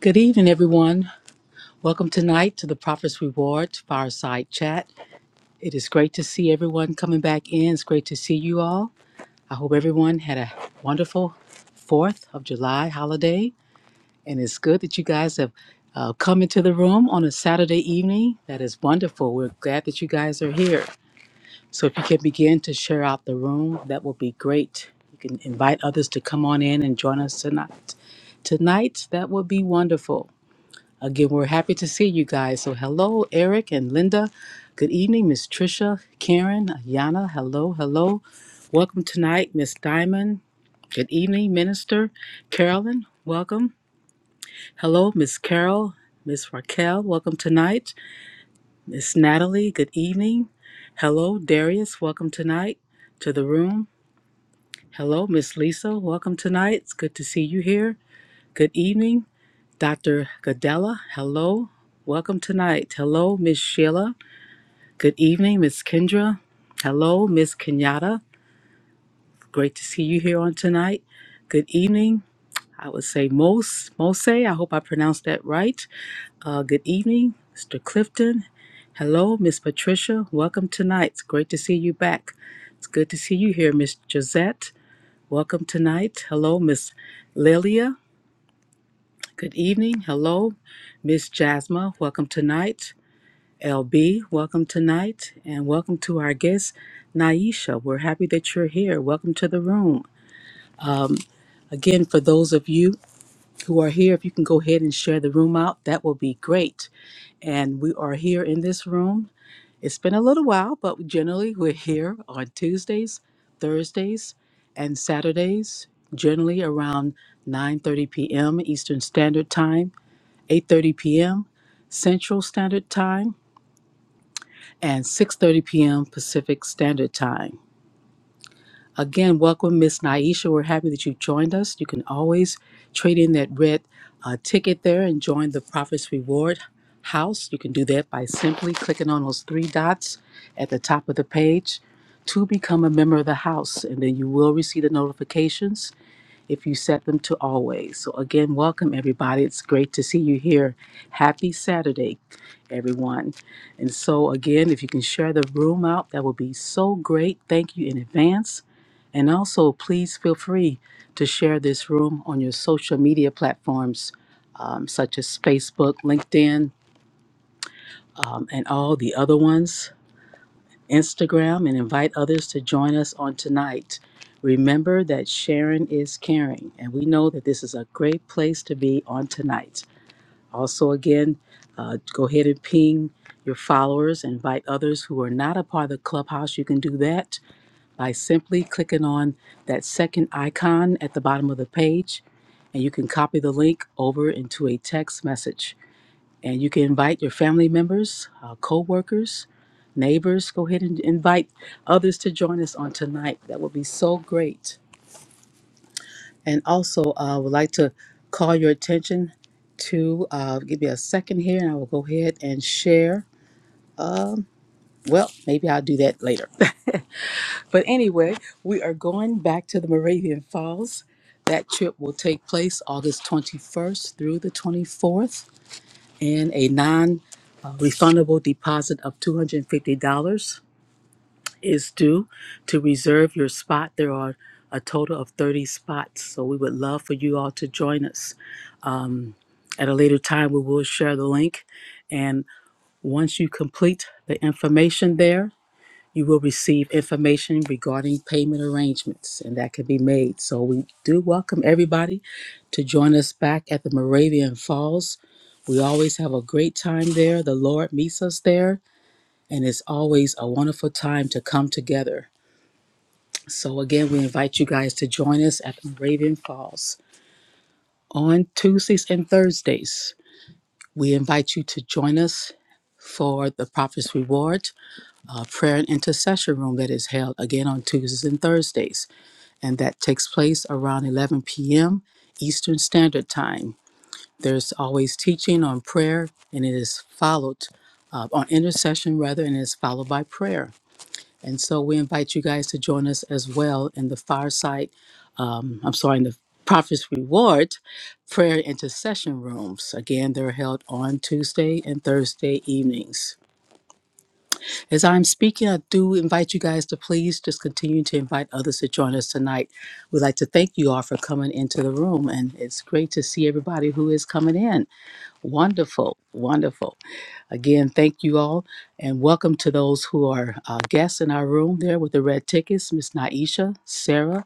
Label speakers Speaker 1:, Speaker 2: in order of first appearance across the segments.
Speaker 1: Good evening, everyone. Welcome tonight to the Prophet's Reward Fireside Chat. It is great to see everyone coming back in. It's great to see you all. I hope everyone had a wonderful 4th of July holiday. And it's good that you guys have uh, come into the room on a Saturday evening. That is wonderful. We're glad that you guys are here. So if you can begin to share out the room, that will be great. You can invite others to come on in and join us tonight. Tonight, that would be wonderful. Again, we're happy to see you guys. So, hello, Eric and Linda. Good evening, Miss Trisha, Karen, Yana. Hello, hello. Welcome tonight, Miss Diamond. Good evening, Minister Carolyn. Welcome. Hello, Miss Carol, Miss Raquel. Welcome tonight. Miss Natalie. Good evening. Hello, Darius. Welcome tonight to the room. Hello, Miss Lisa. Welcome tonight. It's good to see you here. Good evening. Dr. Godella, hello. Welcome tonight. Hello, Miss Sheila. Good evening, Miss Kendra. Hello, Miss Kenyatta. Great to see you here on tonight. Good evening. I would say Mos, Mose. I hope I pronounced that right. Uh, good evening, Mr. Clifton. Hello, Miss Patricia. Welcome tonight. It's great to see you back. It's good to see you here, Miss Josette. Welcome tonight. Hello, Miss Lilia. Good evening. Hello, Miss Jasma. Welcome tonight. LB, welcome tonight, and welcome to our guest, Naisha. We're happy that you're here. Welcome to the room. Again, for those of you who are here, if you can go ahead and share the room out, that will be great. And we are here in this room. It's been a little while, but generally we're here on Tuesdays, Thursdays, and Saturdays, generally around 9:30 p.m. Eastern Standard Time, 8:30 p.m. Central Standard Time. and 6:30 p.m. Pacific Standard Time. Again, welcome, Miss Naisha. We're happy that you've joined us. You can always trade in that red uh, ticket there and join the Prophet's Reward House. You can do that by simply clicking on those three dots at the top of the page to become a member of the house, and then you will receive the notifications if you set them to always. So, again, welcome everybody. It's great to see you here. Happy Saturday, everyone. And so, again, if you can share the room out, that would be so great. Thank you in advance. And also, please feel free to share this room on your social media platforms um, such as Facebook, LinkedIn, um, and all the other ones. Instagram, and invite others to join us on tonight. Remember that sharing is caring, and we know that this is a great place to be on tonight. Also, again, uh, go ahead and ping your followers, invite others who are not a part of the clubhouse. You can do that by simply clicking on that second icon at the bottom of the page, and you can copy the link over into a text message. And you can invite your family members, uh, co workers, neighbors. Go ahead and invite others to join us on tonight. That would be so great. And also, uh, I would like to call your attention to uh, give me a second here, and I will go ahead and share. Well, maybe I'll do that later. but anyway, we are going back to the Moravian Falls. That trip will take place August 21st through the 24th, and a non uh, refundable deposit of $250 is due to reserve your spot. There are a total of 30 spots, so we would love for you all to join us. At a later time, we will share the link. And once you complete the information there, you will receive information regarding payment arrangements, and that can be made. So we do welcome everybody to join us back at the Moravian Falls. We always have a great time there. The Lord meets us there, and it's always a wonderful time to come together. So, again, we invite you guys to join us at Raven Falls on Tuesdays and Thursdays. We invite you to join us for the Prophet's Reward uh, prayer and intercession room that is held again on Tuesdays and Thursdays. And that takes place around 11 p.m. Eastern Standard Time. There's always teaching on prayer, and it is followed uh, on intercession rather, and it's followed by prayer. And so we invite you guys to join us as well in the fireside um, I'm sorry, in the Prophet's Reward prayer intercession rooms. Again, they're held on Tuesday and Thursday evenings. As I'm speaking, I do invite you guys to please just continue to invite others to join us tonight. We'd like to thank you all for coming into the room, and it's great to see everybody who is coming in. Wonderful, wonderful. Again, thank you all, and welcome to those who are uh, guests in our room there with the red tickets Miss Naisha, Sarah,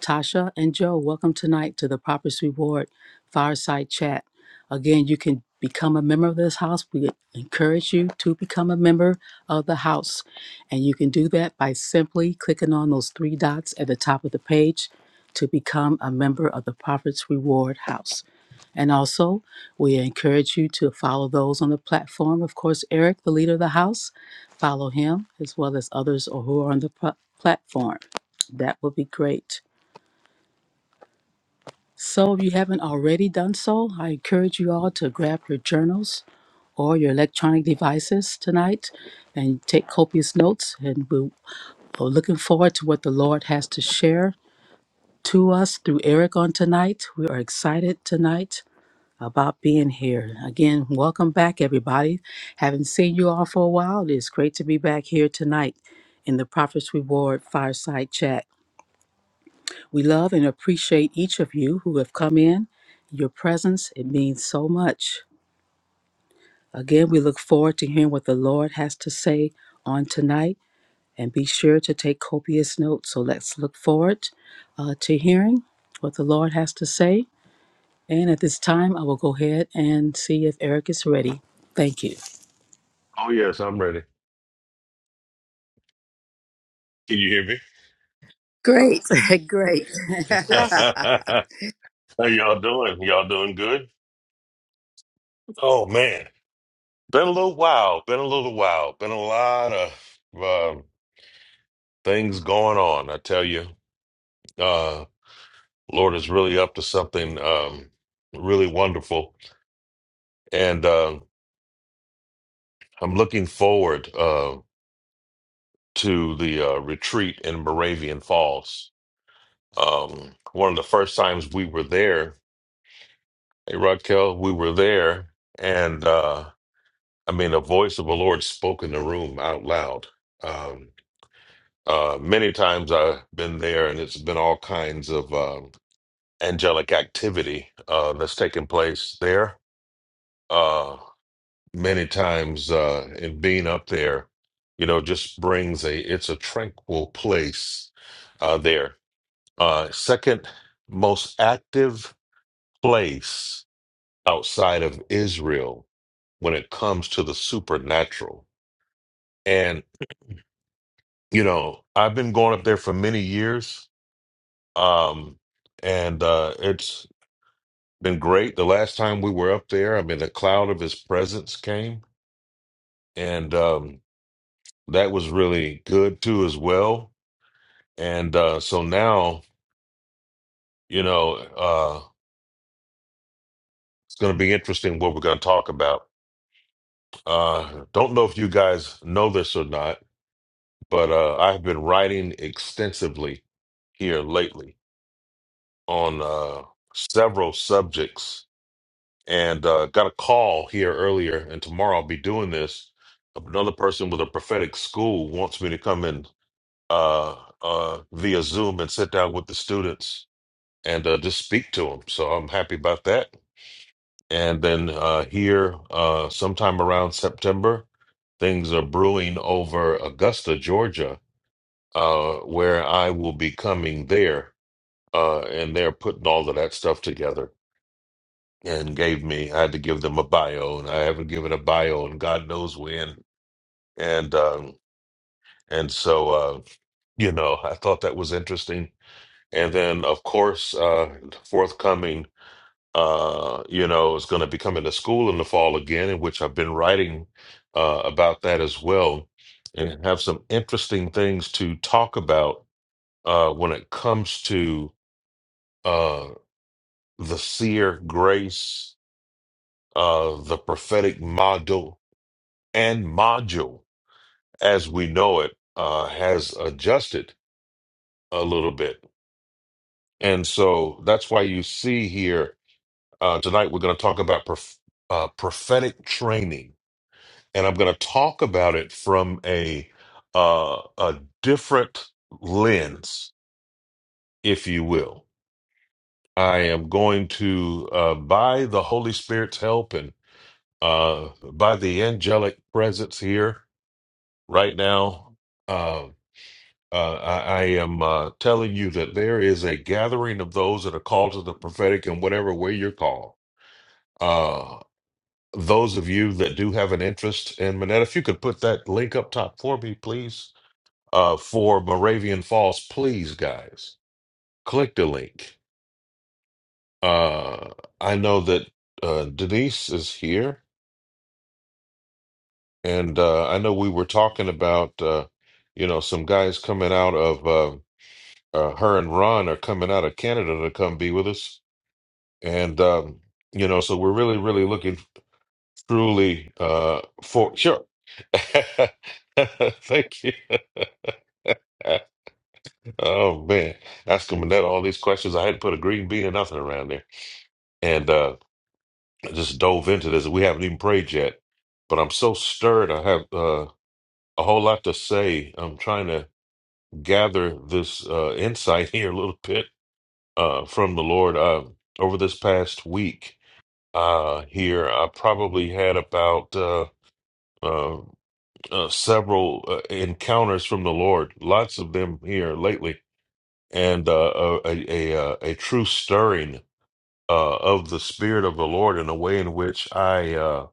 Speaker 1: Tasha and Joe, welcome tonight to the Properties Reward Fireside Chat. Again, you can become a member of this house. We encourage you to become a member of the house. And you can do that by simply clicking on those three dots at the top of the page to become a member of the Properties Reward House. And also, we encourage you to follow those on the platform. Of course, Eric, the leader of the house, follow him as well as others who are on the pl- platform. That would be great. So, if you haven't already done so, I encourage you all to grab your journals or your electronic devices tonight and take copious notes. And we're we're looking forward to what the Lord has to share to us through Eric on tonight. We are excited tonight about being here. Again, welcome back, everybody. Haven't seen you all for a while. It is great to be back here tonight in the Prophet's Reward Fireside Chat. We love and appreciate each of you who have come in. Your presence, it means so much. Again, we look forward to hearing what the Lord has to say on tonight and be sure to take copious notes. So let's look forward uh, to hearing what the Lord has to say. And at this time, I will go ahead and see if Eric is ready. Thank you.
Speaker 2: Oh yes, I'm ready. Can you hear me?
Speaker 1: Great, great.
Speaker 3: Yes.
Speaker 2: How y'all doing? Y'all doing good? Oh man, been a little while. Been a little while. Been a lot of um, things going on. I tell you, uh, Lord is really up to something um, really wonderful, and uh, I'm looking forward uh, to the uh, retreat in Moravian Falls. Um, one of the first times we were there, hey Raquel, we were there, and. Uh, I mean, the voice of the Lord spoke in the room out loud. Um, uh, many times I've been there, and it's been all kinds of um angelic activity uh, that's taken place there. Uh, many times, uh, and being up there, you know, just brings a it's a tranquil place uh, there. Uh, second most active place outside of Israel when it comes to the supernatural. and. you know, I've been going up there for many years, um, and uh, it's been great. The last time we were up there, I mean, the cloud of his presence came, and um, that was really good too, as well. And uh, so now, you know, uh, it's going to be interesting what we're going to talk about. Uh, don't know if you guys know this or not, but uh, I've been writing extensively here lately on uh, several subjects and uh, got a call here earlier, and tomorrow I'll be doing this. Another person with a prophetic school wants me to come in uh, uh, via Zoom and sit down with the students and uh, just speak to them. So I'm happy about that. And then uh, here, uh, sometime around September, things are brewing over Augusta, Georgia, uh, where I will be coming there, uh, and they're putting all of that stuff together. and gave me I had to give them a bio and I haven't given a bio and God knows when and um and so uh you know I thought that was interesting and then of course uh forthcoming uh you know is going to be coming to school in the fall again in which I've been writing uh about that as well and have some interesting things to talk about uh when it comes to uh the seer grace uh the prophetic model and module as we know it uh, has adjusted a little bit. And so that's why you see here uh, tonight we're going to talk about prof- uh, prophetic training. And I'm going to talk about it from a, uh, a different lens, if you will. I am going to, uh, by the Holy Spirit's help and uh, by the angelic presence here right now, uh, Uh, I, I am uh, telling you that there is a gathering of those that are called to the prophetic in whatever way you're called. Uh, those of you that do have an interest in Manette, if you could put that link up top for me, please, uh, for Moravian Falls, please, guys, click the link. Uh, I know that uh, Denise is here, and uh, I know we were talking about, uh, you know, some guys coming out of uh, uh, her and Ron are coming out of Canada to come be with us and um, you know, so we're really, really looking truly uh, for sure. Thank you. Oh man, that's coming out all these questions. I hadn't put a green bean or nothing around there, and uh, I just dove into this. We haven't even prayed yet, but I'm so stirred. I have uh, a whole lot to say. I'm trying to gather this uh, insight here a little bit uh, from the Lord uh, over this past week. Uh, here, I probably had about. uh, uh, uh, several uh, encounters from the Lord, lots of them here lately, and uh, a, a, a, uh, a true stirring uh, of the Spirit of the Lord in a way in which I uh,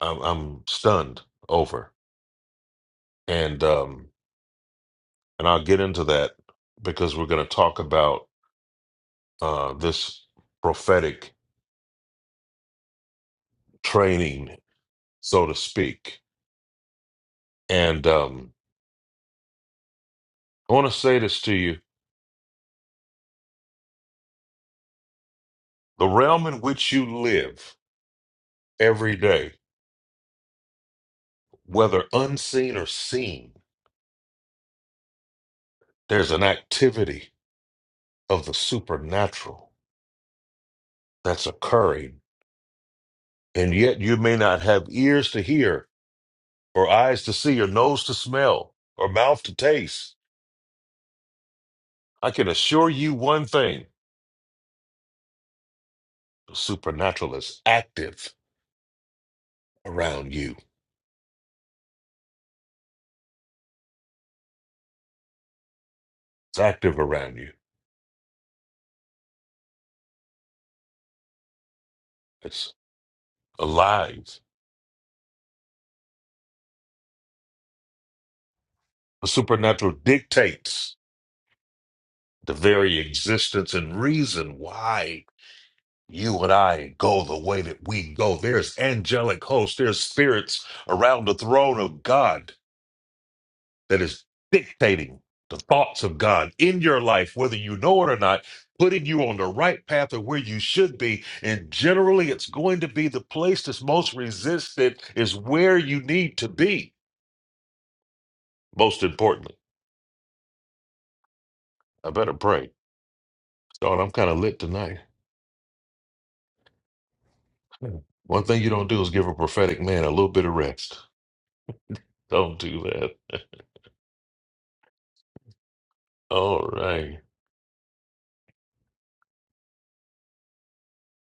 Speaker 2: I'm, I'm stunned over, and um, and I'll get into that because we're going to talk about uh, this prophetic training, so to speak, and um, I want to say this to you: the realm in which you live every day whether unseen or seen, there's an activity of the supernatural that's occurring. And yet you may not have ears to hear, or eyes to see, or nose to smell, or mouth to taste. I can assure you one thing the supernatural is active around you, it's active around you, it's alive. The supernatural dictates the very existence and reason why you and I go the way that we go. There's angelic hosts, there's spirits around the throne of God that is dictating the thoughts of God in your life, whether you know it or not, putting you on the right path of where you should be. And generally, it's going to be the place that's most resisted is where you need to be, most importantly. I better pray. Don, I'm kind of lit tonight. Hmm. One thing you don't do is give a prophetic man a little bit of rest. Don't do that. All right.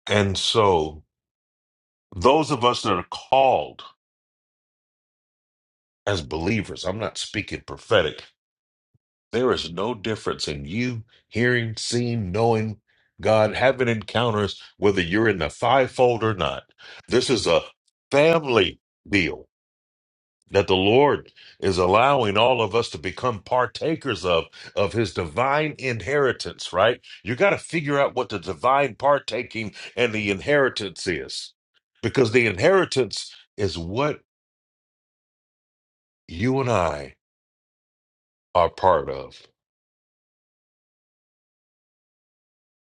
Speaker 2: And so, those of us that are called as believers, I'm not speaking prophetic, there is no difference in you hearing, seeing, knowing God, having encounters, whether you're in the fivefold or not. This is a family deal that the Lord is allowing all of us to become partakers of, of his divine inheritance, right? You got to figure out what the divine partaking and the inheritance is because the inheritance is what you and I are part of.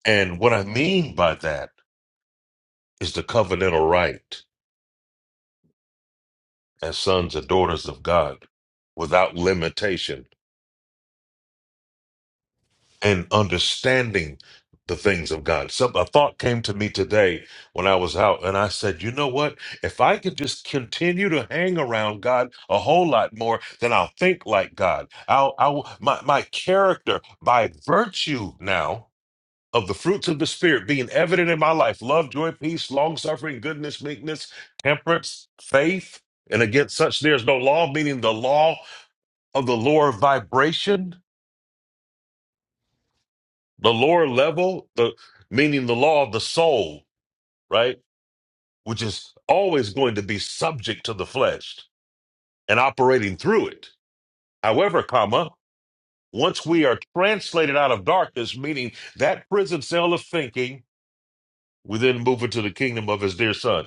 Speaker 2: And what I mean by that is the covenantal right as sons and daughters of God without limitation and understanding the things of God. Some, a thought came to me today when I was out, and I said, you know what? If I could just continue to hang around God a whole lot more, then I'll think like God. I'll, I'll my, my character by virtue now of the fruits of the Spirit being evident in my life love, joy, peace, long suffering, goodness, meekness, temperance, faith. And against such, there's no law, meaning the law of the lower vibration, the lower level, the, meaning the law of the soul, right? Which is always going to be subject to the flesh and operating through it. However, comma, once we are translated out of darkness, meaning that prison cell of thinking, we then move into the kingdom of his dear son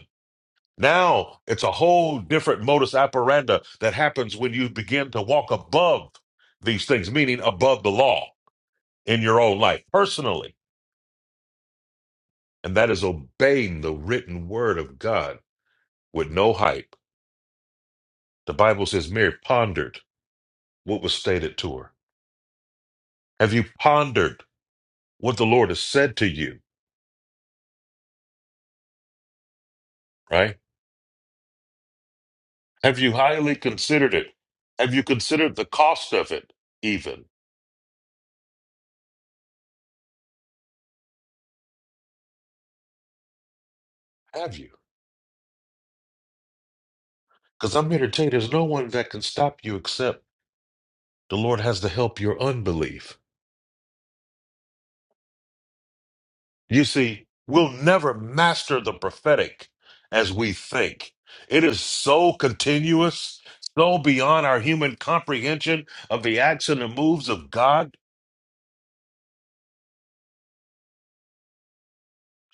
Speaker 2: Now it's a whole different modus operandi that happens when you begin to walk above these things, meaning above the law in your own life personally. And that is obeying the written word of God with no hype. The Bible says Mary pondered what was stated to her. Have you pondered what the Lord has said to you, right? Have you highly considered it? Have you considered the cost of it, even? Have you? Because I'm here to tell you, there's no one that can stop you except The Lord has to help your unbelief. You see, we'll never master the prophetic as we think. It is so continuous, so beyond our human comprehension of the acts and the moves of God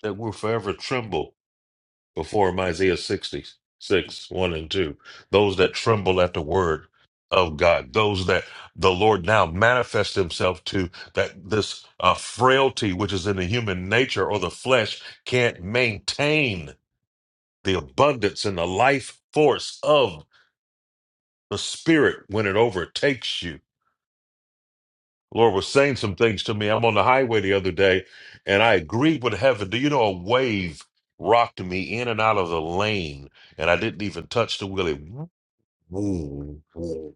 Speaker 2: that we'll forever tremble before him. Isaiah 66, 1 and 2. Those that tremble at the word of God, those that the Lord now manifests himself to, that this uh, frailty which is in the human nature or the flesh can't maintain the abundance and the life force of the spirit when it overtakes you. Lord was saying some things to me. I'm on the highway the other day and I agreed with heaven. Do you know a wave rocked me in and out of the lane and I didn't even touch the wheel? It-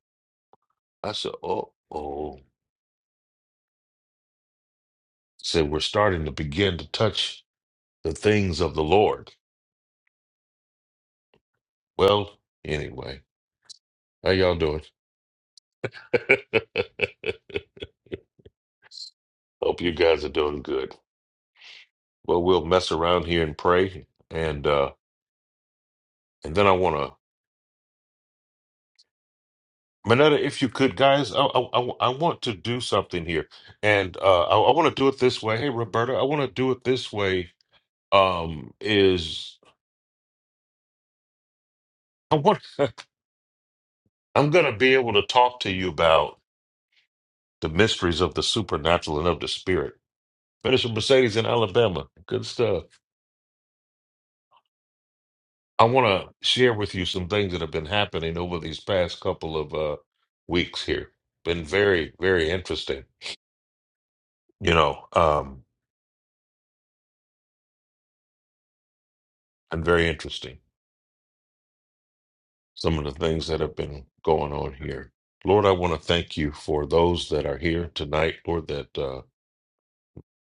Speaker 2: I said, oh, oh. Said, we're starting to begin to touch the things of the Lord. Well, anyway, how y'all doing? Hope you guys are doing good. Well, we'll mess around here and pray, and uh, and then I want to, Manetta, if you could, guys, I, I I I want to do something here, and uh, I, I want to do it this way. Hey, Roberta, I want to do it this way. Um, is I want I'm gonna be able to talk to you about the mysteries of the supernatural and of the spirit. Minister Mercedes in Alabama, good stuff. I want to share with you some things that have been happening over these past couple of uh, weeks here. Been very, very interesting you know, um, and very interesting. Some of the things that have been going on here. Lord, I want to thank you for those that are here tonight, Lord, that uh,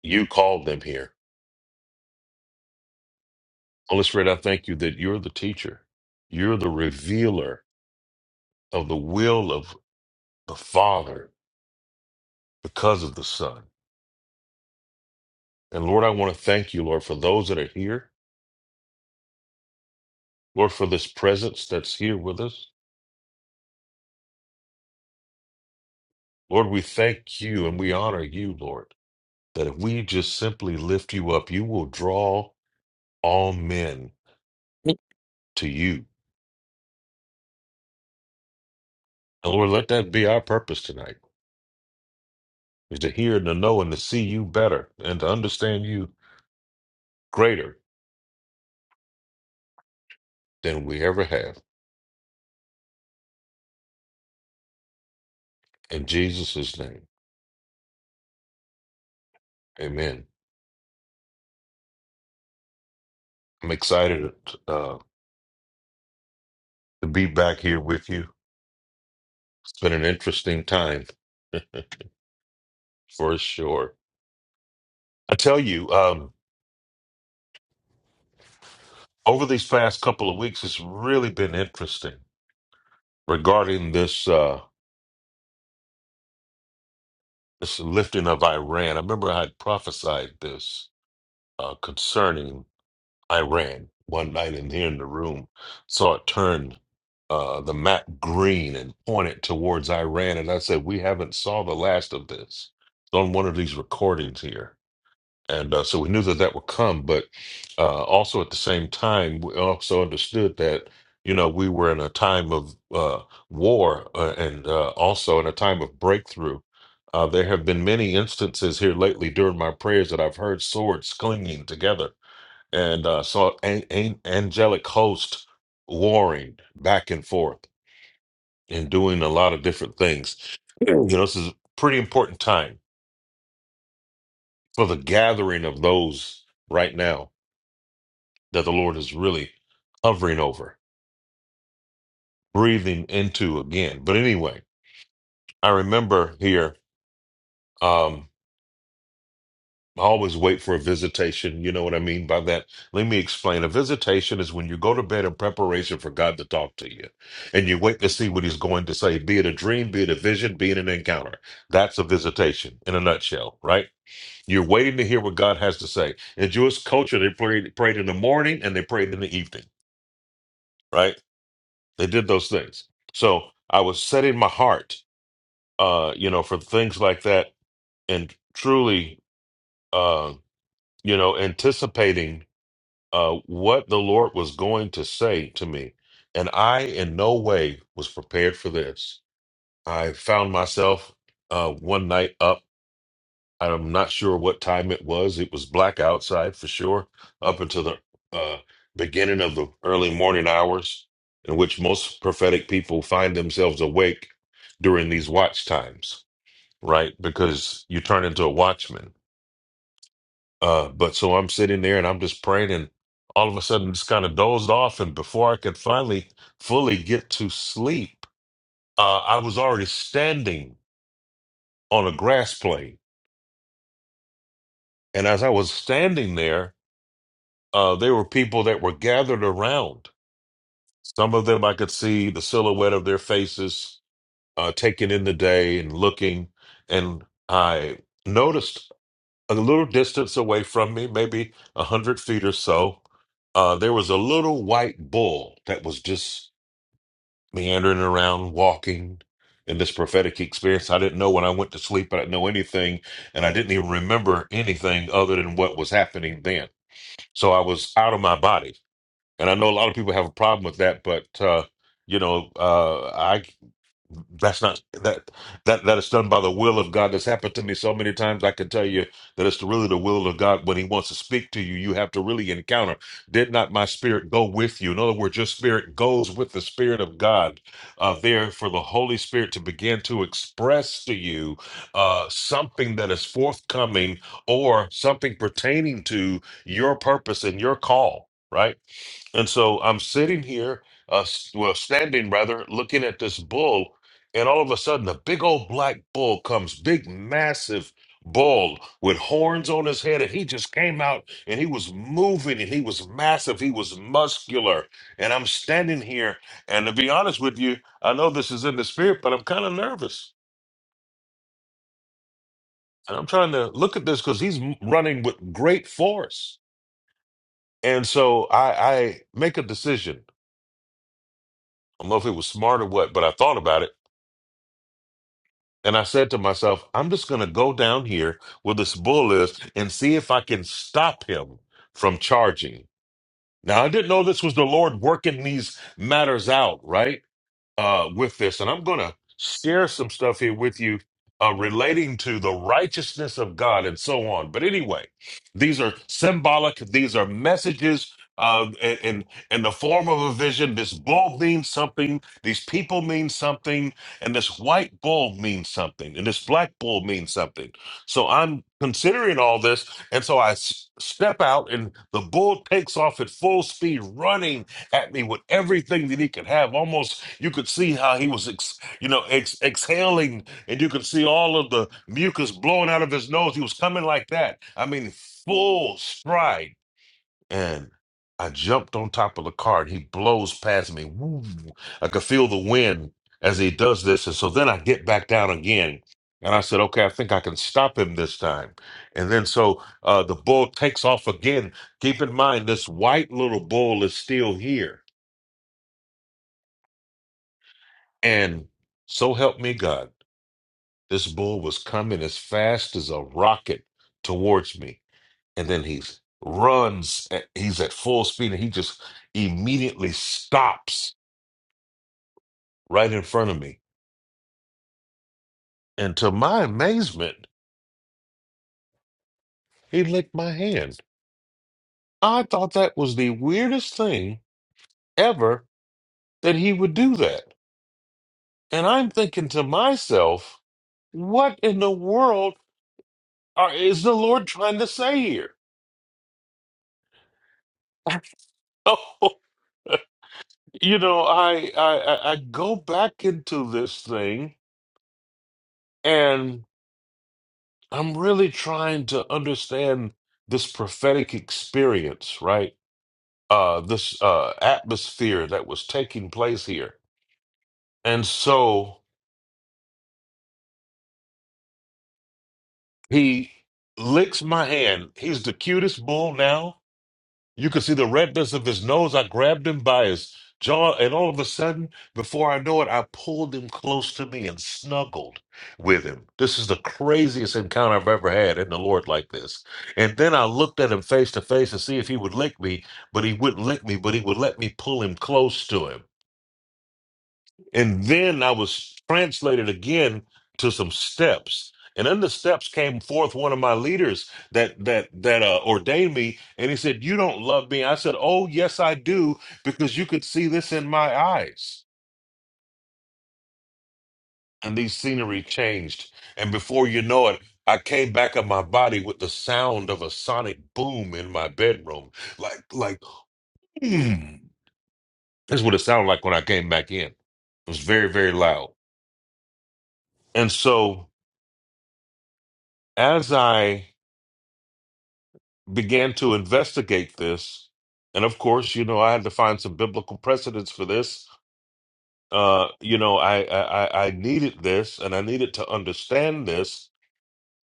Speaker 2: you called them here. Holy Spirit, I thank you that you're the teacher, you're the revealer of the will of the Father because of the Son. And Lord, I want to thank you, Lord, for those that are here, Lord, for this presence that's here with us. Lord, we thank you and we honor you, Lord, that if we just simply lift you up, you will draw all men to you. And Lord, let that be our purpose tonight is to hear and to know and to see you better and to understand you greater than we ever have. In Jesus' name, amen. I'm excited uh, to be back here with you. It's been an interesting time for sure. I tell you, um, over these past couple of weeks, it's really been interesting regarding this uh, this lifting of Iran. I remember I had prophesied this uh, concerning I ran one night in here in the room, saw it turn uh, the map green and pointed towards Iran, and I said, "We haven't saw the last of this." It's on one of these recordings here, and uh, so we knew that that would come. But uh, also at the same time, we also understood that you know we were in a time of uh, war uh, and uh, also in a time of breakthrough. Uh, there have been many instances here lately during my prayers that I've heard swords clinging together and uh, saw an, an- angelic host warring back and forth and doing a lot of different things. You know, this is a pretty important time for the gathering of those right now that the Lord is really hovering over, breathing into again. But anyway, I remember here. Um, I always wait for a visitation. You know what I mean by that? Let me explain. A visitation is when you go to bed in preparation for God to talk to you and you wait to see what he's going to say, be it a dream, be it a vision, be it an encounter. That's a visitation in a nutshell, right? You're waiting to hear what God has to say. In Jewish culture, they prayed, prayed in the morning and they prayed in the evening, right? They did those things. So I was setting my heart, uh, you know, for things like that and truly, uh, you know, anticipating uh, what the Lord was going to say to me. And I, in no way, was prepared for this. I found myself uh, one night up. I'm not sure what time it was. It was black outside for sure, up until the uh, beginning of the early morning hours, in which most prophetic people find themselves awake during these watch times, right? Because you turn into a watchman uh, but so I'm sitting there and I'm just praying, and all of a sudden just kind of dozed off. And before I could finally fully get to sleep, uh, I was already standing on a grass plane. And as I was standing there, uh, there were people that were gathered around. Some of them I could see the silhouette of their faces uh, taking in the day and looking. And I noticed a little distance away from me, maybe a hundred feet or so, uh, there was a little white bull that was just meandering around, walking in this prophetic experience. I didn't know when I went to sleep, I didn't know anything, and I didn't even remember anything other than what was happening then. So I was out of my body, and I know a lot of people have a problem with that, but uh, you know, uh, I that's not that that that is done by the will of God. That's happened to me so many times. I can tell you that it's really the will of God when He wants to speak to you. You have to really encounter. Did not my spirit go with you? In other words, your spirit goes with the spirit of God. Uh, there for the Holy Spirit to begin to express to you uh, something that is forthcoming or something pertaining to your purpose and your call. Right and so I'm sitting here, uh, s- well, standing rather, looking at this bull, and all of a sudden, a big old black bull comes, big, massive bull with horns on his head, and he just came out and he was moving and he was massive, he was muscular. And I'm standing here, and to be honest with you, I know this is in the spirit, but I'm kind of nervous. And I'm trying to look at this because he's m- running with great force. And so I, I make a decision. I don't know if it was smart or what, but I thought about it. And I said to myself, I'm just going to go down here where this bull is and see if I can stop him from charging. Now, I didn't know this was the Lord working these matters out, right? uh, with this, and I'm going to share some stuff here with you uh, relating to the righteousness of God and so on. But anyway, these are symbolic; these are messages uh, in, in in the form of a vision. This bull means something. These people mean something, and this white bull means something, and this black bull means something. So I'm considering all this, and so I s- step out, and the bull takes off at full speed, running at me with everything that he could have. Almost you could see how he was, ex, you know, ex, exhaling, and you could see all of the mucus blowing out of his nose. He was coming like that. I mean, full stride. And I jumped on top of the car, and he blows past me. Woo. I could feel the wind as he does this, and so then I get back down again. And I said, okay, I think I can stop him this time. And then so uh, the bull takes off again. Keep in mind, this white little bull is still here And so help me God, this bull was coming as fast as a rocket towards me. And then he runs, at, he's at full speed, and he just immediately stops right in front of me. And to my amazement, he licked my hand. I thought that was the weirdest thing ever that he would do that. And I'm thinking to myself, what in the world are, is the Lord trying to say here? Oh. You know, I, I I I go back into this thing and I'm really trying to understand this prophetic experience, right? Uh this uh atmosphere that was taking place here. And so he licks my hand. He's the cutest bull now You could see the redness of his nose. I grabbed him by his jaw, and all of a sudden, before I know it, I pulled him close to me and snuggled with him. This is the craziest encounter I've ever had in the Lord like this. And then I looked at him face to face to see if he would lick me, but he wouldn't lick me, but he would let me pull him close to him. And then I was translated again to some steps. And in the steps came forth one of my leaders that that that uh, ordained me, and he said, "You don't love me." I said, "Oh yes, I do, because you could see this in my eyes." And the scenery changed, and before you know it, I came back of my body with the sound of a sonic boom in my bedroom, like like hmm. That's what it sounded like when I came back in. It was very very loud, and so as I began to investigate this. And of course, you know, I had to find some biblical precedents for this. Uh, you know, I, I I I needed this, and I needed to understand this,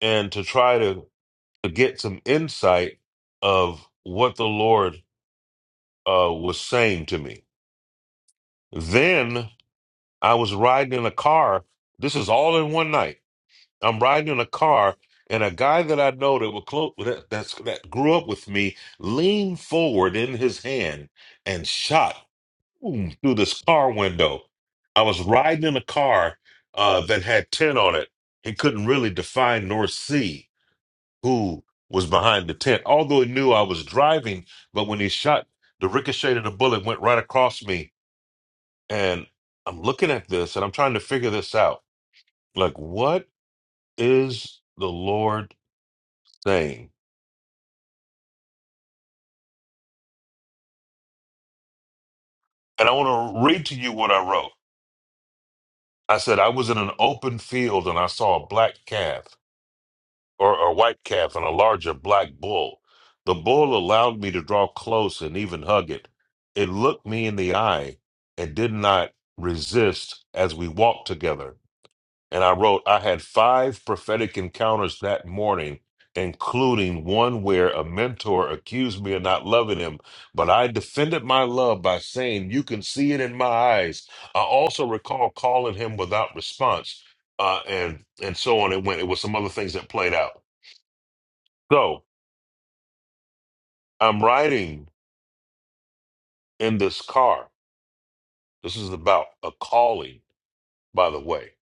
Speaker 2: and to try to, to get some insight of what the Lord uh, was saying to me. Then I was riding in a car. This is all in one night. I'm riding in a car, and a guy that I know that was close that that's, that grew up with me leaned forward in his hand and shot boom, through this car window. I was riding in a car uh, that had tent on it. He couldn't really define nor see who was behind the tent, although he knew I was driving. But when he shot, the ricochet of the bullet went right across me, and I'm looking at this and I'm trying to figure this out. Like, what is the Lord? saying. And I want to read to you what I wrote. I said, I was in an open field and I saw a black calf or a white calf and a larger black bull. The bull allowed me to draw close and even hug it. It looked me in the eye and did not resist as we walked together. And I wrote, I had five prophetic encounters that morning, including one where a mentor accused me of not loving him, but I defended my love by saying, You can see it in my eyes. I also recall calling him without response. Uh, and and so on it went. It was some other things that played out. So I'm riding in this car. This is about a calling, by the way.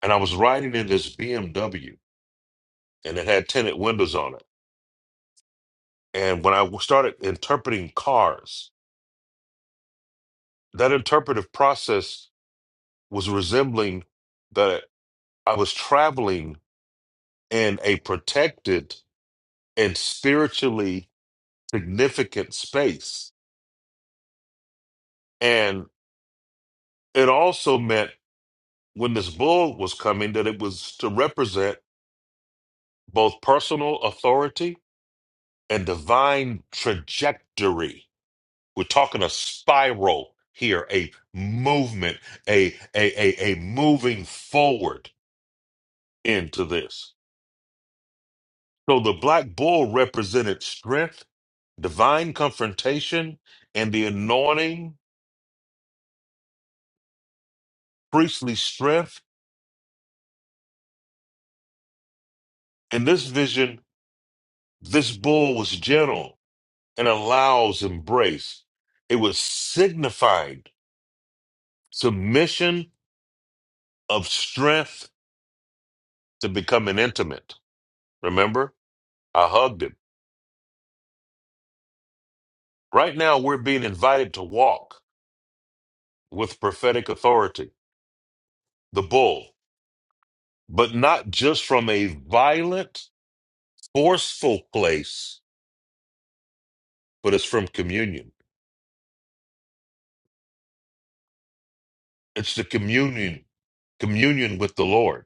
Speaker 2: And I was riding in this BMW and it had tinted windows on it And when I started interpreting cars, that interpretive process was resembling that I was traveling in a protected and spiritually significant space. And it also meant when this bull was coming that it was to represent both personal authority and divine trajectory. We're talking a spiral here, a movement, a a a, a moving forward into this. So the black bull represented strength, divine confrontation, and the anointing, priestly strength. In this vision, this bull was gentle and allows embrace. It was signifying submission of strength to becoming intimate. Remember, I hugged him. Right now, we're being invited to walk with prophetic authority, the bull, but not just from a violent forceful place, but it's from communion. It's the communion, communion with the Lord.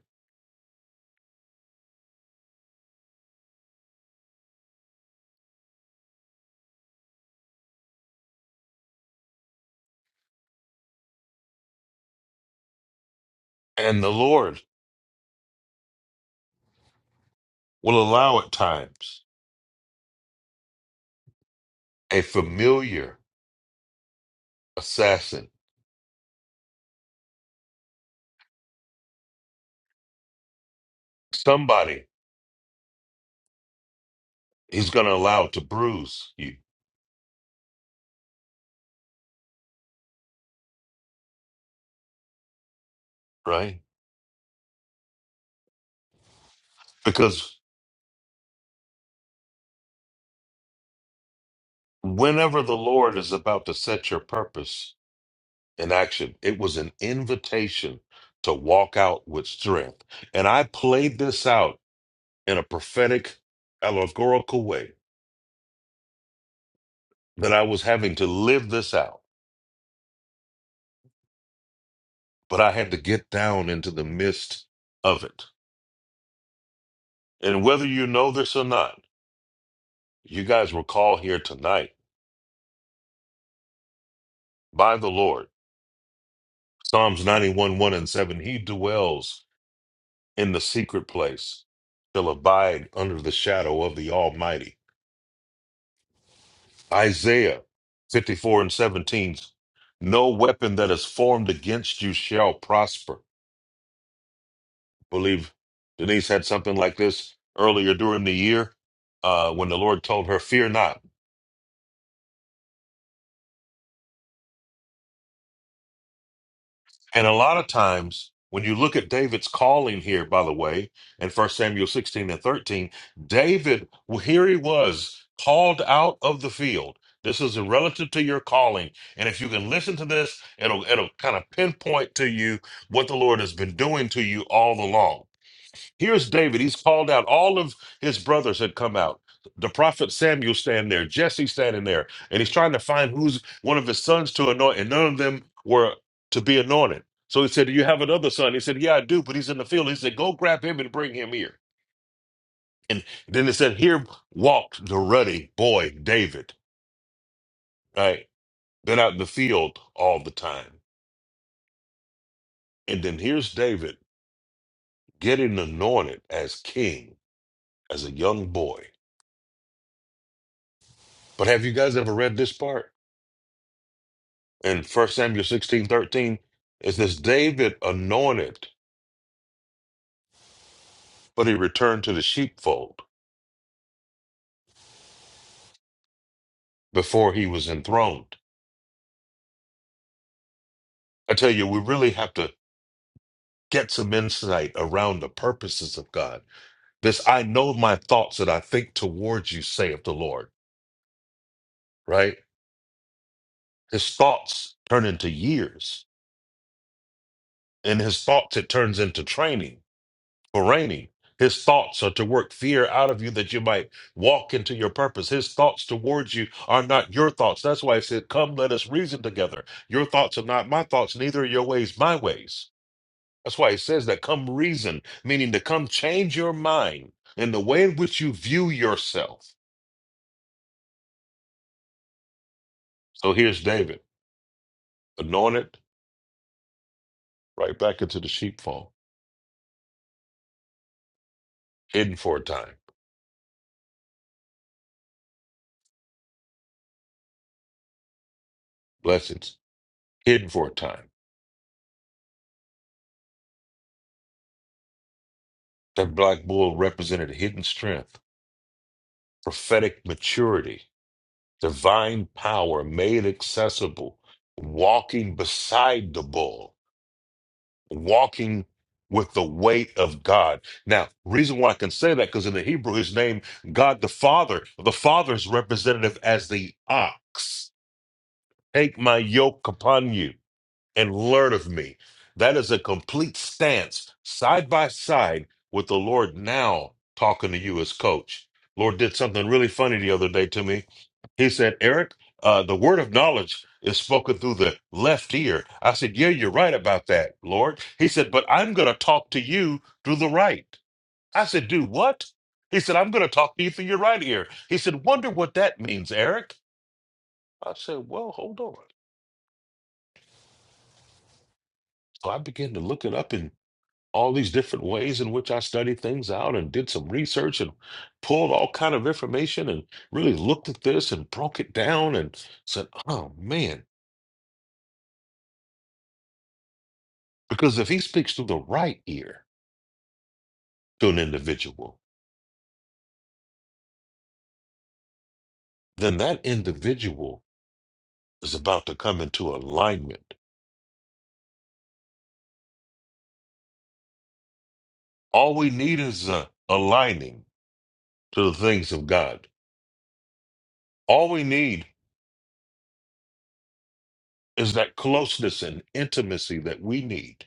Speaker 2: And the Lord will allow at times a familiar assassin, somebody he's going to allow to bruise you, right? Because whenever the Lord is about to set your purpose in action, it was an invitation to walk out with strength. And I played this out in a prophetic, allegorical way that I was having to live this out, but I had to get down into the midst of it. And whether you know this or not, you guys were called here tonight by the Lord. Psalms 91, 1 and 7. He dwells in the secret place, shall abide under the shadow of the Almighty. Isaiah 54 and 17. No weapon that is formed against you shall prosper believe Denise had something like this earlier during the year uh, when the Lord told her, Fear not. And a lot of times, when you look at David's calling here, by the way, in First Samuel 16 and 13, David, well, here he was, called out of the field. This is relative to your calling. And if you can listen to this, it'll it'll kind of pinpoint to you what the Lord has been doing to you all along Here's David. He's called out. All of his brothers had come out. The prophet Samuel standing there, Jesse standing there, and he's trying to find who's one of his sons to anoint, and none of them were to be anointed. So he said, Do you have another son? He said, Yeah, I do, but he's in the field. He said, Go grab him and bring him here. And then it said, Here walked the ruddy boy, David, right? Been out in the field all the time. And then here's David getting anointed as king as a young boy. But have you guys ever read this part? in First Samuel sixteen thirteen, 13, it says, David anointed, but he returned to the sheepfold before he was enthroned. I tell you, we really have to get some insight around the purposes of God. This, I know my thoughts that I think towards you, saith the Lord, right? His thoughts turn into years, and his thoughts, it turns into training. for reigning. His thoughts are to work fear out of you that you might walk into your purpose. His thoughts towards you are not your thoughts. That's why he said, Come, let us reason together. Your thoughts are not my thoughts, neither are your ways my ways. That's why he says that come reason, meaning to come change your mind in the way in which you view yourself. So here's David, anointed, right back into the sheepfold, hidden for a time. Blessings, hidden for a time. That black bull represented hidden strength, prophetic maturity divine power made accessible, walking beside the bull, walking with the weight of God. Now, reason why I can say that because in the Hebrew, his name, God the Father, the Father is representative as the ox. Take my yoke upon you and learn of me. That is a complete stance, side by side with the Lord now talking to you as coach. Lord did something really funny the other day to me he said, Eric, uh, the word of knowledge is spoken through the left ear. I said, Yeah, you're right about that, Lord. He said, But I'm going to talk to you through the right. I said, Do what? He said, I'm going to talk to you through your right ear. He said, Wonder what that means, Eric. I said, Well, hold on. So I began to look it up in all these different ways in which I studied things out and did some research and pulled all kind of information and really looked at this and broke it down and said, Oh man, Because if he speaks through the right ear to an individual, then that individual is about to come into alignment. All we need is a aligning to the things of God. All we need is that closeness and intimacy that we need.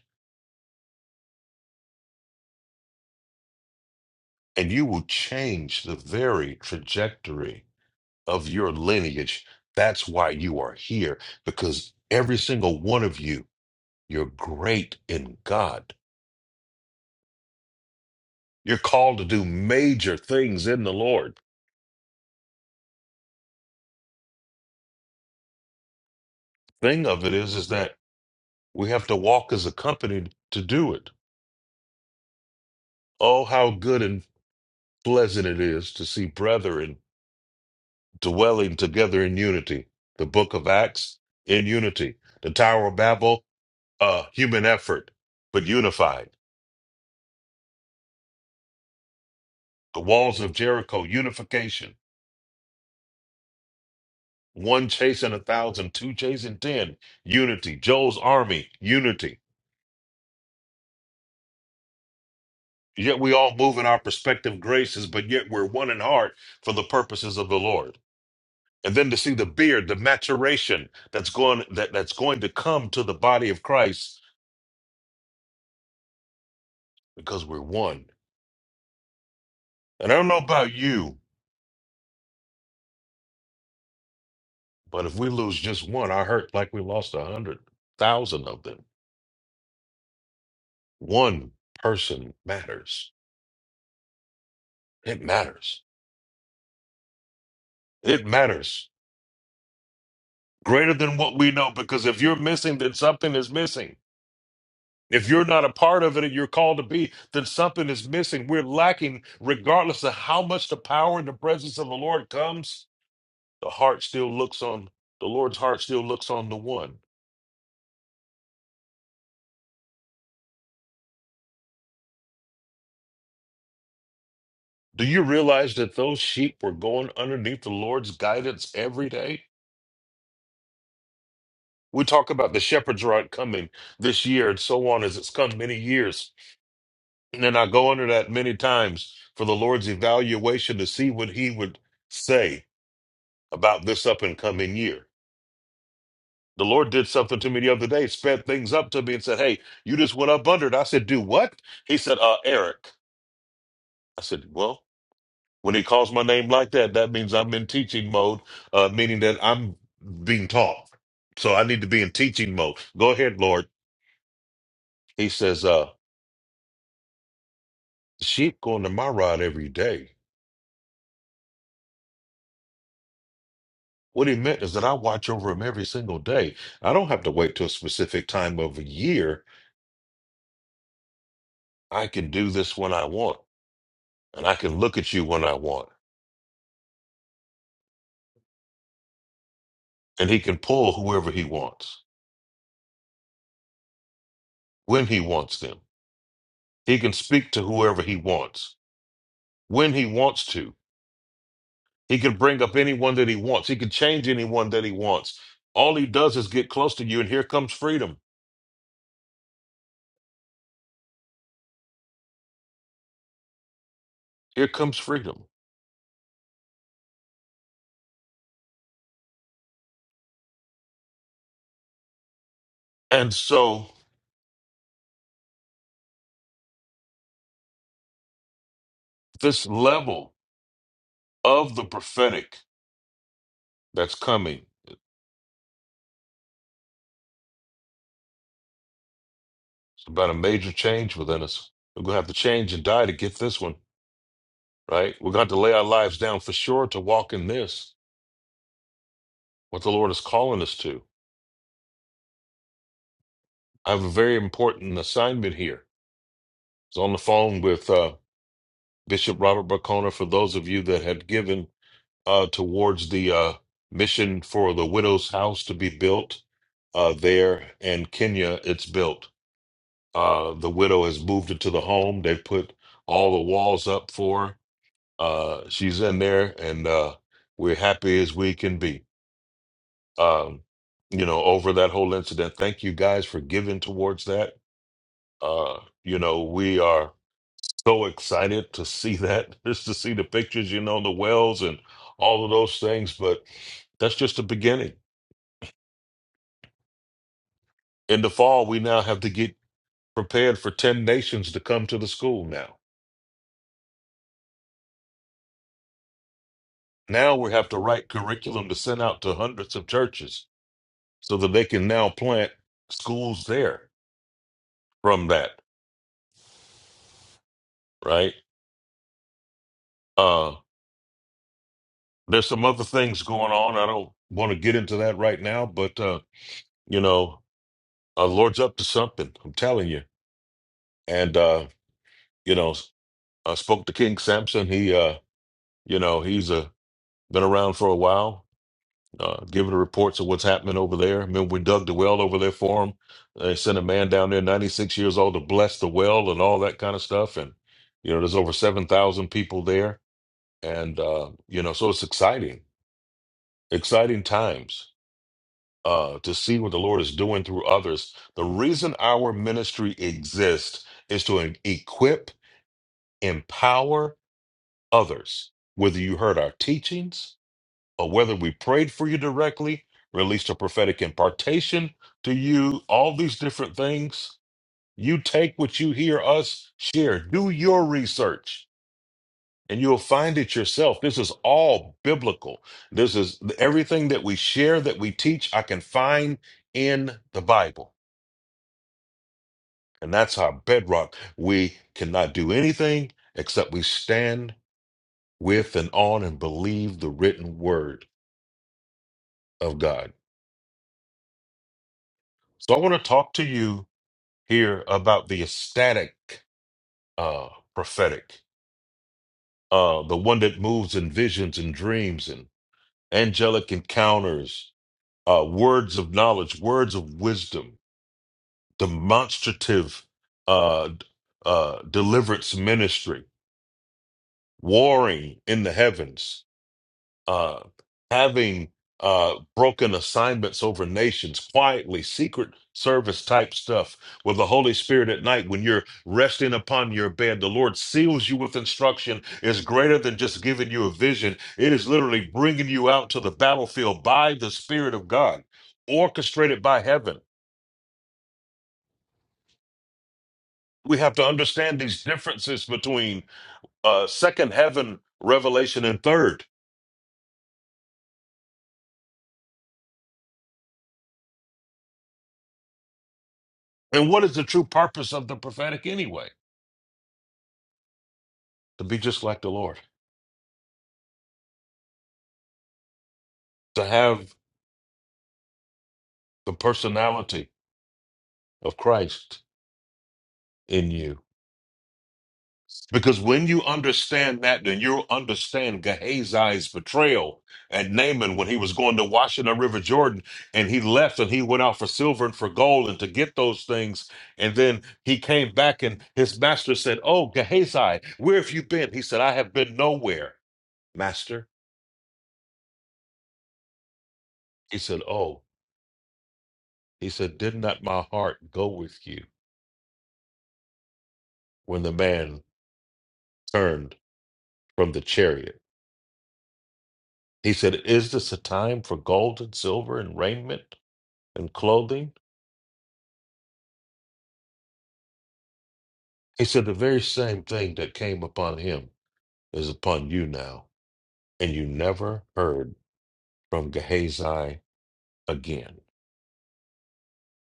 Speaker 2: And you will change the very trajectory of your lineage. That's why you are here, because every single one of you, you're great in God. You're called to do major things in the Lord. thing of it is is that we have to walk as a company to do it. Oh, how good and pleasant it is to see brethren dwelling together in unity. The book of Acts in unity. The Tower of Babel, uh, human effort, but unified. The walls of Jericho, unification. One chasing a thousand, two chasing ten, unity. Joel's army, unity. Yet we all move in our respective graces, but yet we're one in heart for the purposes of the Lord. and then to see the beard, the maturation that's going that, that's going to come to the body of Christ because we're one. And I don't know about you, but if we lose just one, I hurt like we lost a hundred thousand of them. One person matters. It matters. It matters. Greater than what we know, because if you're missing, then something is missing. If you're not a part of it and you're called to be, then something is missing. We're lacking, regardless of how much the power and the presence of the Lord comes The heart still looks on, the Lord's heart still looks on the one. Do you realize that those sheep were going underneath the Lord's guidance every day? We talk about the shepherd's rod coming this year and so on as it's come many years. And I go under that many times for the Lord's evaluation to see what he would say about this up and coming year. The Lord did something to me the other day, sped things up to me and said, Hey, you just went up under it. I said, Do what? He said, Uh, Eric. I said, Well, When he calls my name like that, that means I'm in teaching mode, uh, meaning that I'm being taught. So I need to be in teaching mode. Go ahead, Lord. He says, uh, sheep go under my rod every day. What he meant is that I watch over them every single day. I don't have to wait till a specific time of a year. I can do this when I want, and I can look at you when I want, and he can pull whoever he wants, when he wants them. He can speak to whoever he wants, when he wants to. He could bring up anyone that he wants. He could change anyone that he wants. All he does is get close to you, and here comes freedom. Here comes freedom. And so, this level of the prophetic that's coming its about a major change within us. We're going to have to change and die to get this one, right? We're going to have to lay our lives down for sure to walk in this, what the Lord is calling us to. I have a very important assignment here. I was on the phone with uh, Bishop Robert Bacona for those of you that had given uh, towards the uh, mission for the widow's house to be built uh, there in Kenya. It's built. Uh, the widow has moved into the home. They've put all the walls up for her. Uh, she's in there, and uh, we're happy as we can be. Um, you know, over that whole incident. Thank you guys for giving towards that. Uh, you know, we are so excited to see that, just to see the pictures, you know, the wells and all of those things. But that's just the beginning in the fall, we now have to get prepared for 10 nations to come to the school now. Now we have to write curriculum to send out to hundreds of churches so that they can now plant schools there from that, right? Uh, there's some other things going on. I don't want to get into that right now, but, uh, you know, uh, Lord's up to something, I'm telling you. And, uh, you know, I spoke to King Samson. He, uh, you know, he's uh, been around for a while uh, giving reports of what's happening over there. I mean, we dug the well over there for him. They sent a man down there, 96 years old, to bless the well and all that kind of stuff. And, you know, there's over 7,000 people there. And, uh, you know, so it's exciting, exciting times uh, to see what the Lord is doing through others. The reason our ministry exists is to equip, empower others, whether you heard our teachings or whether we prayed for you directly, released a prophetic impartation to you, all these different things. You take what you hear us share, do your research, and you'll find it yourself. This is all biblical. This is everything that we share, that we teach, I can find in the Bible. And that's our bedrock. We cannot do anything except we stand with and on and believe the written word of God. So I want to talk to you here about the ecstatic uh prophetic uh the one that moves in visions and dreams and angelic encounters uh words of knowledge words of wisdom demonstrative uh uh deliverance ministry warring in the heavens uh, having uh, broken assignments over nations quietly, secret service type stuff with the Holy Spirit at night when you're resting upon your bed. The Lord seals you with instruction, is greater than just giving you a vision, it is literally bringing you out to the battlefield by the Spirit of God, orchestrated by heaven. We have to understand these differences between uh, second heaven revelation and third. And what is the true purpose of the prophetic anyway? To be just like the Lord. to have the personality of Christ in you. Because when you understand that, then you'll understand Gehazi's betrayal and Naaman when he was going to wash in the River Jordan and he left and he went out for silver and for gold and to get those things. And then he came back and his master said, Oh, Gehazi, where have you been? He said, I have been nowhere, master. He said, Oh, he said, Did not my heart go with you when the man turned from the chariot? He said, Is this a time for gold and silver and raiment and clothing? He said, The very same thing that came upon him is upon you now, and you never heard from Gehazi again.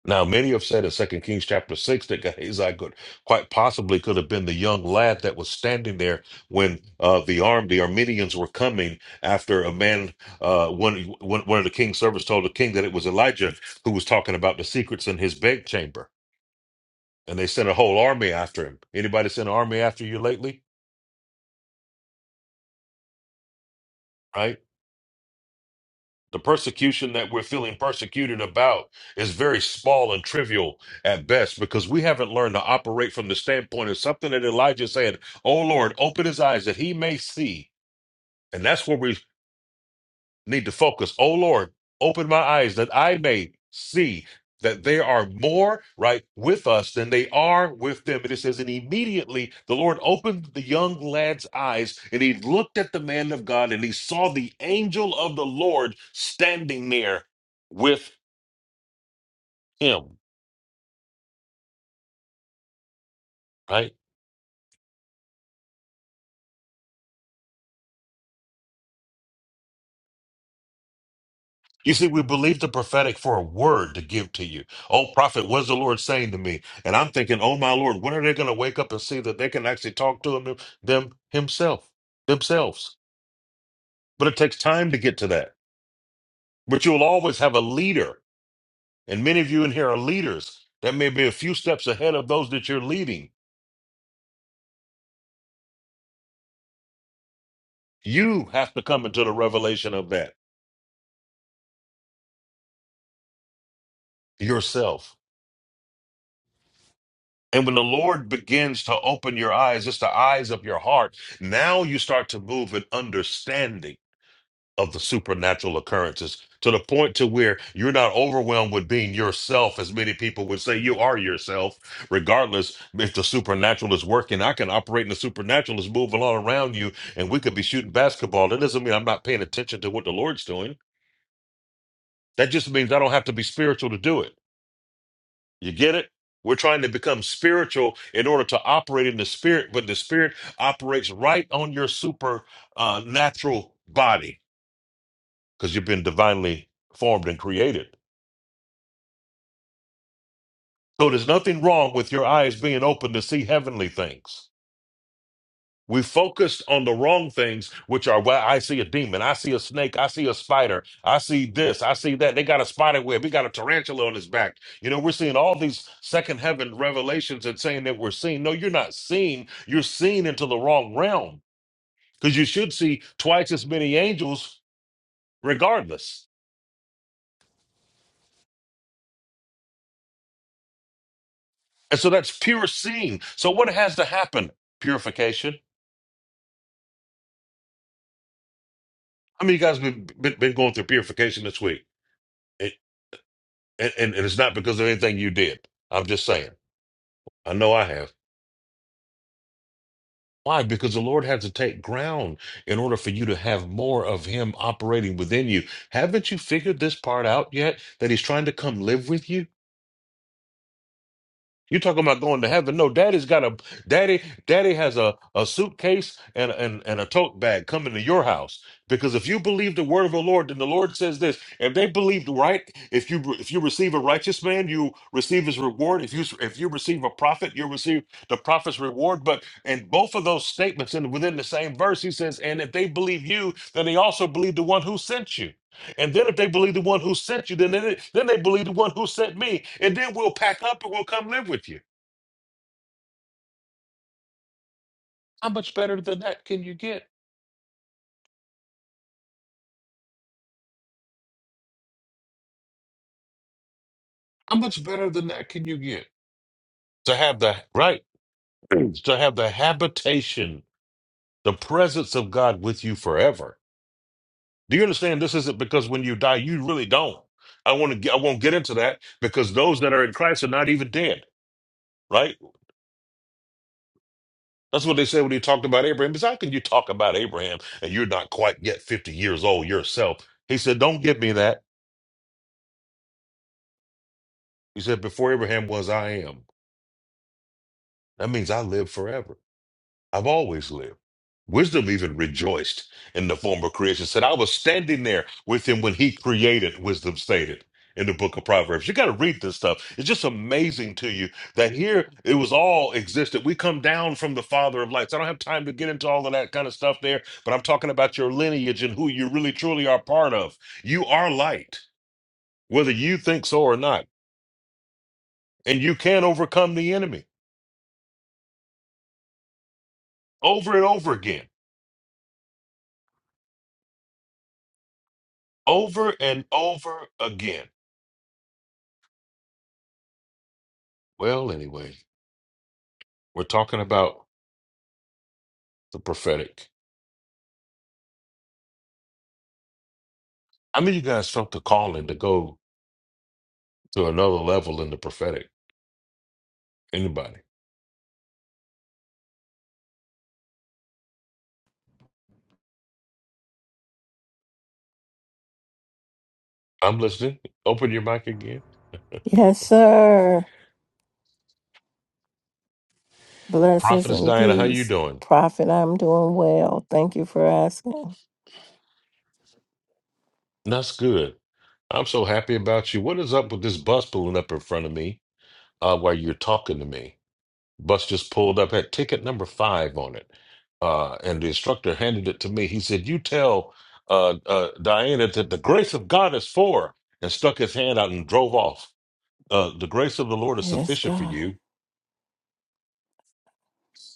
Speaker 2: Now, many have said in Second Kings chapter 6 that Gehazi could quite possibly could have been the young lad that was standing there when uh, the arm, the Armenians were coming after a man, uh, one, one one of the king's servants told the king that it was Elijah who was talking about the secrets in his bedchamber. and they sent a whole army after him. Anybody sent an army after you lately? Right? The persecution that we're feeling persecuted about is very small and trivial at best because we haven't learned to operate from the standpoint of something that Elijah said, Oh Lord, open his eyes that he may see. And that's where we need to focus. Oh Lord, open my eyes that I may see that they are more right with us than they are with them. And it says, and immediately the Lord opened the young lad's eyes, and he looked at the man of God, and he saw the angel of the Lord standing there with him. Right? You see, we believe the prophetic for a word to give to you. Oh, prophet, what's the Lord saying to me? And I'm thinking, oh my Lord, when are they going to wake up and see that they can actually talk to him, them himself, themselves? But it takes time to get to that. But you'll always have a leader, and many of you in here are leaders that may be a few steps ahead of those that you're leading. You have to come into the revelation of that yourself. And when the Lord begins to open your eyes, it's the eyes of your heart. Now you start to move in understanding of the supernatural occurrences to the point to where you're not overwhelmed with being yourself as many people would say you are yourself regardless if the supernatural is working i can operate in the supernatural is moving all around you and we could be shooting basketball that doesn't mean i'm not paying attention to what the lord's doing that just means i don't have to be spiritual to do it you get it we're trying to become spiritual in order to operate in the spirit but the spirit operates right on your supernatural body because you've been divinely formed and created. So there's nothing wrong with your eyes being open to see heavenly things. We focused on the wrong things, which are well, I see a demon, I see a snake, I see a spider, I see this, I see that. They got a spider web, he got a tarantula on his back. You know, we're seeing all these second heaven revelations and saying that we're seeing. No, you're not seeing, you're seeing into the wrong realm. Because you should see twice as many angels regardless. And so that's pure seeing. So what has to happen? Purification How many of you guys been, been been going through purification this week? And, and and it's not because of anything you did. I'm just saying. I know I have. Why? Because the Lord had to take ground in order for you to have more of Him operating within you. Haven't you figured this part out yet? That He's trying to come live with you? You talking about going to heaven? No, daddy's got a daddy. Daddy has a, a suitcase and, and and a tote bag coming to your house because if you believe the word of the Lord, then the Lord says this: if they believed right, if you if you receive a righteous man, you receive his reward. If you if you receive a prophet, you receive the prophet's reward. But in both of those statements, and within the same verse, he says, and if they believe you, then they also believe the one who sent you. And then if they believe the one who sent you, then they, then they believe the one who sent me. And then we'll pack up and we'll come live with you. How much better than that can you get? How much better than that can you get? To have the right, to have the habitation, the presence of God with you forever. Do you understand? This isn't because when you die, you really don't. I want to. I won't get into that because those that are in Christ are not even dead, right? That's what they said when he talked about Abraham. Because how can you talk about Abraham and you're not quite yet 50 years old yourself? He said, Don't give me that. He said, Before Abraham was, I am. That means I live forever. I've always lived. Wisdom even rejoiced in the former creation, said, I was standing there with him when he created, wisdom stated in the book of Proverbs. You got to read this stuff. It's just amazing to you that here it was all existed. We come down from the Father of lights. I don't have time to get into all of that kind of stuff there, but I'm talking about your lineage and who you really truly are part of. You are light, whether you think so or not. And you can overcome the enemy over and over again, over and over again. Well, anyway, we're talking about the prophetic. I mean, you guys felt the calling to go to another level in the prophetic. Anybody? I'm listening. Open your mic again.
Speaker 4: Yes, sir. Blessings
Speaker 2: Prophetess
Speaker 4: and
Speaker 2: Diana, how you
Speaker 4: peace.
Speaker 2: doing?
Speaker 4: Prophet, I'm doing well. Thank you for asking.
Speaker 2: That's good. I'm so happy about you. What is up with this bus pulling up in front of me uh, while you're talking to me? Bus just pulled up, had ticket number five on it. Uh, and the instructor handed it to me. He said, You tell uh, uh, Diana that the grace of God is for, her," and stuck his hand out and drove off. uh the grace of the lord is
Speaker 4: Yes,
Speaker 2: sufficient for
Speaker 4: God.
Speaker 2: you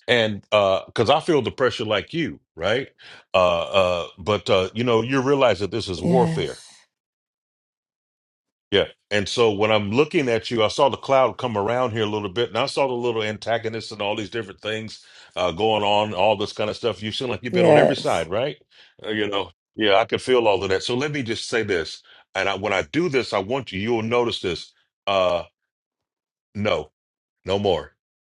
Speaker 2: and uh because i feel the pressure like you right uh uh but uh you know you realize that this is warfare
Speaker 4: Yes.
Speaker 2: yeah and so when i'm looking at you i saw the cloud come around here a little bit and i saw the little antagonists and all these different things uh going on all this kind of stuff you seem like you've been on every
Speaker 4: Yes.
Speaker 2: side right Uh, you know yeah i can feel all of that so let me just say this and I, when i do this i want you you'll notice this uh no No more.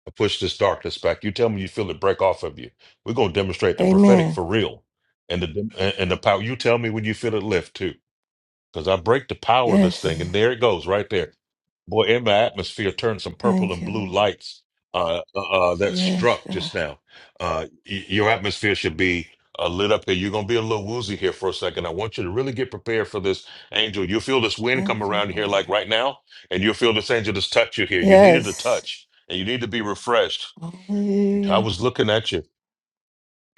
Speaker 2: I push this darkness back. You tell me you feel it break off of you. We're gonna demonstrate the prophetic
Speaker 4: Amen.
Speaker 2: for real, and the and the power. You tell me when you feel it lift too. Because I break the power of this thing, and
Speaker 4: Yes.
Speaker 2: there it goes right there. Boy, in my atmosphere turned some purple
Speaker 4: Thank
Speaker 2: and
Speaker 4: you,
Speaker 2: blue
Speaker 4: Lord.
Speaker 2: lights uh, uh, uh, that
Speaker 4: Yes,
Speaker 2: struck
Speaker 4: God.
Speaker 2: just now. Uh, y- your atmosphere should be uh, lit up here. You're going to be a little woozy here for a second. I want you to really get prepared for this angel. You'll feel this wind come
Speaker 4: Thank you,
Speaker 2: around here
Speaker 4: Lord.
Speaker 2: like right now, and you'll feel this angel just touch you here. You needed a
Speaker 4: Yes.
Speaker 2: touch, and you need to be refreshed. I
Speaker 4: Hallelujah.
Speaker 2: was looking at you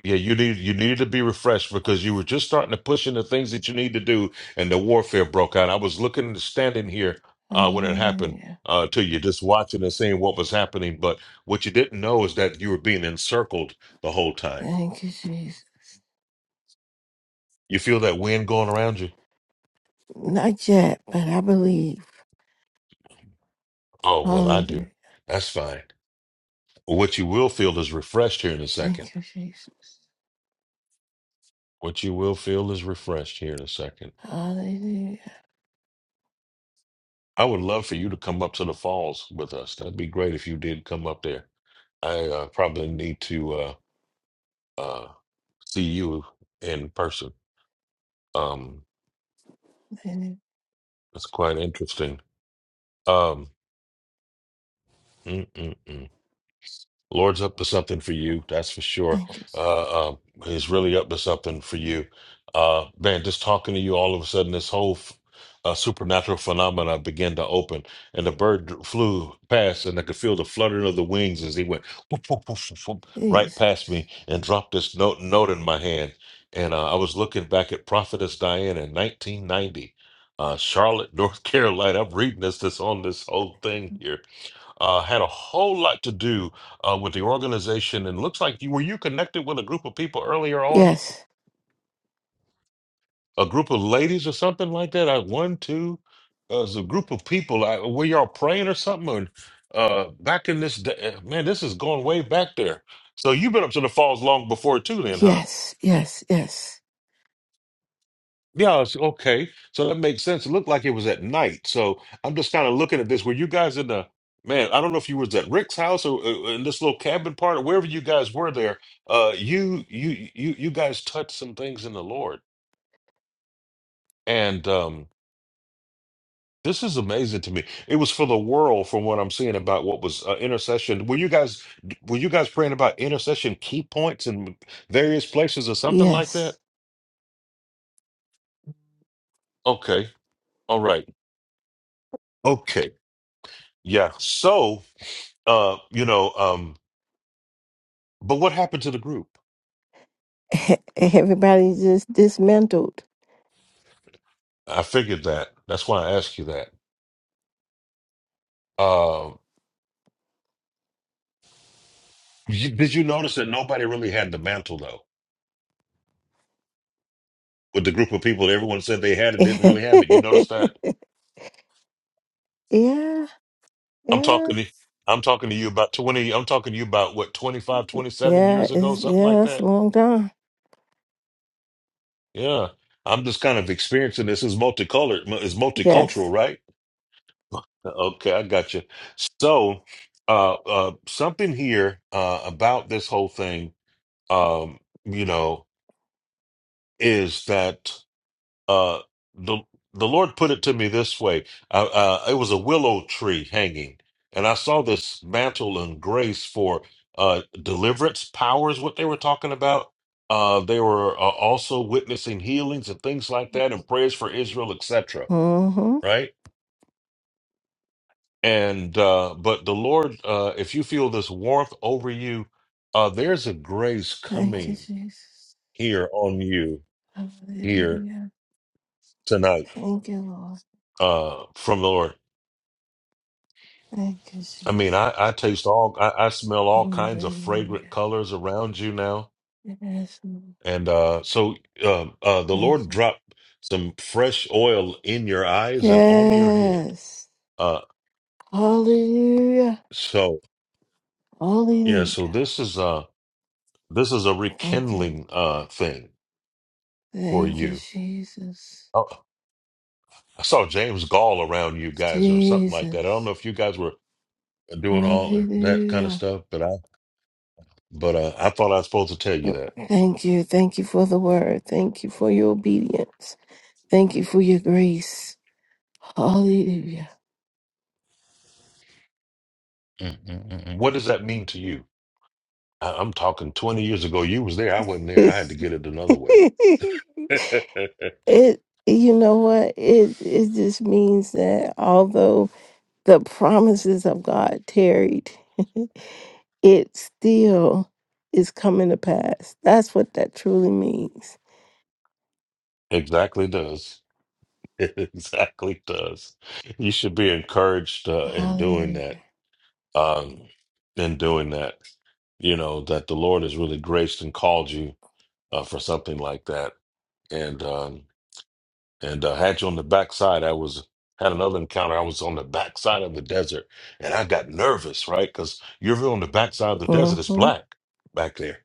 Speaker 2: yeah, you need you needed to be refreshed because you were just starting to push into things that you need to do, and the warfare broke out. I was looking standing here uh, when it happened
Speaker 4: Hallelujah.
Speaker 2: uh, to you, just watching and seeing what was happening. But what you didn't know is that you were being encircled the whole time.
Speaker 4: Thank you, Jesus.
Speaker 2: You feel that wind going around you.
Speaker 4: Not yet, but I believe.
Speaker 2: Oh well, I do.
Speaker 4: Hallelujah.
Speaker 2: That's fine. What you will feel is refreshed here in a second.
Speaker 4: Thank you, Jesus.
Speaker 2: What you will feel is refreshed here in a second.
Speaker 4: Hallelujah.
Speaker 2: I would love for you to come up to the falls with us. That'd be great if you did come up there I uh, probably need to uh, uh, see you in person. Um,
Speaker 4: Hallelujah.
Speaker 2: it's quite interesting. Um, mm, mm, mm. Lord's up to something for you, that's for sure.
Speaker 4: Thank you,
Speaker 2: Uh, uh, he's really up to something for you, uh, man. Just talking to you, all of a sudden, this whole f- uh, supernatural phenomena began to open, and the bird flew past, and I could feel the fluttering of the wings as he went whoop, whoop, whoop, whoop, whoop, right past
Speaker 4: Jesus.
Speaker 2: me and dropped this note note in my hand. And uh, I was looking back at Prophetess Diane in 1990, uh, Charlotte, North Carolina. I'm reading this this on this whole thing here uh, had a whole lot to do uh, with the organization. And looks like you were you connected with a group of people earlier on,
Speaker 4: Yes,
Speaker 2: a group of ladies or something like that. I one two, uh, it's a group of people. I, were y'all praying or something? Or, uh, back in this day, man, this is going way back there. So you've been up to the falls long before too, then, huh?
Speaker 4: yes, yes, yes,
Speaker 2: Yeah, it's okay. So that makes sense. It looked like it was at night. So I'm just kind of looking at this. Were you guys in the man? I don't know if you was at Rick's house or uh, in this little cabin part or wherever you guys were there. Uh, you you you you guys touched some things in the Lord, and um, this is amazing to me. It was for the world, from what I'm seeing about what was uh, intercession. Were you guys were you guys praying about intercession key points in various places or something like that?
Speaker 4: yes.
Speaker 2: Okay, all right, okay, yeah. So. Uh, you know, um, but what happened to the group?
Speaker 4: E- Everybody just dismantled.
Speaker 2: I figured that. That's why I asked you that. Uh, you, did you notice that nobody really had the mantle though? With the group of people that everyone said they had it didn't
Speaker 4: yeah,
Speaker 2: really have it. You notice that?
Speaker 4: yeah, yeah.
Speaker 2: I'm talking to I'm talking to you about 20 I'm talking to you about what 25, twenty
Speaker 4: It's
Speaker 2: seven
Speaker 4: yeah,
Speaker 2: years ago something like
Speaker 4: it's a
Speaker 2: that.
Speaker 4: long time.
Speaker 2: Yeah. I'm just kind of experiencing this is multicolored is multicultural,
Speaker 4: Yes.
Speaker 2: right? Okay, I got you. So, uh, uh, something here uh, about this whole thing um, you know, is that uh, the the Lord put it to me this way. Uh, uh, it was a willow tree hanging, and I saw this mantle and grace for uh, deliverance powers. What they were talking about. Uh, they were uh, also witnessing healings and things like that, and prayers for Israel, etc.
Speaker 4: Mm-hmm.
Speaker 2: Right. And uh, but the Lord, uh, if you feel this warmth over you, uh, there's a grace
Speaker 4: Thank you,
Speaker 2: coming
Speaker 4: Jesus.
Speaker 2: here on you here
Speaker 4: Hallelujah.
Speaker 2: tonight
Speaker 4: Thank you, Lord.
Speaker 2: uh, from the Lord.
Speaker 4: Thank you,
Speaker 2: I mean,
Speaker 4: Jesus.
Speaker 2: I, I taste all, I, I smell all kinds of fragrant
Speaker 4: Hallelujah.
Speaker 2: colors around you now.
Speaker 4: Yes, Lord.
Speaker 2: And uh, so uh, uh, the
Speaker 4: Thank
Speaker 2: Lord
Speaker 4: you.
Speaker 2: dropped some fresh oil in your eyes and on your head.
Speaker 4: Yes.
Speaker 2: Uh,
Speaker 4: Hallelujah.
Speaker 2: so, yeah, so
Speaker 4: Hallelujah.
Speaker 2: this is uh, this is a
Speaker 4: Thank you.
Speaker 2: rekindling uh, thing for
Speaker 4: Thank you,
Speaker 2: you.
Speaker 4: Jesus.
Speaker 2: Oh, I saw James Gall around you guys or something like that. I don't know
Speaker 4: Jesus.
Speaker 2: if you guys were doing all that kind of
Speaker 4: Hallelujah.
Speaker 2: stuff, but I but uh, I thought I was supposed to tell you that.
Speaker 4: Thank you. Thank you for the word. Thank you for your obedience. Thank you for your grace. Hallelujah.
Speaker 2: Mm, mm, mm, mm. What does that mean to you? I, I'm talking 20 years ago. You was there. I wasn't there. I had to
Speaker 4: it
Speaker 2: get it another way.
Speaker 4: you know what? It it just means that although the promises of God tarried, it still is coming to pass. That's what that truly means.
Speaker 2: exactly does. exactly does. You should be encouraged uh, in doing
Speaker 4: Hallelujah.
Speaker 2: that. Um, in doing that, you know that the Lord has really graced and called you uh, for something like that. And um, and uh, had you on the backside. I was had another encounter. I was on the backside of the desert, and I got nervous, right? Because you're really on the backside of the desert. It's
Speaker 4: hmm
Speaker 2: black back there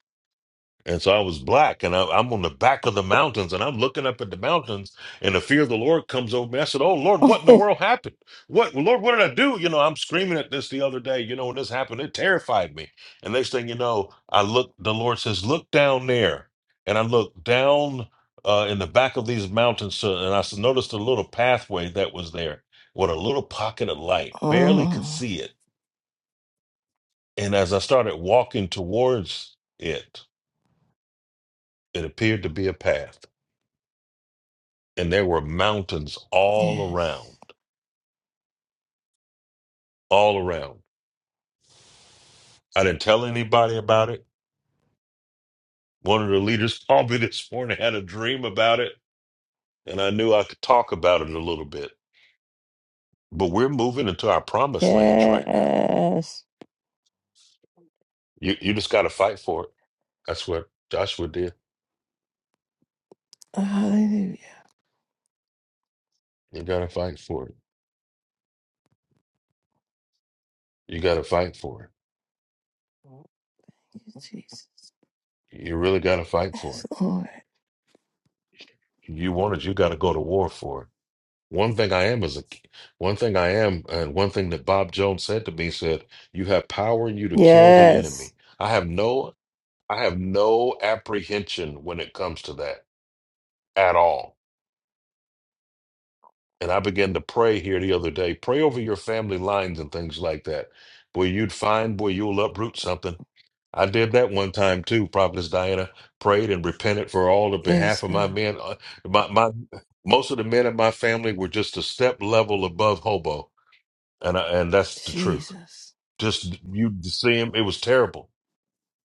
Speaker 2: And so I was black, and I, I'm on the back of the mountains, and I'm looking up at the mountains, and the fear of the Lord comes over me. I said, "Oh Lord, what in the world happened? What Lord, what did I do?" You know, I'm screaming at this the other day. You know, when this happened, it terrified me. And next thing you know, I look. The Lord says, "Look down there," and I look down uh, in the back of these mountains, so- and I s- noticed a little pathway that was there with a little pocket of light. Barely could
Speaker 4: Mm,
Speaker 2: see it, and as I started walking towards it, it appeared to be a path. and there were mountains all around,
Speaker 4: yes.
Speaker 2: all around. I didn't tell anybody about it. One of the leaders called me this morning, had a dream about it, and I knew I could talk about it a little bit. But we're moving into our promised lands right now.
Speaker 4: Yes.
Speaker 2: You you just got to fight for it. That's what Joshua did.
Speaker 4: Hallelujah.
Speaker 2: You got to fight for it. You got to fight for
Speaker 4: You, Jesus.
Speaker 2: it. You really got to fight for
Speaker 4: Yes, Lord.
Speaker 2: it. You want it. You got to go to war for it. One thing I am is a one thing I am, and one thing that Bob Jones said to me said, "You have power in you to kill the
Speaker 4: Yes.
Speaker 2: enemy." I have no, I have no apprehension when it comes to that at all. And I began to pray here the other day. Pray over your family lines and things like that. Boy, you'd find, boy, you'll uproot something. I did that one time too, Prophetess Diana. Prayed and repented for all the
Speaker 4: Yes,
Speaker 2: behalf of my
Speaker 4: God.
Speaker 2: men. Uh, My, my, most of the men in my family were just a step level above hobo and I, and that's the truth.
Speaker 4: Jesus.
Speaker 2: Just you see him, it was terrible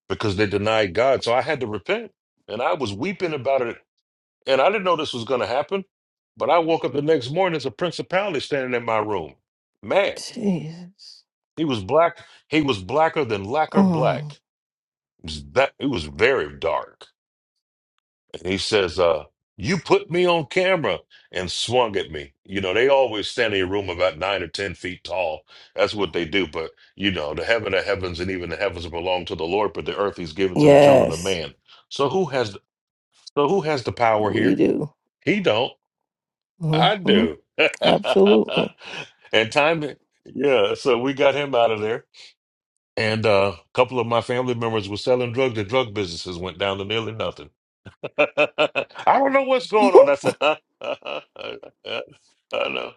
Speaker 2: because they denied God. So I had to repent, and I was weeping about it, and I didn't know this was going to happen. But I woke up the next morning, it's a principality standing in my room. Man,
Speaker 4: Jesus.
Speaker 2: he was black. He was blacker than lacquer
Speaker 4: Mm,
Speaker 2: black. It was that it was very dark And he says, uh, you put me on camera and swung at me. You know, they always stand in a room about nine or ten feet tall. That's what they do. But you know, the heaven of heavens and even the heavens belong to the Lord, but the earth he's given to the children of
Speaker 4: yes,
Speaker 2: man. So who has so who has the power
Speaker 4: we
Speaker 2: here?
Speaker 4: do.
Speaker 2: He don't. I
Speaker 4: hmm
Speaker 2: do.
Speaker 4: Absolutely.
Speaker 2: and time yeah, so we got him out of there. And uh, a couple of my family members were selling drugs. The drug businesses went down to nearly nothing. I don't know what's going on. I said, huh? I know.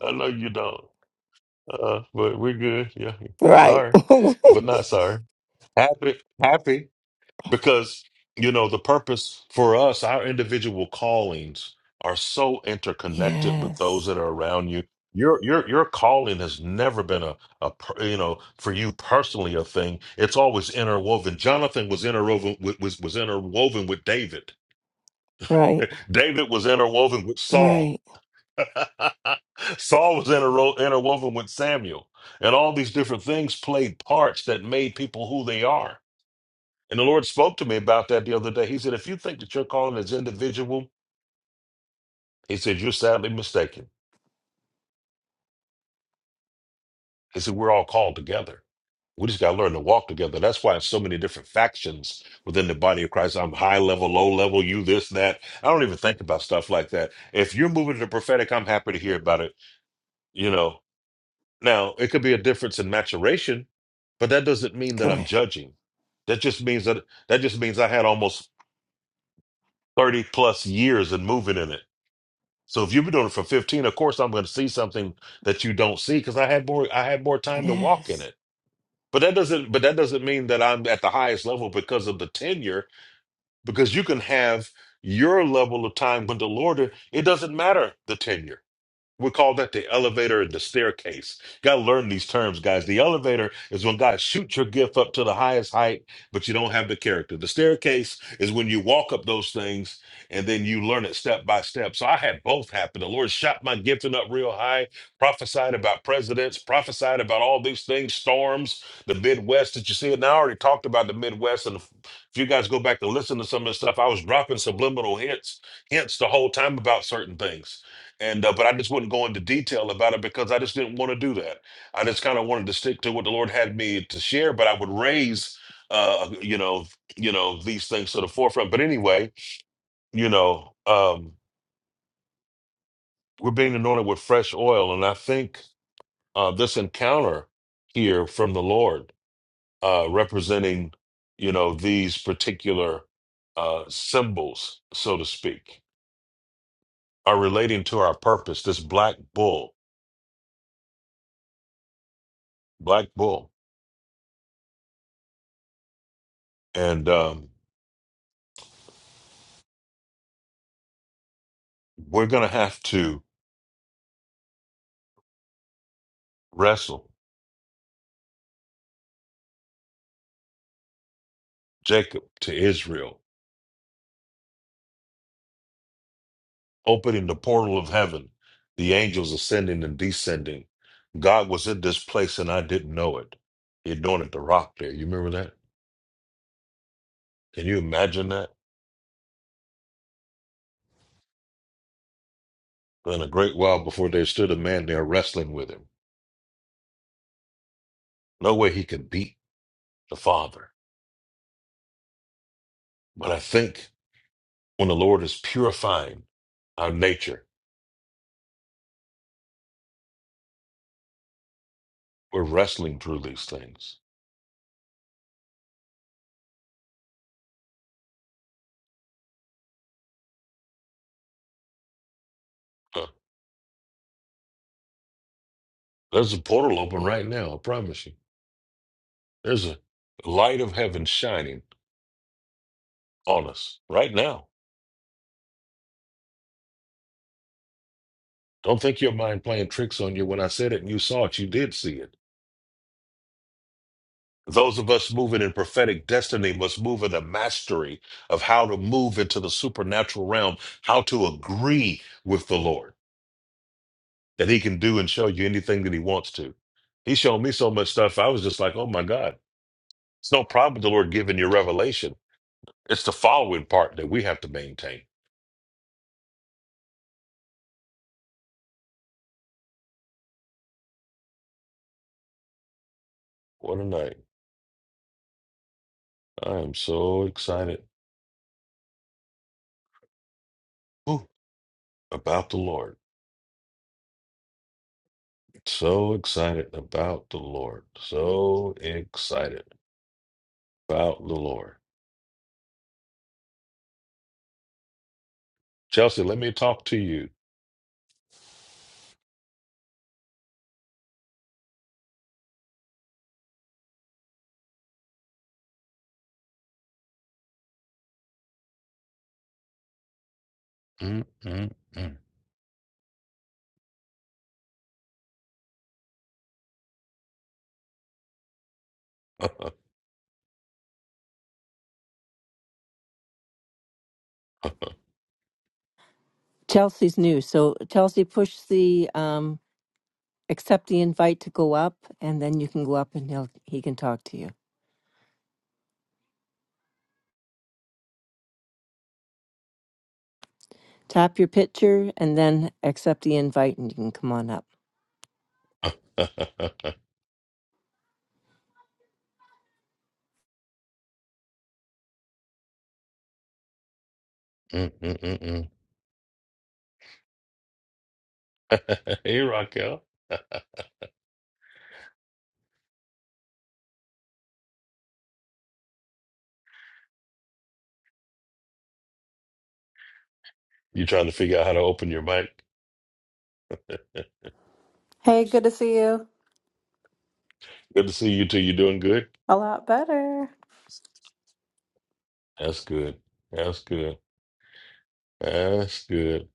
Speaker 2: I know you don't. Uh, but we're good. Yeah.
Speaker 4: right.
Speaker 2: Sorry. But not sorry. Happy. Happy. Because, you know, the purpose for us, our individual callings are so interconnected with those
Speaker 4: yes.
Speaker 2: that are around you. Your your your calling has never been a, a per- you know for you personally a thing. It's always interwoven. Jonathan was interwoven with- was was interwoven with David
Speaker 4: Right.
Speaker 2: David was interwoven with Saul.
Speaker 4: Right.
Speaker 2: Saul was interro- interwoven with Samuel. And all these different things played parts that made people who they are. And the Lord spoke to me about that the other day. He said, If you think that your calling is individual, He said, You're sadly mistaken. He said, We're all called together. We just got to learn to walk together. That's why there's so many different factions within the body of Christ. I'm high level, low level, you this, that. I don't even think about stuff like that. If you're moving to the prophetic, I'm happy to hear about it. You know, Now, it could be a difference in maturation, but that doesn't mean that I'm
Speaker 4: Correct.
Speaker 2: judging. That just means that that just means I had almost 30 plus years in moving in it. So if you've been doing it for 15, of course I'm going to see something that you don't see because I had more I had more time to walk in
Speaker 4: Yes.
Speaker 2: it. But that doesn't but that doesn't mean that I'm at the highest level because of the tenure, because you can have your level of time with the Lord, it doesn't matter the tenure We call that the elevator and the staircase. gotta learn these terms, guys. The elevator is when God shoots your gift up to the highest height, but you don't have the character. The staircase is when you walk up those things and then you learn it step by step. So I had both happen. The Lord shot my gifting up real high, prophesied about presidents, prophesied about all these things, storms, the Midwest that you see. And I already talked about the Midwest. And if you guys go back and listen to some of the stuff, I was dropping subliminal hints, hints the whole time about certain things and uh, but I just wouldn't go into detail about it because I just didn't want to do that. I just kind of wanted to stick to what the Lord had me to share, but I would raise, uh, you know, you know these things to the forefront. But anyway, you know, um, we're being anointed with fresh oil, and I think uh, this encounter here from the Lord, uh, representing, you know, these particular uh, symbols, so to speak, are relating to our purpose. This black bull, black bull, and. Um, we're going to have to wrestle Jacob to Israel, opening the portal of heaven, the angels ascending and descending. God was in this place and I didn't know it. He anointed the rock there. You remember that? Can you imagine that? But in a great while before there stood a man there wrestling with him. No way he could beat the Father. But I think when the Lord is purifying our nature, we're wrestling through these things. Huh. There's a portal open right now, I promise you. There's a light of heaven shining on us right now. Don't think your mind playing tricks on you. When I said it and you saw it, you did see it. Those of us moving in prophetic destiny must move in the mastery of how to move into the supernatural realm, how to agree with the Lord that He can do and show you anything that He wants to. He showed me so much stuff. I was just like, oh my God. It's no problem with the Lord giving you revelation. It's the following part that we have to maintain. What a night. I am so excited. Whew. about the Lord. So excited about the Lord. So excited about the Lord. Chelsea, let me talk to you. Mm, mm, mm.
Speaker 5: Chelsea's new. So Chelsea, push the um, accept the invite to go up, and then you can go up and he'll he can talk to you. Tap your picture and then accept the invite, and you can come on up.
Speaker 2: Mm, mm, mm, mm. hey, Raquel. You trying to figure out how to open your mic?
Speaker 6: Hey, good to see you.
Speaker 2: Good to see you too. You doing good?
Speaker 6: A lot better.
Speaker 2: That's good. That's good. That's good.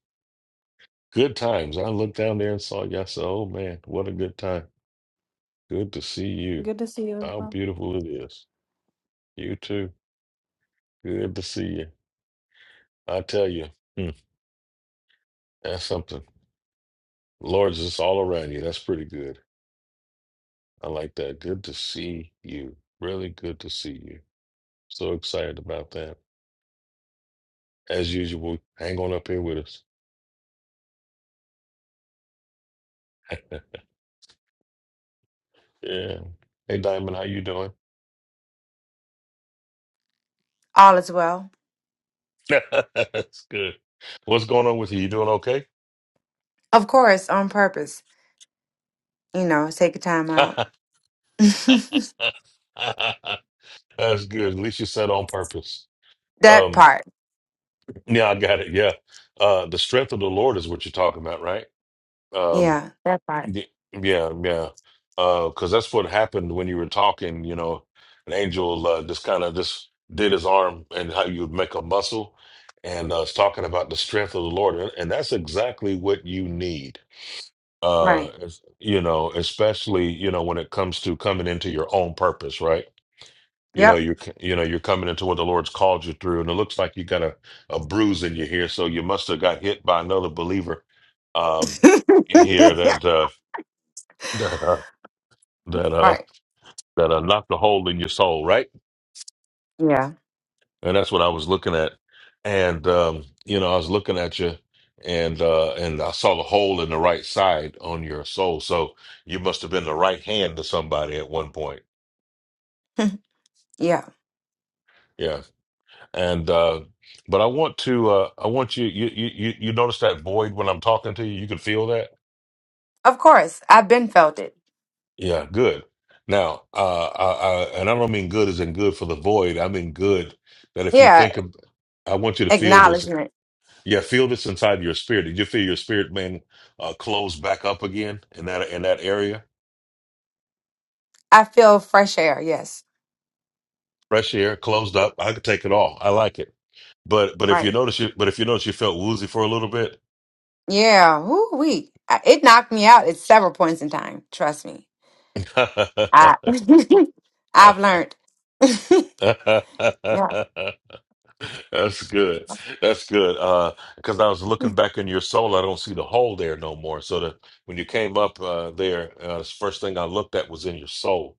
Speaker 2: Good times. I looked down there and saw you. I said, oh man, what a good time. Good to see you.
Speaker 6: Good to see you.
Speaker 2: How beautiful it is. You too. Good to see you. I tell you, hmm, that's something. Lord's just all around you. That's pretty good. I like that. Good to see you. Really good to see you. So excited about that. As usual, hang on up here with us. Yeah. Hey, Diamond, how you doing?
Speaker 7: All is well.
Speaker 2: That's good. What's going on with you? You doing okay?
Speaker 7: Of course, on purpose. You know, take a time out.
Speaker 2: That's good. At least you said on purpose.
Speaker 7: that
Speaker 2: Um,
Speaker 7: part.
Speaker 2: yeah, I got it. Yeah. Uh, the strength of the Lord is what you're talking about, right? Um,
Speaker 7: Yeah, that part.
Speaker 2: Y- Yeah, yeah. Uh, 'cause that's what happened when you were talking, you know, an angel uh, just kind of just did his arm and how you would make a muscle and uh, was talking about the strength of the Lord. And, and that's exactly what you need. Uh,
Speaker 7: Right.
Speaker 2: es- you know, especially, you know, when it comes to coming into your own purpose, right? You know,
Speaker 7: Yep.
Speaker 2: you're, c- you know, you're coming into what the Lord's called you through, and it looks like you got a, a bruise in your here. So you must have got hit by another believer um, here that, uh, that uh
Speaker 7: right.
Speaker 2: that uh, knocked a hole in your soul, right?
Speaker 7: Yeah.
Speaker 2: And that's what I was looking at. And um, you know, I was looking at you and uh and I saw the hole in the right side on your soul. So you must have been the right hand to somebody at one point.
Speaker 7: yeah.
Speaker 2: Yeah. And uh but I want to uh I want you you you you you notice that void when I'm talking to you. You can feel that?
Speaker 7: Of course. I've been felt it.
Speaker 2: Yeah, good. Now, uh I, I and I don't mean good as in good for the void. I mean good that if you
Speaker 7: Yeah.
Speaker 2: think of I want you to feel this
Speaker 7: Acknowledgement.
Speaker 2: Yeah, feel this inside your spirit. Did you feel your spirit being uh, closed back up again in that in that area?
Speaker 7: I feel fresh air. Yes.
Speaker 2: Fresh air, closed up. I could take it all. I like it. But but if you
Speaker 7: Right.
Speaker 2: notice you but if you notice you felt woozy for a little bit.
Speaker 7: Yeah. Woo wee. I- It knocked me out at several points in time. Trust me. I, I've learned. yeah.
Speaker 2: That's good. That's good. Uh, because I was looking back in your soul, I don't see the hole there no more. So that when you came up uh, there, uh, the first thing I looked at was in your soul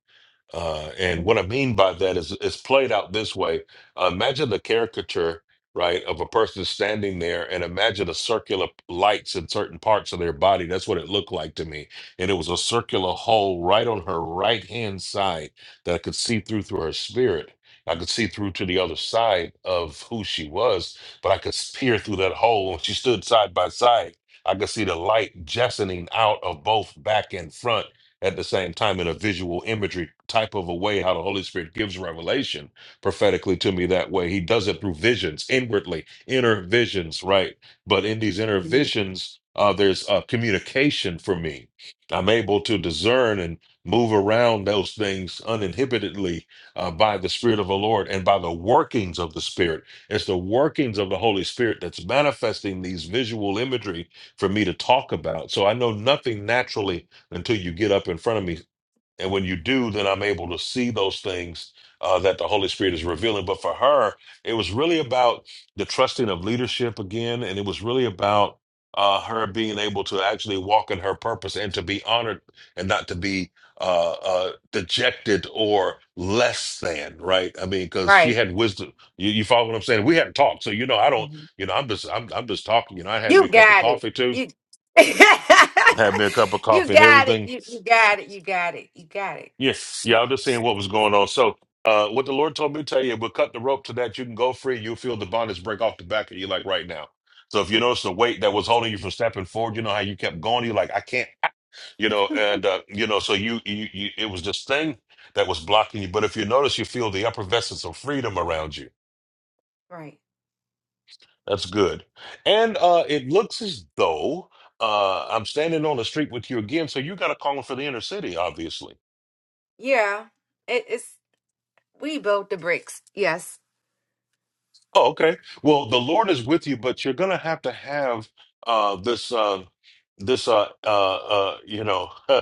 Speaker 2: Uh, and what I mean by that is it's played out this way. Uh, imagine the caricature, right, of a person standing there and imagine a circular lights in certain parts of their body. That's what it looked like to me. And it was a circular hole right on her right hand side that I could see through through her spirit. I could see through to the other side of who she was, but I could peer through that hole. When she stood side by side, I could see the light jessening out of both back and front at the same time in a visual imagery type of a way how the holy spirit gives revelation prophetically to me that way he does it through visions inwardly inner visions right but in these inner
Speaker 7: Mhm.
Speaker 2: visions uh, there's uh, communication for me i'm able to discern and move around those things uninhibitedly uh, by the spirit of the lord and by the workings of the spirit it's the workings of the holy spirit that's manifesting these visual imagery for me to talk about so i know nothing naturally until you get up in front of me. And when you do, then I'm able to see those things uh, that the Holy Spirit is revealing. But for her, it was really about the trusting of leadership again. And it was really about uh, her being able to actually walk in her purpose and to be honored and not to be uh, uh, dejected or less than, right? I mean, because she
Speaker 7: Right.
Speaker 2: had wisdom. You, you follow what I'm saying? We had not talked. So, you know, I don't,
Speaker 7: Mhm.
Speaker 2: you know, I'm just, I'm, I'm just talking. You know, I had me
Speaker 7: You
Speaker 2: a cup of
Speaker 7: got it.
Speaker 2: coffee too,
Speaker 7: You
Speaker 2: had me a cup of
Speaker 7: You
Speaker 2: coffee and
Speaker 7: got it.
Speaker 2: everything
Speaker 7: You you got it. You got it. You got it.
Speaker 2: Yes,
Speaker 7: You
Speaker 2: yeah, I'm
Speaker 7: got
Speaker 2: just
Speaker 7: it.
Speaker 2: seeing what was going on. So, uh, what the Lord told me to tell you, we'll cut the rope to that. You can go free. You'll feel the bondage break off the back of you, like right now. So, if you notice the weight that was holding you from stepping forward, you know how you kept going. You're like, I can't, ah," you know, and uh, you know, so you, you, you, it was this thing that was blocking you. But if you notice, you feel the effervescence of freedom around you.
Speaker 7: right.
Speaker 2: That's good. And uh, it looks as though uh, I'm standing on the street with you again. So you got to call for the inner city, obviously
Speaker 7: Yeah. It, it's we built the bricks. Yes.
Speaker 2: Oh, okay. Well, the Lord is with you, but you're gonna have to have uh this uh this uh uh uh you know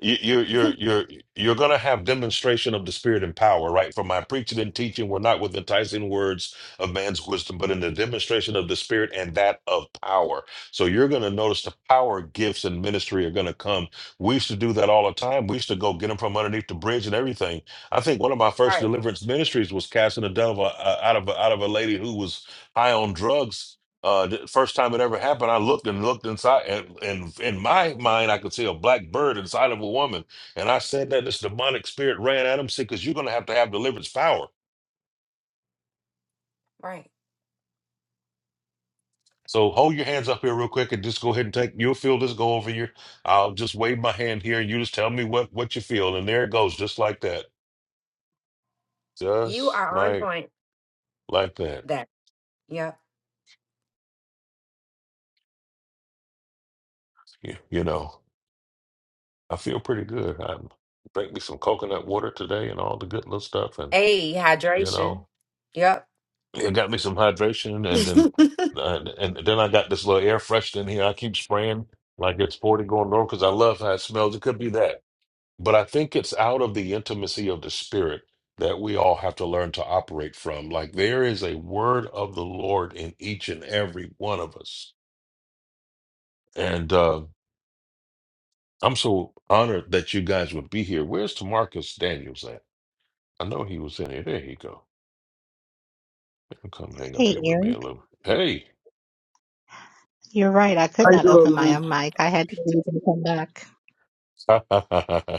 Speaker 2: you, you're you're you're you're going to have demonstration of the spirit and power right for my preaching and teaching were not with enticing words of man's wisdom but in the demonstration of the spirit and that of power so you're going to notice the power gifts and ministry are going to come we used to do that all the time we used to go get them from underneath the bridge and everything i think one of my first
Speaker 7: right.
Speaker 2: deliverance ministries was casting a devil uh, out of a, out of a lady who was high on drugs uh, the first time it ever happened, I looked and looked inside, and, and in my mind, I could see a black bird inside of a woman. And I said that this demonic spirit ran at him, said, because you're going to have to have deliverance power.
Speaker 7: Right.
Speaker 2: So hold your hands up here real quick and just go ahead and take, you'll feel this go over you. I'll just wave my hand here and you just tell me what, what you feel. And there it goes, just like that.
Speaker 7: You
Speaker 2: Just
Speaker 7: are on
Speaker 2: like,
Speaker 7: point.
Speaker 2: like that.
Speaker 7: That. Yep.
Speaker 2: You, you know, I feel pretty good. I make me some coconut water today and all the good little stuff. And,
Speaker 7: A
Speaker 2: you know,
Speaker 7: hydration. Yep.
Speaker 2: It got me some hydration, and
Speaker 7: it's
Speaker 2: then uh, and then I got this little air freshener here. I keep spraying like it's forty going north because I love how it smells. It could be that, but I think it's out of the intimacy of the spirit that we all have to learn to operate from. Like there is a word of the Lord in each and every one of us, and uh, I'm so honored that you guys would be here. Where's Tamarcus Daniels at? I know he was in here. There he go. He'll Come hang up
Speaker 8: Hey,
Speaker 2: here with me a
Speaker 8: Eric,
Speaker 2: little. Hey.
Speaker 8: you're right. I could
Speaker 9: How you
Speaker 8: not
Speaker 9: doing,
Speaker 8: open my
Speaker 9: man?
Speaker 8: own mic. I had to leave and come back.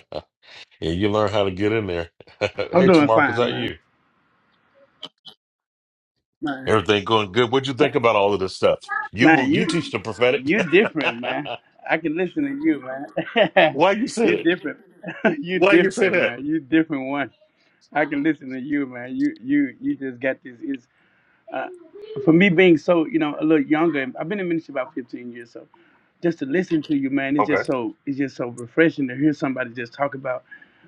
Speaker 2: Yeah, you learn how to get in there.
Speaker 9: I'm
Speaker 2: hey,
Speaker 9: doing
Speaker 2: Tamark, is
Speaker 9: fine,
Speaker 2: that
Speaker 9: man.
Speaker 2: you?
Speaker 9: Man,
Speaker 2: Everything going good? What'd you
Speaker 9: man,
Speaker 2: think about all of this stuff? You
Speaker 9: man,
Speaker 2: move, you teach
Speaker 9: you
Speaker 2: the prophetic.
Speaker 9: you different, man. I can listen to you, man.
Speaker 2: Why you said
Speaker 9: you
Speaker 2: it?
Speaker 9: different. you
Speaker 2: Why you say
Speaker 9: different,
Speaker 2: that?
Speaker 9: man. You different one. I can listen to you, man. You you you just got this. Is uh, for me being so you know a little younger. I've been in ministry about 15 years, so just to listen to you, man, it's
Speaker 2: Okay.
Speaker 9: just so it's just so refreshing to hear somebody just talk about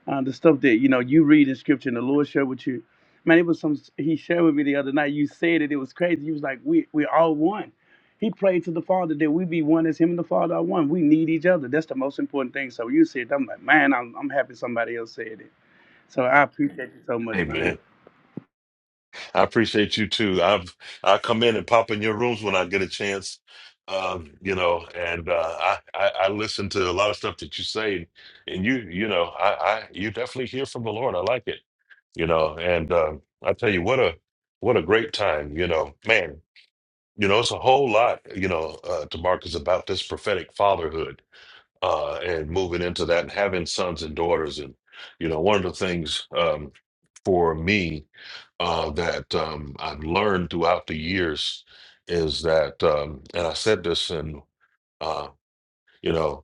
Speaker 9: uh, the stuff that you know you read in scripture and the Lord shared with you. Man, it was some he shared with me the other night. You said it; it was crazy. You was like, "We we all one." He prayed to the Father that we be one as Him and the Father are one. We need each other. That's the most important thing. So you said, that, I'm like, man, I'm I'm happy somebody else said it. So I appreciate you so much, man.
Speaker 2: Amen. I appreciate you too. I've I come in and pop in your rooms when I get a chance. Um, you know, and uh, I, I I listen to a lot of stuff that you say, and you you know I I you definitely hear from the Lord. I like it. You know, and um, I tell you what a what a great time. You know, man. You know, it's a whole lot. You know, uh, to Marcus about this prophetic fatherhood uh, and moving into that and having sons and daughters. And, you know, one of the things um, for me uh, that um, I've learned throughout the years is that, um, and I said this, and, uh, you know,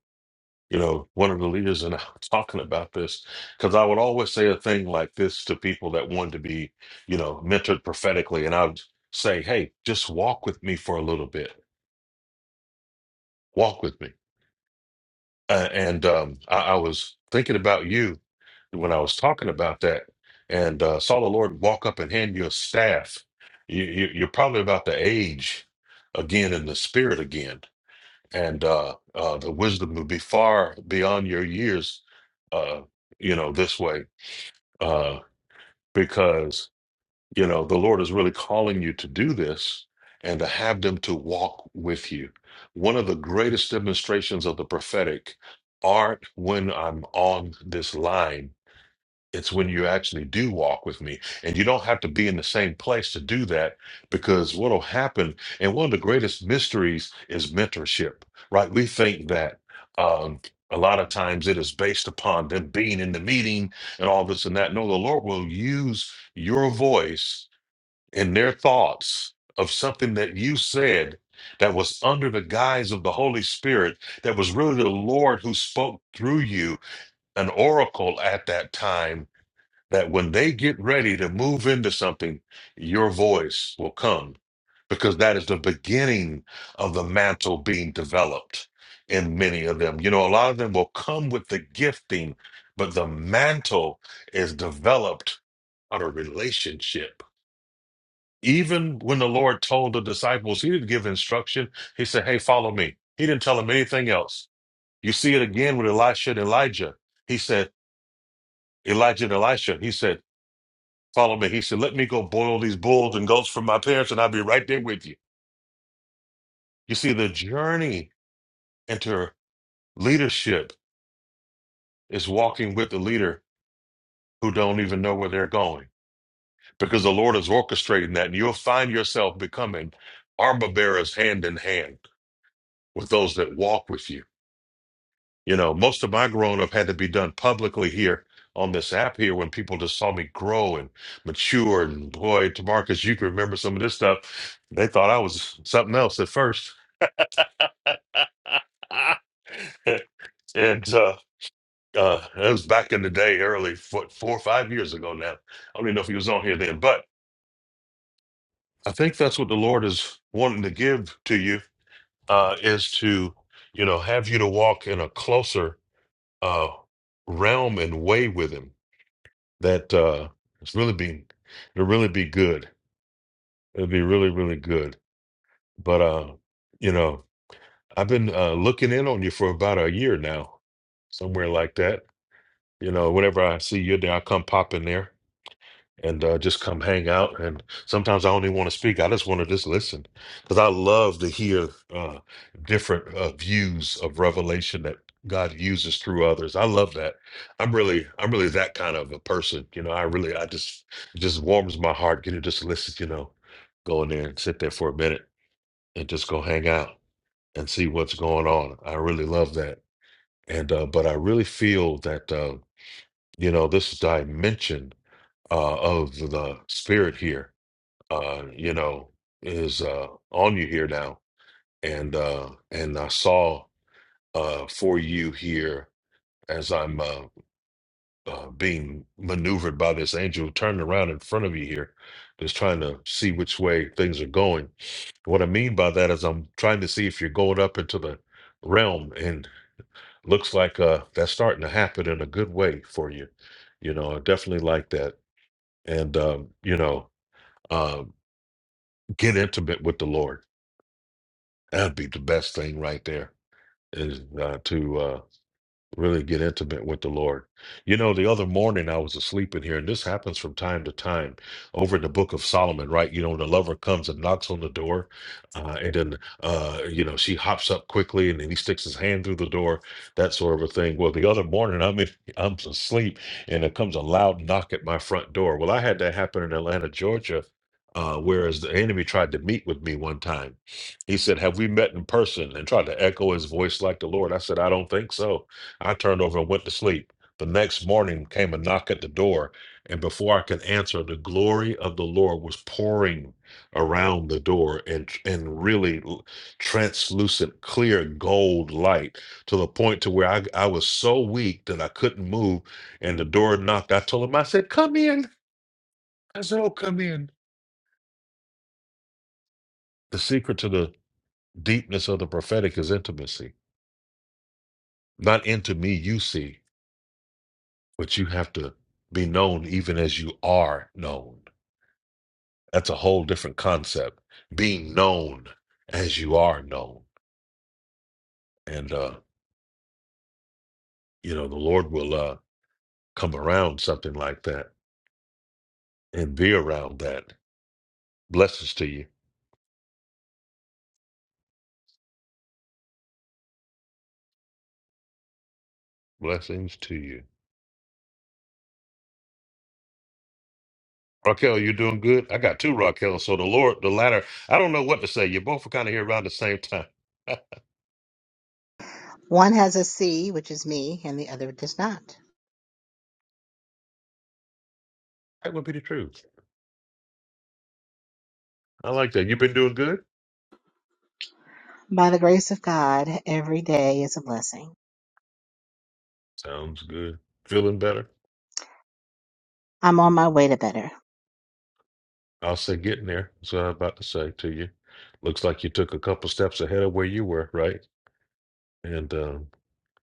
Speaker 2: you know, one of the leaders and I were talking about this because I would always say a thing like this to people that wanted to be, you know, mentored prophetically, and I would say, "Hey, just walk with me for a little bit. Walk with me." Uh, and um, I, I was thinking about you when I was talking about that, and uh, saw the Lord walk up and hand you a staff. You, you, you're probably about the age again in the spirit again, and uh, uh, the wisdom would be far beyond your years. Uh, you know this way uh, because you know the lord is really calling you to do this and to have them to walk with you one of the greatest demonstrations of the prophetic aren't when i'm on this line it's when you actually do walk with me and you don't have to be in the same place to do that because what'll happen and one of the greatest mysteries is mentorship right we think that um a lot of times it is based upon them being in the meeting and all this and that. No, the Lord will use your voice in their thoughts of something that you said that was under the guise of the Holy Spirit, that was really the Lord who spoke through you, an oracle at that time, that when they get ready to move into something, your voice will come because that is the beginning of the mantle being developed in many of them. You know, a lot of them will come with the gifting, but the mantle is developed on a relationship even when the Lord told the disciples, he didn't give instruction. He said, Hey, follow me. He didn't tell them anything else. You see it again with Elisha and Elijah. He said, Elijah and Elisha, he said, Follow me. He said, Let me go boil these bulls and goats for my parents, and I'll be right there with you. You see, the journey into leadership is walking with the leader who don't even know where they're going because the Lord is orchestrating that, and you'll find yourself becoming armor bearers hand in hand with those that walk with you You know, most of my growing up had to be done publicly here on this app here when people just saw me grow and mature. And boy, Tamarcus, you can remember some of this stuff. They thought I was something else at first. and uh, uh, it was back in the day, early four, four or five years ago now. I don't even know if he was on here then, but I think that's what the Lord is wanting to give to you uh, is to, you know, have you to walk in a closer uh, realm and way with Him that uh it's really be it'll really be good. It'll be really, really good. But uh, you know, I've been uh looking in on you for about a year now, somewhere like that. You know, whenever I see you there, I come pop in there and uh, just come hang out. And sometimes I only want to speak. I just want to just listen because I love to hear uh, different uh, views of revelation that God uses through others. I love that. I'm really, I'm really that kind of a person. You know, I really, I just, it just warms my heart getting to just listen. You know, go in there and sit there for a minute and just go hang out and see what's going on. I really love that. And uh, but I really feel that uh, you know this dimension uh, of the spirit here uh, you know, is uh, on you here now, and uh, and I saw uh, for you here as I'm uh, uh, being maneuvered by this angel turning around in front of you here, just trying to see which way things are going. What I mean by that is I'm trying to see if you're going up into the realm, and looks like uh, that's starting to happen in a good way for you. You know, I definitely like that, and um, you know, uh, get intimate with the Lord That'd be the best thing right there is uh, to uh, really get intimate with the Lord. You know, the other morning I was asleep in here, and this happens from time to time over in the book of Solomon, right? You know, the lover comes and knocks on the door, uh, and then, uh, you know, she hops up quickly and then he sticks his hand through the door, that sort of a thing. Well, the other morning I'm, in, I'm asleep and there comes a loud knock at my front door. Well, I had that happen in Atlanta, Georgia. Uh, whereas the enemy tried to meet with me one time, he said, Have we met in person? and tried to echo his voice like the Lord. I said, I don't think so. I turned over and went to sleep. The next morning came a knock at the door, and before I could answer, the glory of the Lord was pouring around the door and and really l- translucent, clear gold light to the point to where I, I was so weak that I couldn't move. And the door knocked. I told him, I said, "Come in." I said, "Oh, come in." The secret to the deepness of the prophetic is intimacy. Not into me you see, but you have to be known even as you are known. That's a whole different concept. Being known as you are known. And uh, you know, the Lord will uh come around something like that and be around that. Blessings to you. Blessings to you. Raquel, you're doing good. I got two Raquel. So the Lord, the latter, I don't know what to say. You both are kind of here around the same time. that
Speaker 8: One has a C, which is me, and the other does not.
Speaker 2: would be the truth. I like that. You've been doing good.
Speaker 8: By the grace of God, every day is a blessing.
Speaker 2: Sounds good. Feeling better.
Speaker 8: I'm on my way to better.
Speaker 2: I'll say getting there. That's what I'm about to say to you. Looks like you took a couple steps ahead of where you were, right? And um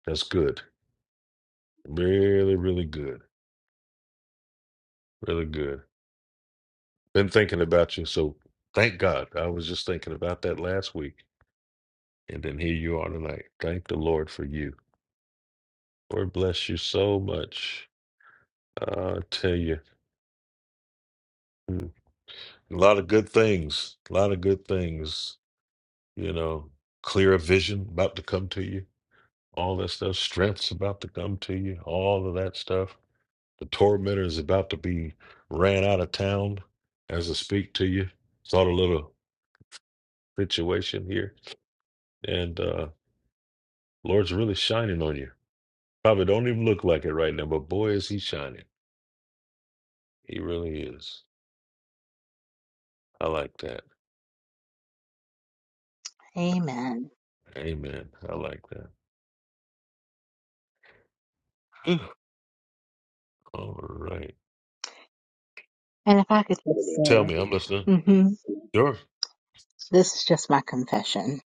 Speaker 2: That's good. Really, really good. Really good. Been thinking about you. So thank God. I was just thinking about that last week. And then here you are tonight. Thank the Lord for you. Lord bless you so much. I tell you, mm, a lot of good things. A lot of good things. You know, clear vision about to come to you. All that stuff. Strength's about to come to you. All of that stuff. The tormentor is about to be ran out of town as I speak to you. Saw the little situation here. And uh Lord's really shining on you. Probably don't even look like it right now, but boy is he shining. He really is. I like that.
Speaker 8: Amen.
Speaker 2: Amen. I like that. Whew. All right.
Speaker 8: And if I could just
Speaker 2: Tell me,
Speaker 8: say,
Speaker 2: I'm listening.
Speaker 8: hmm
Speaker 2: Sure.
Speaker 8: this is just my confession.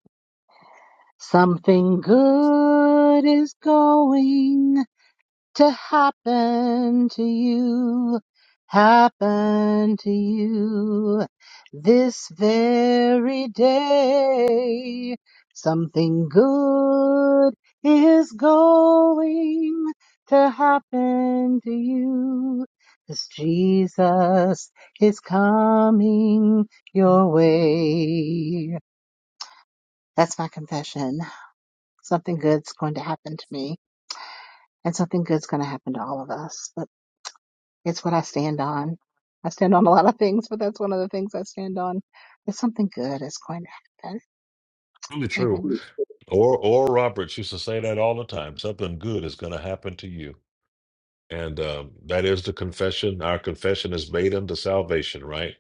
Speaker 8: Something good is going. to happen to you, happen to you this very day. Something good is going to happen to you. 'cause Jesus is coming your way. That's my confession. Something good's going to happen to me and something good's going to happen to all of us. It's what I stand on. I stand on a lot of things, but that's one of the things I stand on. It's something good that's going to happen.
Speaker 2: Really true.
Speaker 8: Amen.
Speaker 2: Or or Roberts used to say that all the time. Something good is gonna happen to you. And um, that is the confession. Our confession is made unto salvation, right?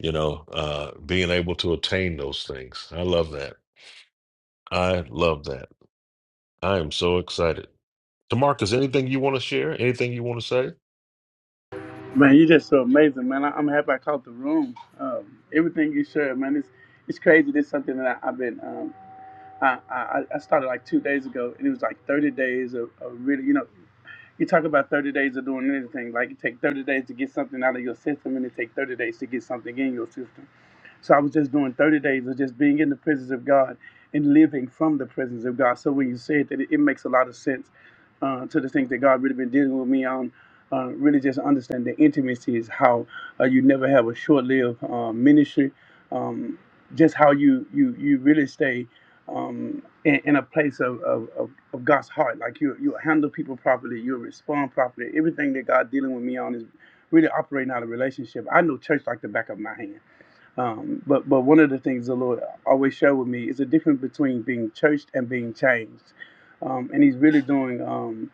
Speaker 2: You know, uh, being able to attain those things. I love that. I love that. I am so excited. Demarcus, anything you want to share? Anything you want to say?
Speaker 9: Man, you're just so amazing, man. I, I'm happy I caught the room. Um, everything you shared, man, it's it's crazy. This is something that I, I've been um, I, I, I started like two days ago, and it was like 30 days of, of really, you know, you talk about 30 days of doing anything. Like it take 30 days to get something out of your system, and it take 30 days to get something in your system. So I was just doing 30 days of just being in the presence of God and living from the presence of God. So when you say it, that it, it makes a lot of sense uh, to the things that God really been dealing with me on. Uh, really just understand the intimacy is how uh, you never have a short-lived uh, ministry. Um, just how you you you really stay um, in, in a place of, of, of, of God's heart. Like you you handle people properly, you respond properly. Everything that God dealing with me on is really operating out of relationship. I know church like the back of my hand. Um, but but one of the things the Lord always showed with me is the difference between being churched and being changed, um, and He's really doing um,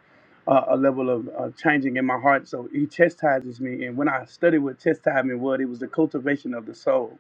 Speaker 9: a, a level of uh, changing in my heart. So He chastises me, and when I studied what chastisement was, it was the cultivation of the soul.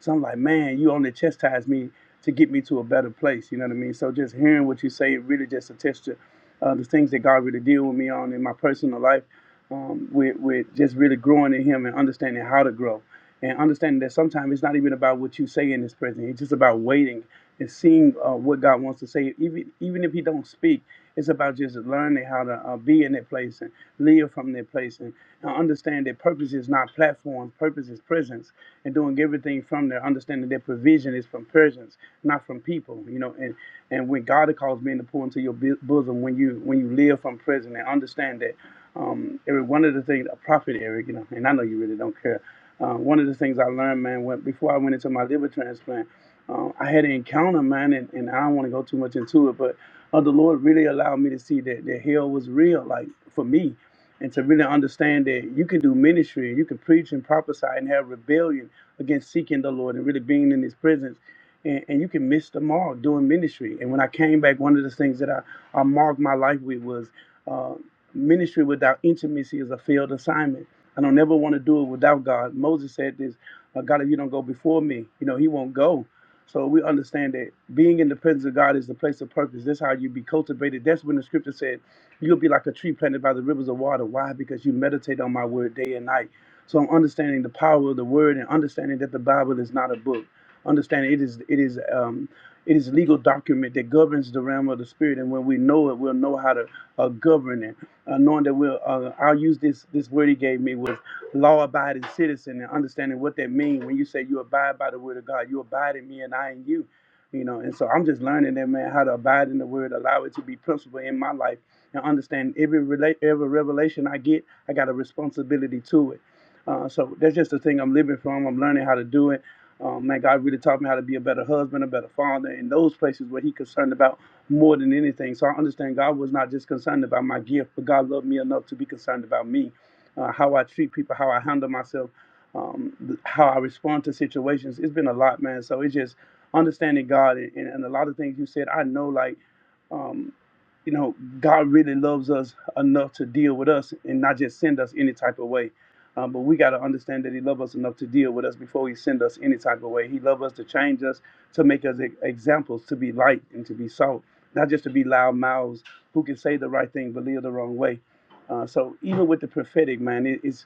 Speaker 9: So I'm like, man, you only chastise me to get me to a better place. You know what I mean? So just hearing what you say, it really just attests to uh, the things that God really deal with me on in my personal life, um, with with just really growing in Him and understanding how to grow and understanding that sometimes it's not even about what you say in this present. It's just about waiting and seeing uh, what God wants to say. Even even if He don't speak, it's about just learning how to uh, be in that place and live from that place and uh, understand that purpose is not platforms. Purpose is presence and doing everything from there. Understanding that provision is from presence, not from people. You know, and and when God calls men to pour into your bo- bosom, when you when you live from presence and understand that. Um, every one of the things a prophet, Eric, you know, and I know you really don't care uh, one of the things I learned, man, when, before I went into my liver transplant, um, I had an encounter, man, and, and I don't want to go too much into it, but uh, the Lord really allowed me to see that, that hell was real, like for me, and to really understand that you can do ministry, you can preach and prophesy and have rebellion against seeking the Lord and really being in His presence. And, and you can miss the mark doing ministry. And when I came back, one of the things that I, I marked my life with was uh, ministry without intimacy is a failed assignment I don't never want to do it without God. Moses said this, uh, God, if you don't go before me, you know, he won't go. So we understand that being in the presence of God is the place of purpose. That's how you be cultivated. That's when the scripture said, you'll be like a tree planted by the rivers of water. Why? Because you meditate on my word day and night. So I'm understanding the power of the word and understanding that the Bible is not a book. Understanding it is it is um, it is legal document that governs the realm of the spirit. And when we know it, we'll know how to uh, govern it uh, knowing that we'll, uh, I'll use this this word he gave me was law-abiding citizen and understanding what that means when you say you abide by the word of God, you abide in me and I in you, you know. And so I'm just learning that man how to abide in the word, allow it to be principle in my life, and understand every relate every revelation I get, I got a responsibility to it. Uh, so that's just the thing I'm living from. I'm learning how to do it. Um, man, God really taught me how to be a better husband, a better father, in those places where He concerned about more than anything. So I understand God was not just concerned about my gift, but God loved me enough to be concerned about me, uh, how I treat people, how I handle myself, um, th- how I respond to situations. It's been a lot, man. So it's just understanding God and, and, and a lot of things you said. I know, like, um, you know, God really loves us enough to deal with us and not just send us any type of way. Um, but we got to understand that He loves us enough to deal with us before He send us any type of way. He loves us to change us, to make us e- examples, to be light and to be salt not just to be loud mouths who can say the right thing but live the wrong way. Uh, so even with the prophetic, man, it, it's.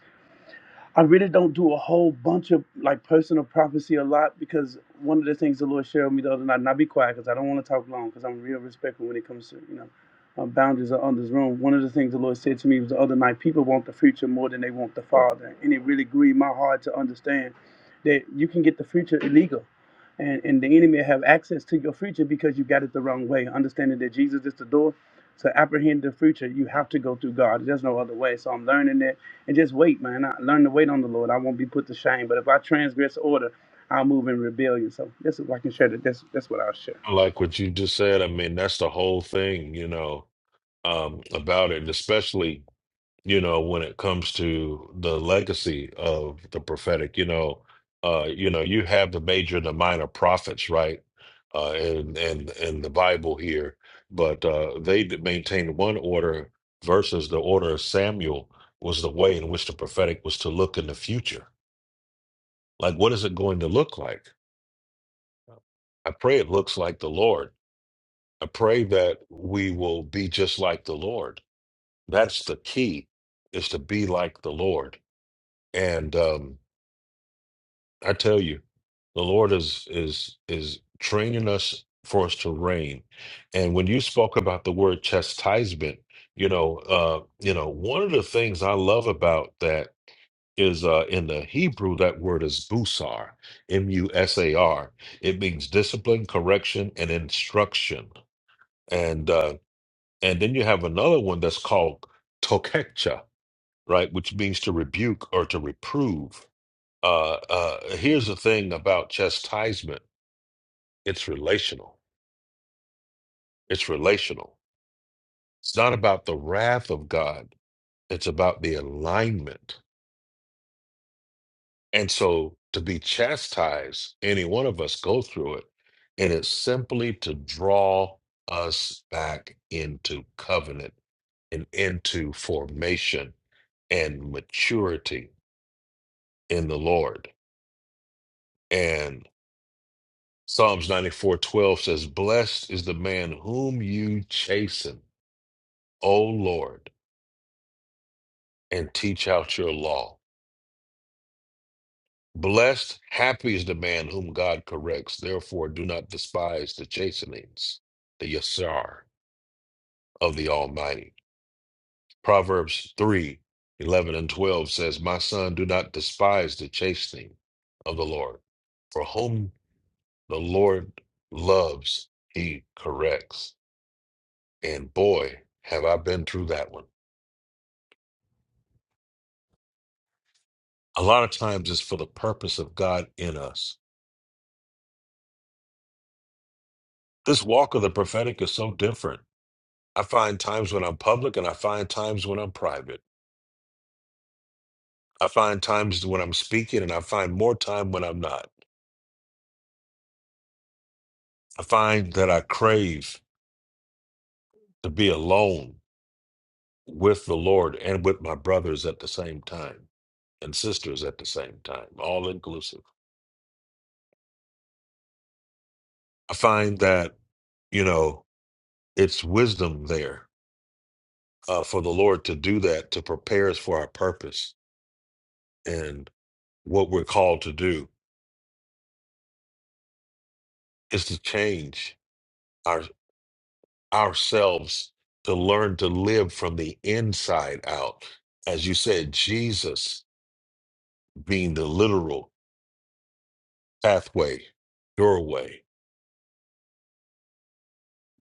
Speaker 9: I really don't do a whole bunch of like personal prophecy a lot because one of the things the Lord shared with me the other night, and I'll be quiet because I don't want to talk long because I'm real respectful when it comes to, you know, um, boundaries of others' room. One of the things the Lord said to me was the other night, people want the future more than they want the Father. And it really grieved my heart to understand that you can get the future illegal. And, and the enemy have access to your future because you got it the wrong way. Understanding that Jesus is the door to apprehend the future, you have to go through God. There's no other way. So I'm learning that and just wait, man. I learn to wait on the Lord. I won't be put to shame. But if I transgress order, I'll move in rebellion. So that's what I can share. That that's that's what I'll share.
Speaker 2: I like what you just said. I mean, that's the whole thing, you know, um, about it, especially. you know, when it comes to the legacy of the prophetic, you know, uh, you know, you have the major and the minor prophets, right? Uh, in in in the Bible here, but uh, they d- maintained one order versus the order of Samuel was the way in which the prophetic was to look in the future. Like, what is it going to look like? I pray it looks like the Lord. I pray that we will be just like the Lord. That's the key, is to be like the Lord And um, I tell you, the Lord is is is training us for us to reign. And when you spoke about the word chastisement, you know, uh, you know, one of the things I love about that is uh, in the Hebrew that word is busar, M U S A R. It means discipline, correction, and instruction. And uh, and then you have another one that's called tokecha, right, which means to rebuke or to reprove uh, uh, here's the thing about chastisement it's relational. It's relational. It's not about the wrath of God, it's about the alignment. And so to be chastised, any one of us go through it, and it's simply to draw us back into covenant and into formation and maturity in the Lord. And Psalms 94 12 says, Blessed is the man whom you chasten O Lord, and teach out your law. Blessed, happy is the man whom God corrects. Therefore, do not despise the chastenings, the yasar of the Almighty. Proverbs 3 11 and 12 says, My son, do not despise the chastening of the Lord. For whom the Lord loves, he corrects. And boy, have I been through that one. A lot of times it's for the purpose of God in us This walk of the prophetic is so different. I find times when I'm public and I find times when I'm private. I find times when I'm speaking and I find more time when I'm not. I find that I crave to be alone with the Lord and with my brothers at the same time and sisters at the same time, all inclusive. I find that, you know, it's wisdom there uh, for the Lord to do that, to prepare us for our purpose and what we're called to do is to change. our ourselves to learn to live from the inside out. As you said, Jesus being the literal pathway, doorway,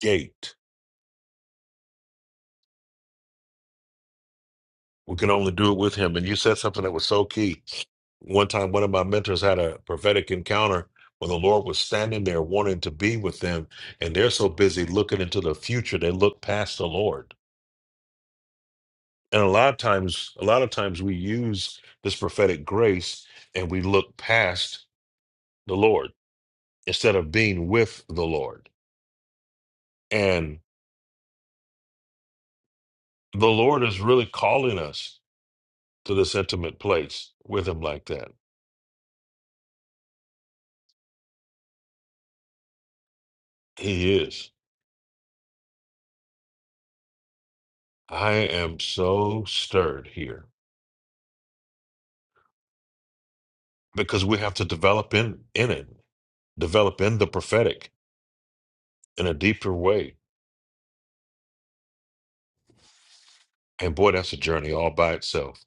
Speaker 2: gate. We can only do it with him. And you said something that was so key. One time, one of my mentors had a prophetic encounter where the Lord was standing there wanting to be with them. And they're so busy looking into the future, they look past the Lord. And a lot of times, a lot of times we use this prophetic grace and we look past the Lord instead of being with the Lord. And the Lord is really calling us to this intimate place with Him like that. He is. I am so stirred here because we have to develop in, in it, develop in the prophetic in a deeper way. And boy, that's a journey all by itself.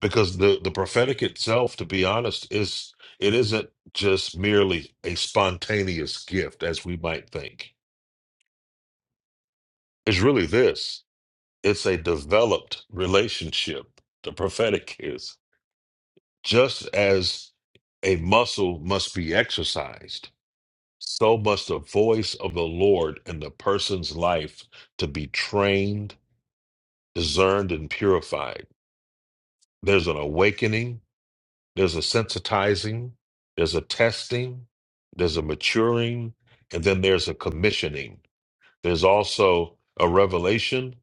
Speaker 2: Because the, the prophetic itself, to be honest, is it isn't just merely a spontaneous gift as we might think. It's really this. It's a developed relationship. The prophetic is just as a muscle must be exercised, so must the voice of the Lord in the person's life to be trained, discerned, and purified. There's an awakening, there's a sensitizing, there's a testing, there's a maturing, and then there's a commissioning. There's also a revelation.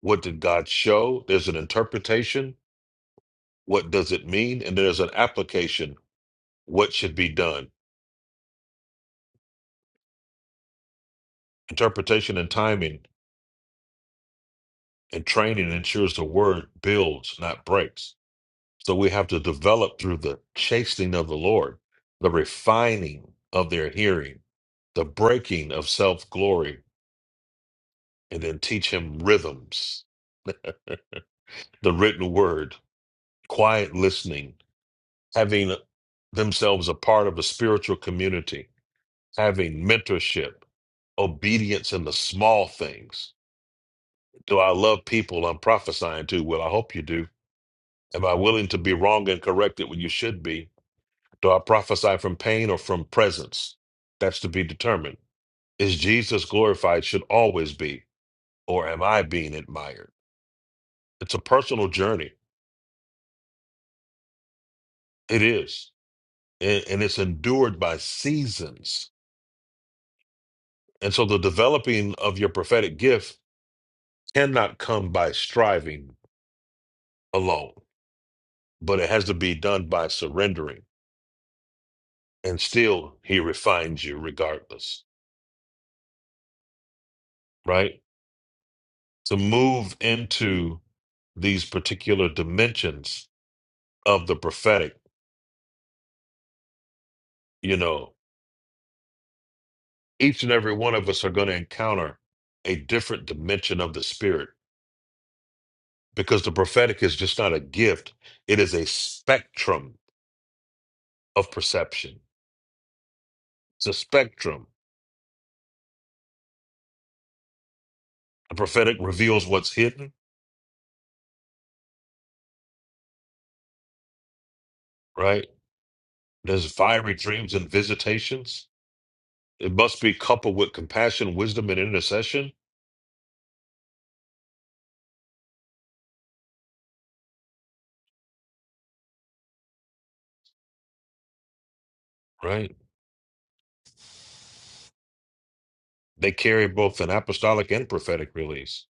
Speaker 2: What did God show? There's an interpretation, what does it mean and there's an application what should be done interpretation and timing and training ensures the word builds not breaks so we have to develop through the chastening of the lord the refining of their hearing the breaking of self-glory and then teach him rhythms the written word quiet listening having themselves a part of a spiritual community having mentorship obedience in the small things Do I love people I'm prophesying to? Well, I hope you do. Am I willing to be wrong and corrected when you should be? Do I prophesy from pain or from presence? That's to be determined. Is Jesus glorified? Should always be. Or am I being admired? It's a personal journey. It is. And, and it's endured by seasons. And so the developing of your prophetic gift cannot come by striving alone, but it has to be done by surrendering. And still, he refines you regardless. right? To move into these particular dimensions of the prophetic, you know, each and every one of us are going to encounter a different dimension of the spirit because the prophetic is just not a gift, it is a spectrum of perception. It's a spectrum. The prophetic reveals what's hidden, right? There's fiery dreams and visitations. It must be coupled with compassion, wisdom, and intercession, right? They carry both an apostolic and prophetic release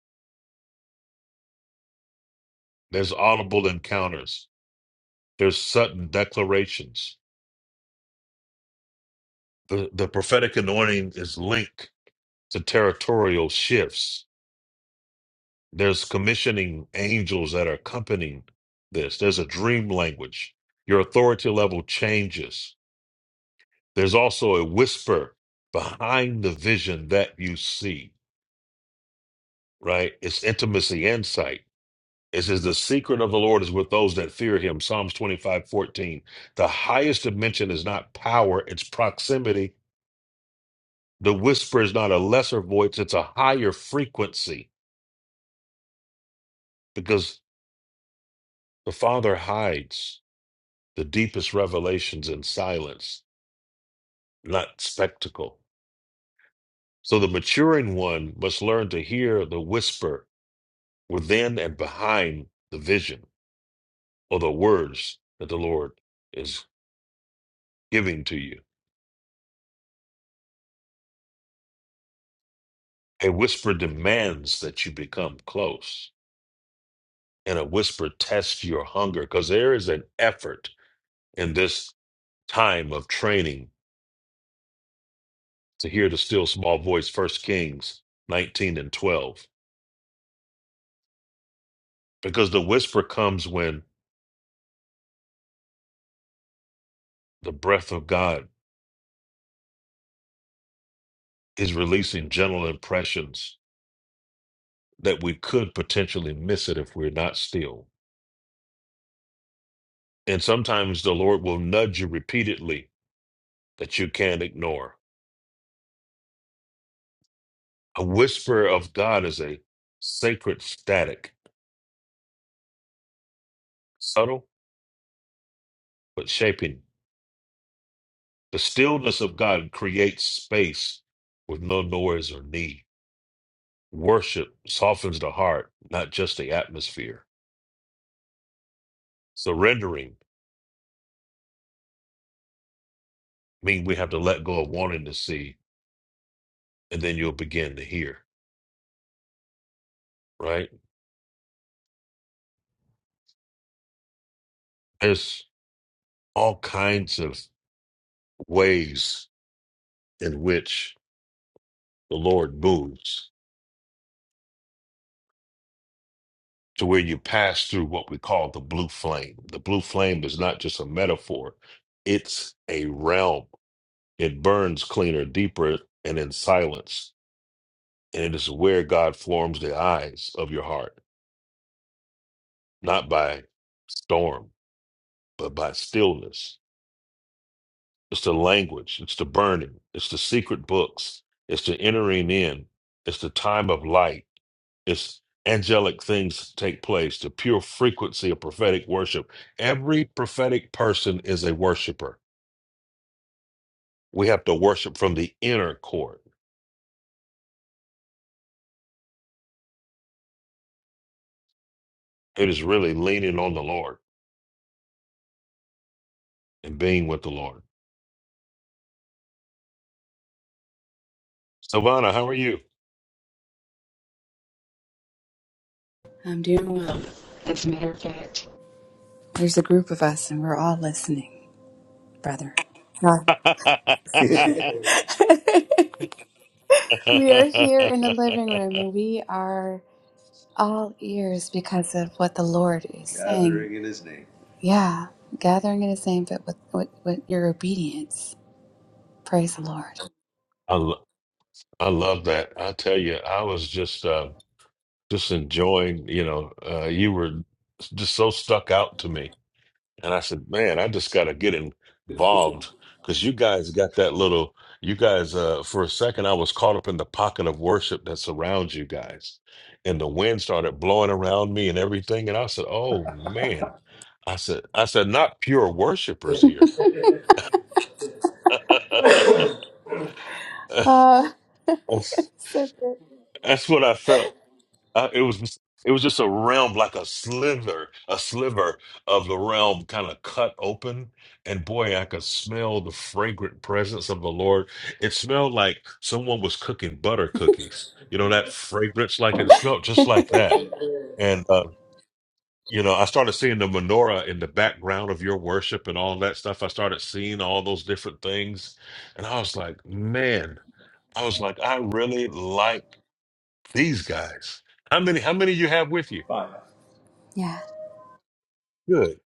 Speaker 2: There's audible encounters. There's sudden declarations. The, the prophetic anointing is linked to territorial shifts. There's commissioning angels that are accompanying this. There's a dream language. Your authority level changes. There's also a whisper behind the vision that you see, right? It's intimacy, insight. It says, The secret of the Lord is with those that fear him. Psalms 25 14. The highest dimension is not power, it's proximity The whisper is not a lesser voice, it's a higher frequency because the Father hides the deepest revelations in silence, not spectacle. So the maturing one must learn to hear the whisper within and behind the vision or the words that the Lord is giving to you. A whisper demands that you become close, and a whisper tests your hunger because there is an effort in this time of training to hear the still small voice, First Kings 19 and 12. Because the whisper comes when the breath of God is releasing gentle impressions that we could potentially miss it if we're not still. And sometimes the Lord will nudge you repeatedly that you can't ignore. A whisper of God is a sacred static, subtle but shaping. The stillness of God creates space with no noise or need. Worship softens the heart, not just the atmosphere. Surrendering means we have to let go of wanting to see, and then you'll begin to hear, right? There's all kinds of ways in which the Lord moves to where you pass through what we call the blue flame. The blue flame is not just a metaphor, it's a realm. It burns cleaner, deeper, and in silence. And it is where God forms the eyes of your heart not by storm, but by stillness. It's the language, it's the burning, it's the secret books, it's the entering in, it's the time of light, it's angelic things take place, the pure frequency of prophetic worship. Every prophetic person is a worshiper. We have to worship from the inner court. It is really leaning on the Lord and being with the Lord. Savannah, how are you?
Speaker 10: I'm doing well. As a matter of fact, there's a group of us and we're all listening, brother. Huh. we are here in the living room and we are all ears because of what the Lord is saying. Gathering in His name. Yeah, gathering in His name, but with, with, with your obedience. Praise the Lord.
Speaker 2: I, I love that. I tell you, I was just uh, just enjoying. You know, uh, you were just so stuck out to me, and I said, "Man, I just got to get involved." Because you guys got that little. You guys, uh, for a second, I was caught up in the pocket of worship that surrounds you guys, and the wind started blowing around me and everything. And I said, "Oh man," I said, "I said not pure worshipers here."
Speaker 10: Oh, so good.
Speaker 2: That's what I felt. Uh, it was it was just a realm like a sliver, a sliver of the realm kind of cut open, and boy, I could smell the fragrant presence of the Lord. It smelled like someone was cooking butter cookies. You know that fragrance, like it smelled just like that. And uh, you know, I started seeing the menorah in the background of your worship and all that stuff. I started seeing all those different things, and I was like, man, I was like, I really like these guys. How many? How many you have with you?
Speaker 10: Fine. Yeah.
Speaker 2: Good,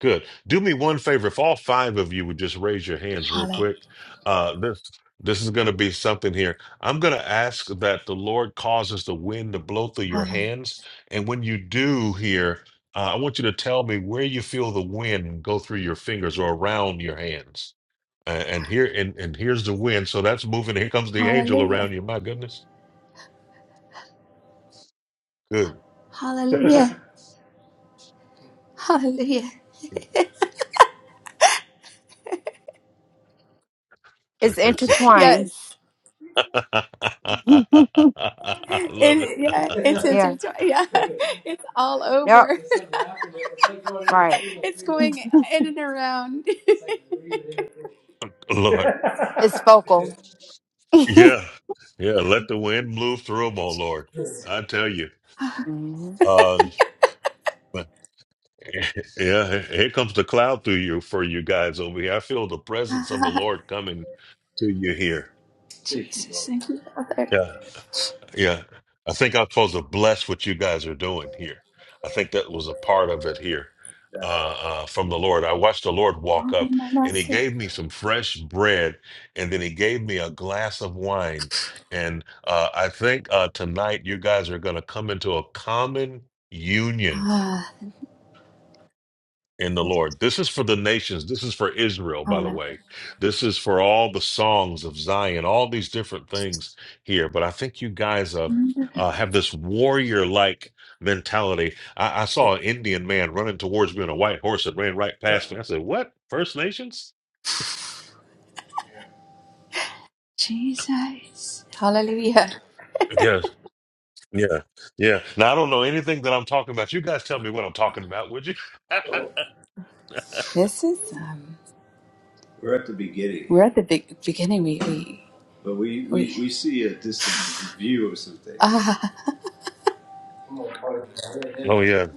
Speaker 2: good. Do me one favor. If all five of you would just raise your hands real
Speaker 10: Hallelujah.
Speaker 2: quick, uh, this this is going to be something here. I'm going to ask that the Lord causes the wind to blow through your
Speaker 10: Hallelujah.
Speaker 2: hands, and when you do here, uh, I want you to tell me where you feel the wind go through your fingers or around your hands. Uh, and here and and here's the wind. So that's moving. Here comes the angel
Speaker 10: Hallelujah.
Speaker 2: around you. My goodness, good.
Speaker 10: Hallelujah. Hallelujah.
Speaker 7: intertwined.
Speaker 10: Yes.
Speaker 2: I love it.
Speaker 10: It, yeah, it's
Speaker 7: yeah.
Speaker 10: intertwined. Yeah, it's all
Speaker 7: Yep.
Speaker 10: over.
Speaker 7: Right.
Speaker 10: it's going in and around.
Speaker 2: Lord.
Speaker 7: It's focal.
Speaker 2: Yeah, yeah. Let the wind blow through them, oh Lord. I tell you.
Speaker 7: Mhm.
Speaker 2: Um, but- yeah, here comes the cloud through you for you guys over here. I feel the presence
Speaker 10: Ah,
Speaker 2: of the Lord coming to you here.
Speaker 10: Jesus, thank you, Father.
Speaker 2: Yeah. Yeah. I think I'm supposed to bless what you guys are doing here. I think that was a part of it here uh, uh, from the Lord. I watched the Lord walk
Speaker 10: Hold
Speaker 2: up
Speaker 10: my
Speaker 2: and he
Speaker 10: mercy.
Speaker 2: gave me some fresh bread and then he gave me a glass of wine. And uh, I think uh, tonight you guys are going to come into a common union
Speaker 10: Ah,
Speaker 2: in the
Speaker 10: this is
Speaker 2: Lord. This is for the nations. This is for Israel, by the way. This is for all the songs of Zion, all these different things here. But I think you guys uh,
Speaker 10: hallelujah.
Speaker 2: uh, have this warrior like mentality. I-, I saw an Indian man running towards me on a white horse and ran right past me. I said, What? First Nations?
Speaker 10: Jesus, Hallelujah.
Speaker 2: Yeah, yeah, yeah. Now, I don't know anything that I'm talking about. You guys tell me what I'm talking about, would you?
Speaker 10: This is um. We're at the beginning, We're at the big beginning. We we but we, we, we see a distant view of something. ah
Speaker 2: oh, yeah.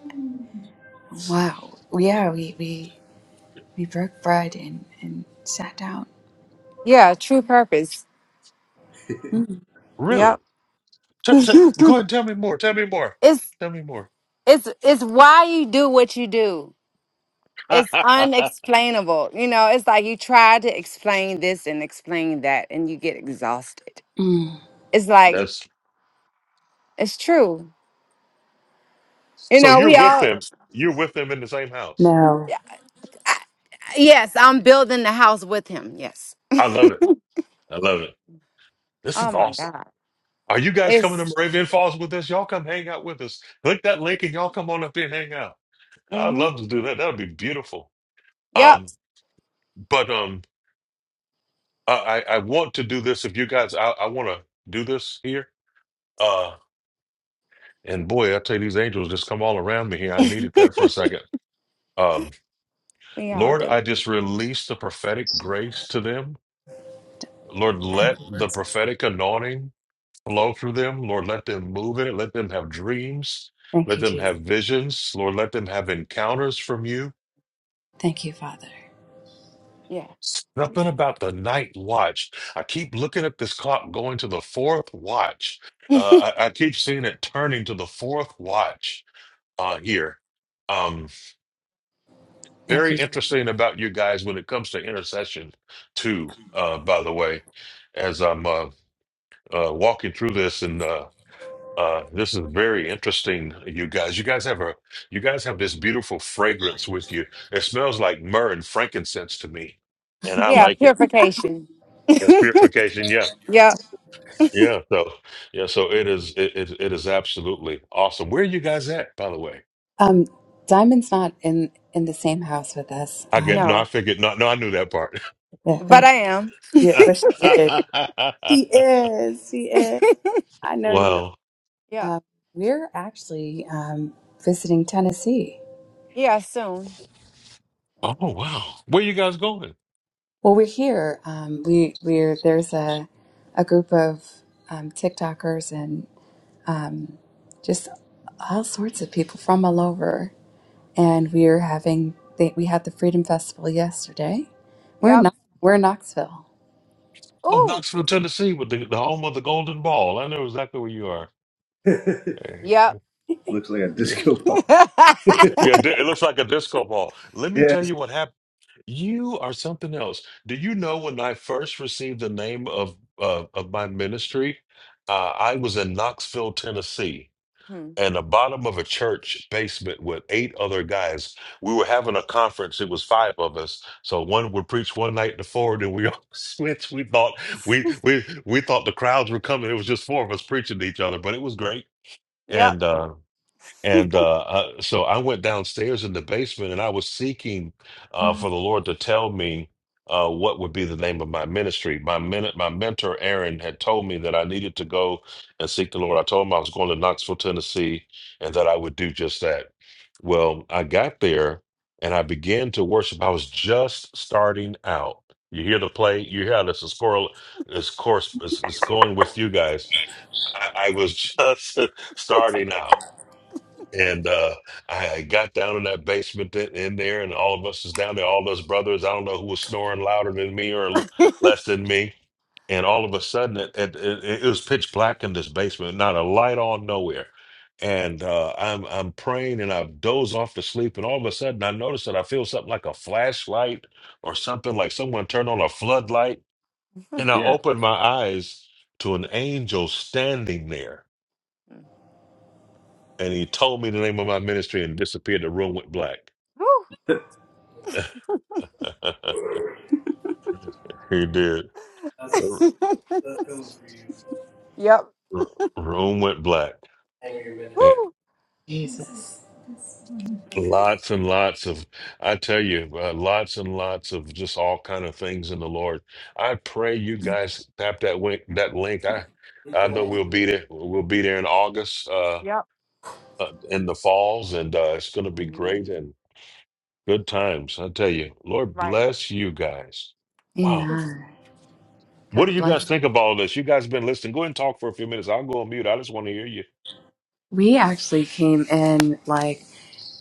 Speaker 10: wow. Yeah, we we we broke bread and and sat down.
Speaker 7: Yeah. True purpose.
Speaker 2: Really?
Speaker 7: Yep.
Speaker 2: T- t-
Speaker 7: it's
Speaker 2: go ahead and tell me more. Tell me more. Tell me more.
Speaker 7: it's it's why you do what you do it's unexplainable you know it's like you try to explain this and explain that and you get exhausted
Speaker 10: Mm.
Speaker 7: it's like
Speaker 2: That's
Speaker 7: it's true you
Speaker 2: So
Speaker 7: know
Speaker 2: you're
Speaker 7: we
Speaker 2: with
Speaker 7: all
Speaker 2: them. You're with them in the same house.
Speaker 10: No.
Speaker 7: I, yes i'm building the house with him yes
Speaker 2: I love it. I love it. This
Speaker 7: oh
Speaker 2: is
Speaker 7: my
Speaker 2: awesome.
Speaker 7: god
Speaker 2: Are you guys coming to
Speaker 7: it's
Speaker 2: Moravian Falls with us? Y'all come hang out with us. Click that link and y'all come on up here and hang out. I'd
Speaker 7: mm-hmm
Speaker 2: love to do that. That would be beautiful.
Speaker 7: yep
Speaker 2: Um, but um, I, I I want to do this. If you guys, I, I want to do this here. Uh, and boy, I tell you, these angels just come all around me here. I needed that for a second. Um,
Speaker 7: we all
Speaker 2: Lord, I
Speaker 7: do
Speaker 2: just release the prophetic grace to them. Lord,
Speaker 10: Thank
Speaker 2: let
Speaker 10: you,
Speaker 2: the
Speaker 10: Jesus.
Speaker 2: prophetic anointing flow through them. Lord, let them move in it. Let them have dreams.
Speaker 10: Thank
Speaker 2: Let
Speaker 10: you,
Speaker 2: them
Speaker 10: Jesus.
Speaker 2: have visions. Lord, let them have encounters from you.
Speaker 10: Thank you, Father.
Speaker 7: yeah
Speaker 2: Something about the night watch. I keep looking at this clock going to the fourth watch. Uh, I, I keep seeing it turning to the fourth watch uh, here. Um,
Speaker 10: Thank
Speaker 2: very
Speaker 10: you. Jesus.
Speaker 2: interesting about you guys when it comes to intercession, too, uh, by the way, as I'm uh, uh, walking through this. and. uh, Uh, this is very interesting, you guys. You guys have a you guys have this beautiful fragrance with you. It smells like myrrh and frankincense to me, and I
Speaker 7: yeah
Speaker 2: like it.
Speaker 7: purification
Speaker 2: Yes, purification. Yeah,
Speaker 7: yep
Speaker 2: yeah. So yeah, so it is. It it, it is absolutely awesome. Where are you guys at, by the way?
Speaker 10: Um, Diamond's not in in the same house with us.
Speaker 2: I
Speaker 10: Um,
Speaker 2: get no. I
Speaker 7: no
Speaker 2: figured not. No, I knew that part.
Speaker 10: Yeah.
Speaker 7: but
Speaker 10: Okay.
Speaker 7: i am
Speaker 10: Yeah, but she is. She is. She is. I know you.
Speaker 2: wow.
Speaker 7: yep
Speaker 10: Um, we're actually um, visiting Tennessee.
Speaker 7: yeah soon
Speaker 2: Oh wow. Where you guys going?
Speaker 10: Well, we're here. Um, we we're there's a a group of um, TikTokers and um, just all sorts of people from all over. and we are having they, we had the Freedom Festival yesterday. We're
Speaker 7: yep
Speaker 10: not we're in Knoxville.
Speaker 2: Oh,
Speaker 7: ooh
Speaker 2: Knoxville, Tennessee, with the, the home of the Golden Ball. I know exactly where you are.
Speaker 7: yep
Speaker 10: Looks like a disco ball.
Speaker 7: Mhm.
Speaker 2: Yeah, di- it looks like a disco ball. Let me tell
Speaker 10: yes.
Speaker 2: you what happened. You are something else. Do you know when I first received the name of uh, of my ministry? Uh, I was in Knoxville, Tennessee, and the bottom of a church basement with eight other guys. We were having a conference. It was five of us, so one would preach one night to four, and we all switched. We thought we we we thought the crowds were coming. It was just four of us preaching to each other, but it was great.
Speaker 7: Yep.
Speaker 2: And uh, and uh, I, so I went downstairs in the basement and I was seeking uh, for the Lord to tell me uh, what would be the name of my ministry. My min- my mentor, Aaron, had told me that I needed to go and seek the Lord. I told him I was going to Knoxville, Tennessee, and that I would do just that. Well, I got there and I began to worship. I was just starting out. You hear the play, you hear how this is, correl- this course is, is going with you guys. I, I was just starting out and uh, I I got down in that basement th- in there, and all of us is down there, all those brothers. I don't know who was snoring louder than me or l- less than me. And all of a sudden, it, it, it, it was pitch black in this basement, not a light on nowhere. And uh, I'm I'm praying, and I doze off to sleep, and all of a sudden, I notice that I feel something like a flashlight or something like someone turned on a floodlight, and I
Speaker 10: Yeah.
Speaker 2: open my eyes to an angel standing there
Speaker 7: Mm.
Speaker 2: and he told me the name of my ministry and disappeared. The room went black. he did.
Speaker 10: That's
Speaker 2: R-
Speaker 7: Whew.
Speaker 10: that's cool for you
Speaker 7: Yep.
Speaker 2: r- Room went black.
Speaker 10: and your ministry.
Speaker 2: And
Speaker 7: Woo. Mm.
Speaker 2: lots and lots of, I tell you, uh, lots and lots of just all kind of things in the Lord. I pray you guys tap that link. That link. I, I know we'll be there. We'll be there in August, uh,
Speaker 7: Yep.
Speaker 2: uh, in the falls, and uh, it's going to be great
Speaker 7: Mhm.
Speaker 2: and good times. I tell you, Lord
Speaker 7: Right.
Speaker 2: bless you guys. Wow.
Speaker 7: Yes.
Speaker 10: Amen.
Speaker 2: What do
Speaker 10: God
Speaker 2: you
Speaker 10: bless.
Speaker 2: guys think of all this? You guys have been listening. Go ahead and talk for a few minutes. I'll go on mute. I just want to hear you.
Speaker 10: We actually came in like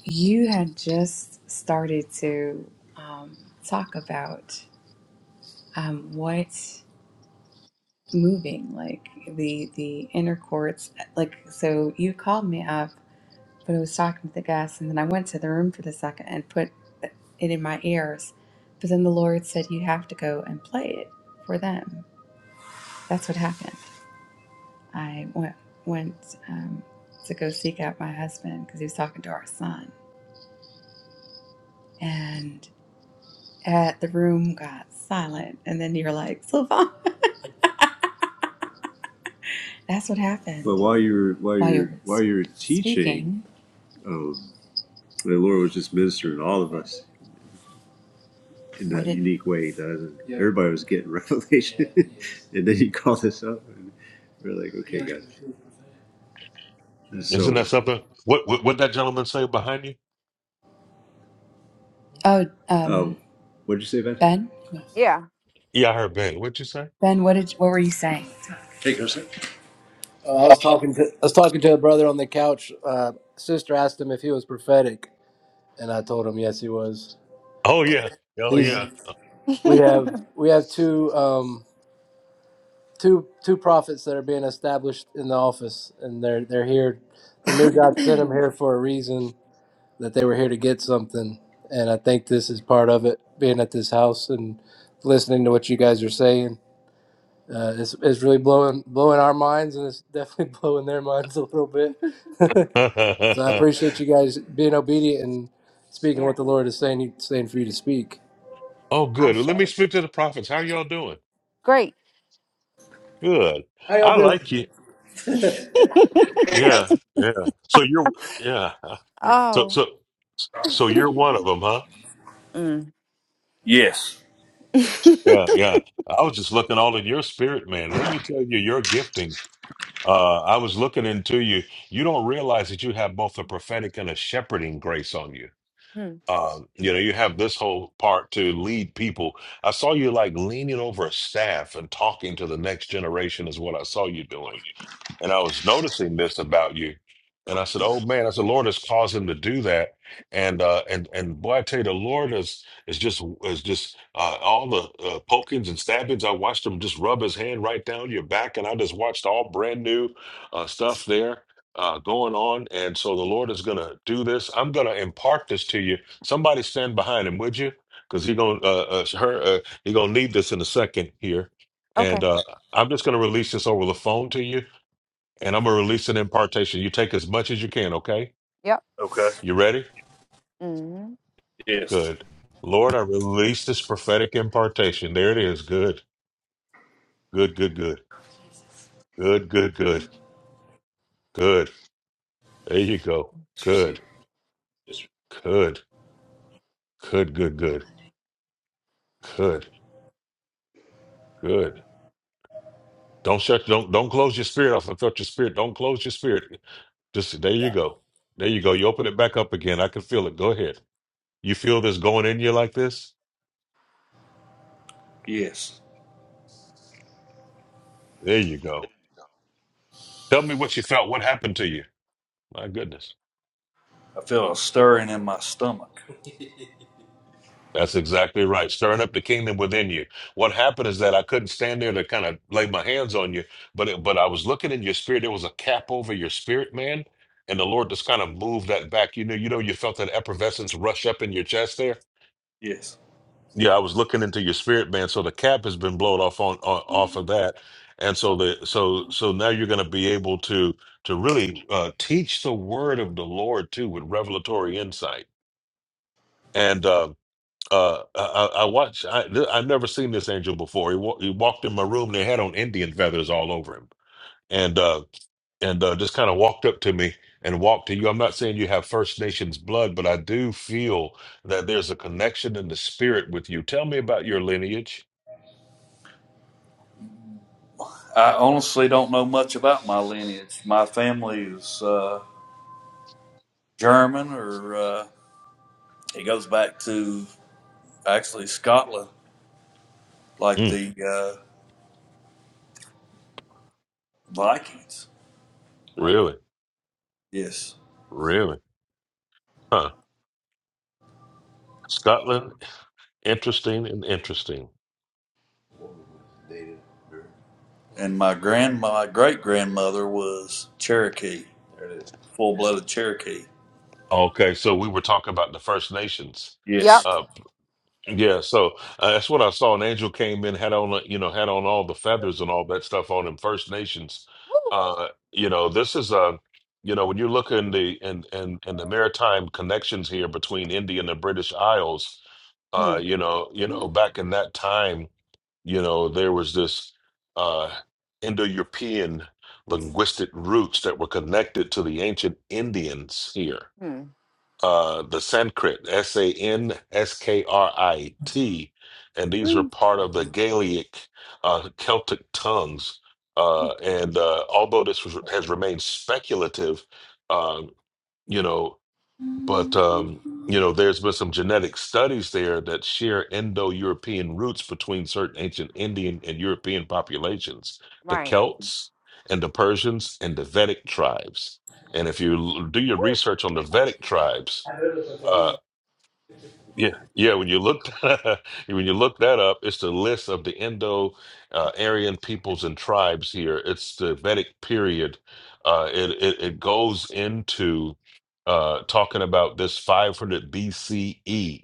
Speaker 10: you had just started to um, talk about um, what's moving, like the the inner courts. Like so, you called me up but I was talking to the guest, and then I went to the room for the second and put it in my ears. But then the Lord said, "You have to go and play it for them." That's what happened. I went went um, to go seek out my husband because he was talking to our son, and at the room got silent. And then you're like, "Sylvan," that's what happened. But while you were while while you you while you were teaching, speaking. um, the Lord was just ministering to all of us. in that did unique way. Doesn't Yeah. everybody was getting revelation, and then he called this up, and we we're like, okay, guys. And
Speaker 2: Isn't
Speaker 10: so,
Speaker 2: that something? What what what that gentleman say behind you?
Speaker 10: Oh, um, um, what did you say, Ben? Ben,
Speaker 7: Yeah.
Speaker 2: Yeah, I heard Ben. What'd you say?
Speaker 10: Ben, what did what were you saying? Uh, I was talking to I was talking to a brother on the couch. Uh, sister asked him if he was prophetic, and I told him yes, he was.
Speaker 2: Oh yeah. Oh
Speaker 10: He's
Speaker 2: yeah.
Speaker 10: we have we have two um, two two prophets that are being established in the office, and they're they're here. They knew God sent them here for a reason, that they were here to get something. And I think this is part of it, being at this house and listening to what you guys are saying. Uh, it's, it's really blowing blowing our minds, and it's definitely blowing their minds a little bit. so I appreciate you guys being obedient and speaking
Speaker 7: yeah.
Speaker 10: what the Lord is saying saying for you to speak.
Speaker 2: oh
Speaker 7: I
Speaker 2: good.
Speaker 7: say.
Speaker 2: Let me speak to the prophets. How y'all doing?
Speaker 7: Great.
Speaker 2: Good.
Speaker 10: How y'all
Speaker 2: I
Speaker 10: doing?
Speaker 2: like you. Yeah. Yeah. So you're yeah. So
Speaker 7: Oh.
Speaker 2: so so you're one of them, huh?
Speaker 7: Mm.
Speaker 10: Yes.
Speaker 2: Yeah, yeah. I was just looking all in your spirit, man. Let me tell you, your gifting. Uh, I was looking into you. You don't realize that you have both a prophetic and a shepherding grace on you.
Speaker 7: Mm.
Speaker 2: Um, you know, you have this whole part to lead people. I saw you like leaning over a staff and talking to the next generation, is what I saw you doing. And I was noticing this about you. And I said, Oh man, I said, Lord has caused him to do that. And uh and and boy, I tell you, the Lord is is just is just uh all the uh, pokings and stabbings. I watched him just rub his hand right down your back, and I just watched all brand new uh stuff there. Uh, going on, and so the Lord is gonna do this. I'm gonna impart this to you. Somebody stand behind him, would you? Because he gonna uh, uh, her uh, he gonna need this in a second here,
Speaker 7: Okay.
Speaker 2: and uh, I'm just gonna release this over the phone to you and I'm gonna release an impartation. You take as much as you can, okay?
Speaker 7: Yep.
Speaker 10: Okay.
Speaker 2: You ready?
Speaker 7: Mm.
Speaker 10: Yes.
Speaker 2: Good. Lord, I release this prophetic impartation. There it is. Good. Good, good, good. Good, good, good. Good. There you go. Good. Good. Good, good, good. Good. Good. Don't shut don't don't close your spirit off. I felt your spirit. Don't close your spirit. Just there you go. There you go. You open it back up again. I can feel it. Go ahead. You feel this going in you like this?
Speaker 10: Yeah.
Speaker 2: There you go. Tell me what you felt. What happened to you? My goodness.
Speaker 10: I feel a stirring in my stomach.
Speaker 2: That's exactly right. Stirring up the kingdom within you. What happened is that I couldn't stand there to kind of lay my hands on you, but it, but I was looking in your spirit. There was a cap over your spirit, man, and the Lord just kind of moved that back. You know, you know, you felt that effervescence rush up in your chest there.
Speaker 10: Yes.
Speaker 2: Yeah, I was looking into your spirit, man. So the cap has been blown off on, on off of that, and so the so so now you're going to be able to to really uh, teach the word of the Lord too with revelatory insight. And uh, uh, I, I I watched. I I never seen this angel before. He, wa- he walked in my room. They had on Indian feathers all over him, and uh, and uh, just kind of walked up to me and walked to you. I'm not saying you have First Nations blood, but I do feel that there's a connection in the spirit with you. Tell me about your lineage.
Speaker 10: I honestly don't know much about my lineage. My family is uh, German or. uh, It goes back to actually Scotland, like
Speaker 2: Mm,
Speaker 10: the uh, Vikings.
Speaker 2: really,
Speaker 10: Yes.
Speaker 2: really, huh? Scotland, interesting and interesting.
Speaker 10: And my grand, my great grandmother was Cherokee, full blooded Cherokee.
Speaker 2: Okay, so we were talking about the First Nations.
Speaker 10: Yes.
Speaker 7: Yep.
Speaker 2: Uh, Yeah, so uh, that's what I saw. An angel came in, had on, you know, had on all the feathers and all that stuff on him. First Nations,
Speaker 7: Woo.
Speaker 2: uh, you know, this is uh, you know, when you look in the in in, in the maritime connections here between India and the British Isles, uh,
Speaker 7: Mm.
Speaker 2: you know, you know, back in that time, you know, there was this uh, Indo-European linguistic roots that were connected to the ancient Indians here
Speaker 7: Mm.
Speaker 2: uh, the Sanskrit, S A N S K R I T, and these were
Speaker 7: Mm.
Speaker 2: part of the Gaelic, uh, Celtic tongues. Uh, and uh, although this was, has remained speculative, um, you know, but um, you know, there's been some genetic studies there that share Indo-European roots between certain ancient Indian and European populations, the
Speaker 7: Right.
Speaker 2: Celts and the Persians and the Vedic tribes. And if you l- do your
Speaker 7: Woo.
Speaker 2: research on the Vedic tribes, uh,
Speaker 7: Mm.
Speaker 2: yeah, yeah. When you look when you look that up, it's the list of the Indo uh, Aryan peoples and tribes here. It's the Vedic period. Uh, it, it it goes into uh, talking about this 500 BCE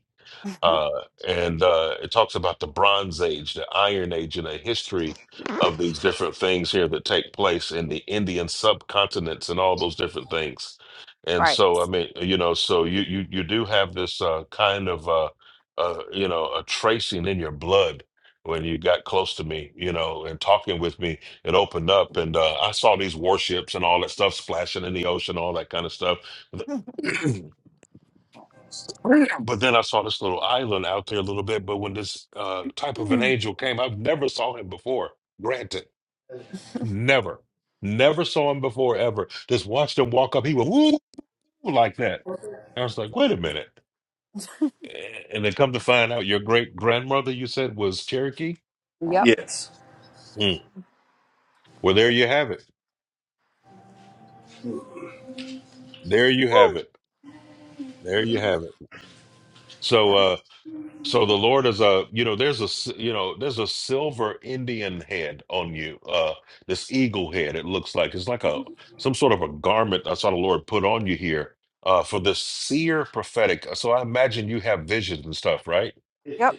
Speaker 2: uh, and uh, it talks about the Bronze Age, the Iron Age, and a history of these different things here that take place in the Indian subcontinents and all those different things. And
Speaker 7: right.
Speaker 2: so, I mean, you know, so you you you do have this uh, kind of uh, uh, you know a tracing in your blood when you got close to me, you know, and talking with me. It opened up, and uh, I saw these warships and all that stuff splashing in the ocean, all that kind of stuff. But then I saw this little island out there a little bit. But when this uh, type of an angel came, I've never saw him before. Granted, never, never saw him before ever. Just watched him walk up. He went woo like that. I was like, wait a minute. Eh, And then come to find out, your great grandmother, you said, was Cherokee.
Speaker 7: Yep.
Speaker 10: Yes.
Speaker 2: Hmm. Well, there you have it. There you have
Speaker 7: Woo.
Speaker 2: it. There you have it. So,
Speaker 7: Yep.
Speaker 2: uh, So the Lord is a, you know, there's a, s- you know, there's a silver Indian head on you. Uh, this eagle head. It looks like it's like a some sort of a garment. I saw the Lord put on you here. Uh, for the seer prophetic. So I imagine you have visions and stuff, right?
Speaker 7: Yep.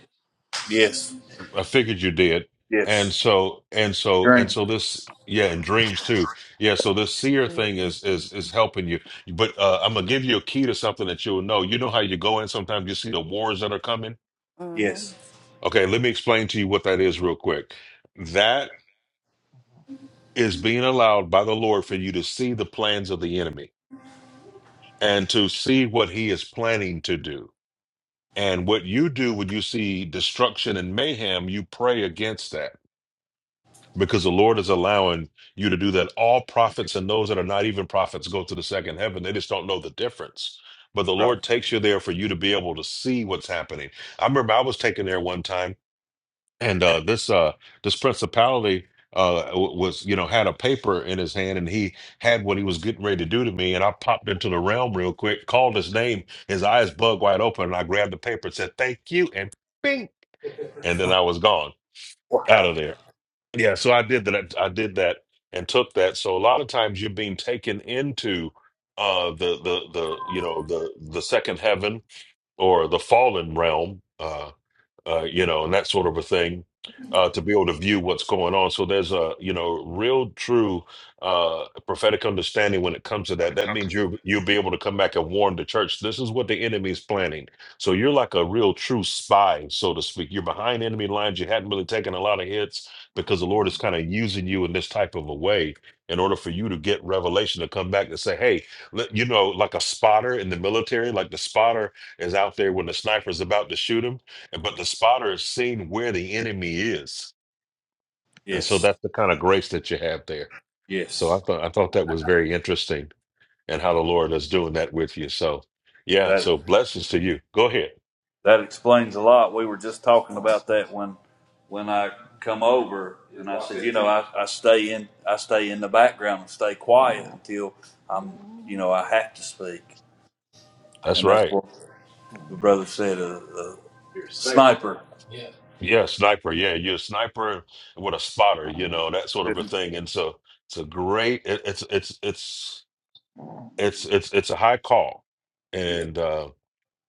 Speaker 10: Yes.
Speaker 2: I figured you did. And
Speaker 10: Yes.
Speaker 2: so, and so, and
Speaker 10: During.
Speaker 2: so this, yeah, and dreams too. Yeah. So this seer
Speaker 7: hmm
Speaker 2: thing is is is helping you. But uh, I'm gonna give you a key to something that you'll know. You know how you go in sometimes you see the wars that are coming
Speaker 7: hmm
Speaker 10: Yes.
Speaker 2: Okay, let me explain to you what that is real quick. That is being allowed by the Lord for you to see the plans of the enemy and to see what he is planning to do. And what you do when you see destruction and mayhem, you pray against that because the Lord is allowing you to do that. All prophets and those that are not even prophets go to the second heaven, they just don't know the difference. But the
Speaker 10: Right.
Speaker 2: Lord takes you there for you to be able to see what's happening. I remember I was taken there one time and uh, this uh, this principality uh, w- was you know had a paper in his hand and he had what he was getting ready to do to me and i popped into the realm real quick called his name his eyes bug wide open and i grabbed the paper and said thank you and bing and then i was gone out of there yeah so i did that i did that and took that so a lot of times you're being taken into uh the the the you know the the second heaven or the fallen realm Uh, uh, you know, and that sort of a thing, uh, to be able to view what's going on. So there's a, you know, real true uh, prophetic understanding when it comes to that. That means you you'll be able to come back and warn the church. This is what the enemy's planning. So you're like a real true spy, so to speak. You're behind enemy lines. You hadn't really taken a lot of hits because the Lord is kind of using you in this type of a way in order for you to get revelation to come back and say, hey, let- you know, like a spotter in the military, like the spotter is out there when the sniper's about to shoot him and but the spotter has seen where the enemy is. And so
Speaker 10: Yes.
Speaker 2: that's the kind of grace that you have there. So
Speaker 10: Yes.
Speaker 2: I thought I thought that was very interesting and how the Lord is doing that with you. So yeah,
Speaker 10: That
Speaker 2: so blessings to you. Go ahead.
Speaker 10: that explains a lot. We were just talking about that when when I come over and I said, you know, I, I stay in I stay in the background and stay quiet until I'm you know I have to speak.
Speaker 2: That's
Speaker 10: and that's
Speaker 2: right.
Speaker 10: what the brother said. A, a sniper
Speaker 2: Yeah, sniper. Yeah, you're a sniper with a spotter, you know, that sort of a
Speaker 10: didn't.
Speaker 2: thing. And so it's a great it, it's it's it's it's it's it's a high call. And uh,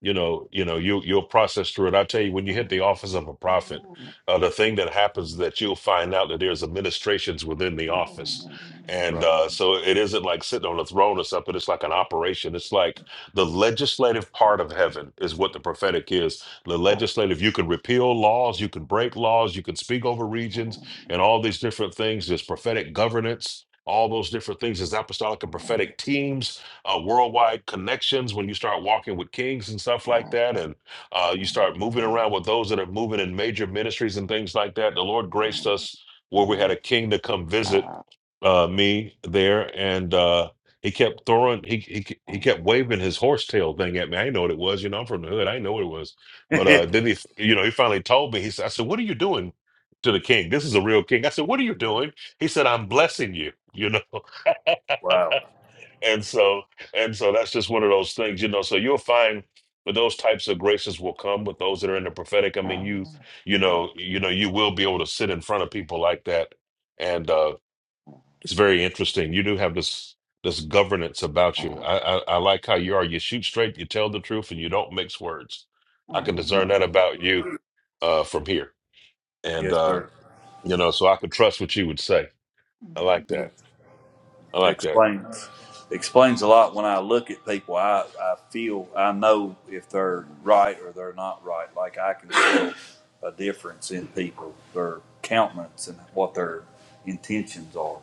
Speaker 2: you know you know you you'll process through it i tell you when you hit the office of a prophet uh, the thing that happens is that you'll find out that there's administrations within the office and uh, so it isn't like sitting on a throne or something it's like an operation it's like the legislative part of heaven is what the prophetic is the legislative you can repeal laws you can break laws you can speak over regions and all these different things there's prophetic governance all those different things there's apostolic and prophetic teams uh, worldwide connections when you start walking with kings and stuff like that, and uh, you start moving around with those that are moving in major ministries and things like that. The Lord graced us where we had a king to come visit uh, me there, and uh, he kept throwing he, he he kept waving his horse tail thing at me. I didn't know what it was. You know, I'm from the hood. I didn't know what it was. But
Speaker 10: Yeah.
Speaker 2: uh, then he, you know, he finally told me. He said, "I said, what are you doing to the king? This is a real king." I said, "What are you doing?" He said, "I'm blessing you." You know
Speaker 10: wow.
Speaker 2: and so and so that's just one of those things you know so you'll find but those types of graces will come with those that are in the prophetic i mean you you know you know you will be able to sit in front of people like that and uh it's very interesting you do have this this governance about you i i, I like how you are you shoot straight you tell the truth and you don't mix words i can discern
Speaker 10: No.
Speaker 2: that about you uh from here and
Speaker 10: Yes,
Speaker 2: uh
Speaker 10: sir.
Speaker 2: you know so i could trust what you would say i like
Speaker 10: Yes.
Speaker 2: that i like that
Speaker 10: Explains explains a lot. When I look at people, I I feel I know if they're right or they're not right. Like I can tell a difference in people, their countenance and what their intentions are.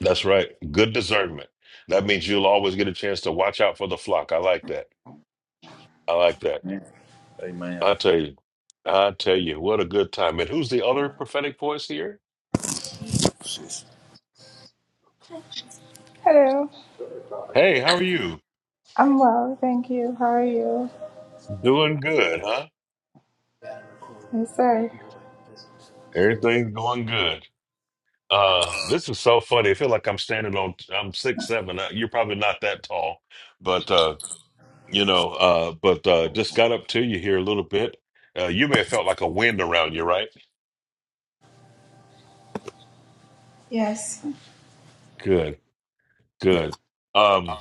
Speaker 2: That's right. Good discernment. That means you'll always get a chance to watch out for the flock. I like that. I like that.
Speaker 10: Yeah. Amen.
Speaker 2: I tell you, I tell you, what a good time. And who's the other prophetic voice here?
Speaker 10: Hello.
Speaker 2: Hey, how are you?
Speaker 10: I'm well, thank you. How are you?
Speaker 2: Doing good, huh?
Speaker 10: Yes, sir.
Speaker 2: Everything's going good. Uh, this is so funny. I feel like I'm standing on. I'm six seven. Uh, You're probably not that tall, but uh, you know, uh, but uh, just got up to you here a little bit. Uh, you may have felt like a wind around you, right?
Speaker 10: Yes.
Speaker 2: Good, good. Um.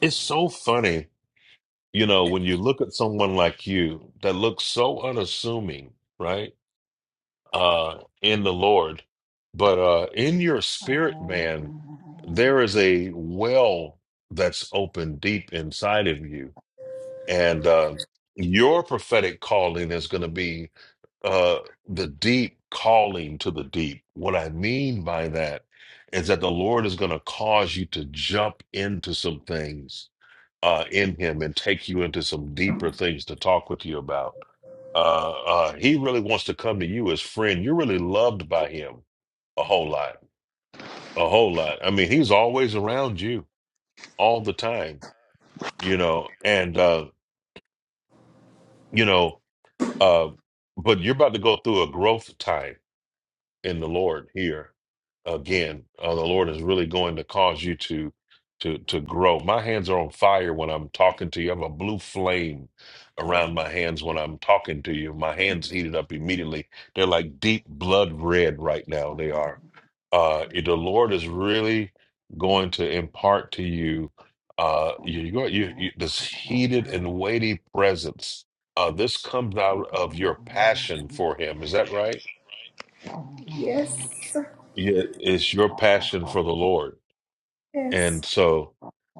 Speaker 2: It's so funny, you know, when you look at someone like you that looks so unassuming, right? Uh, in the Lord, but uh, in your spirit, man, there is a well that's open deep inside of you, and uh, your prophetic calling is going to be uh, the deep calling to the deep. What I mean by that is that the Lord is going to cause you to jump into some things uh, in him and take you into some deeper things to talk with you about. Uh, uh, he really wants to come to you as friend. You're really loved by him a whole lot, a whole lot. I mean, he's always around you all the time, you know, and uh, you know, uh, but you're about to go through a growth time in the Lord here again. Uh, the Lord is really going to cause you to to to grow. My hands are on fire when I'm talking to you. I have a blue flame around my hands when I'm talking to you. My hands heated up immediately. They're like deep blood red right now. They are. Uh, it- the Lord is really going to impart to you uh, you, you, you, you this heated and weighty presence. Uh, this comes out of your passion for Him. Is that right?
Speaker 10: Yes.
Speaker 2: Yeah, it's your passion for the Lord. And
Speaker 10: Yes.
Speaker 2: so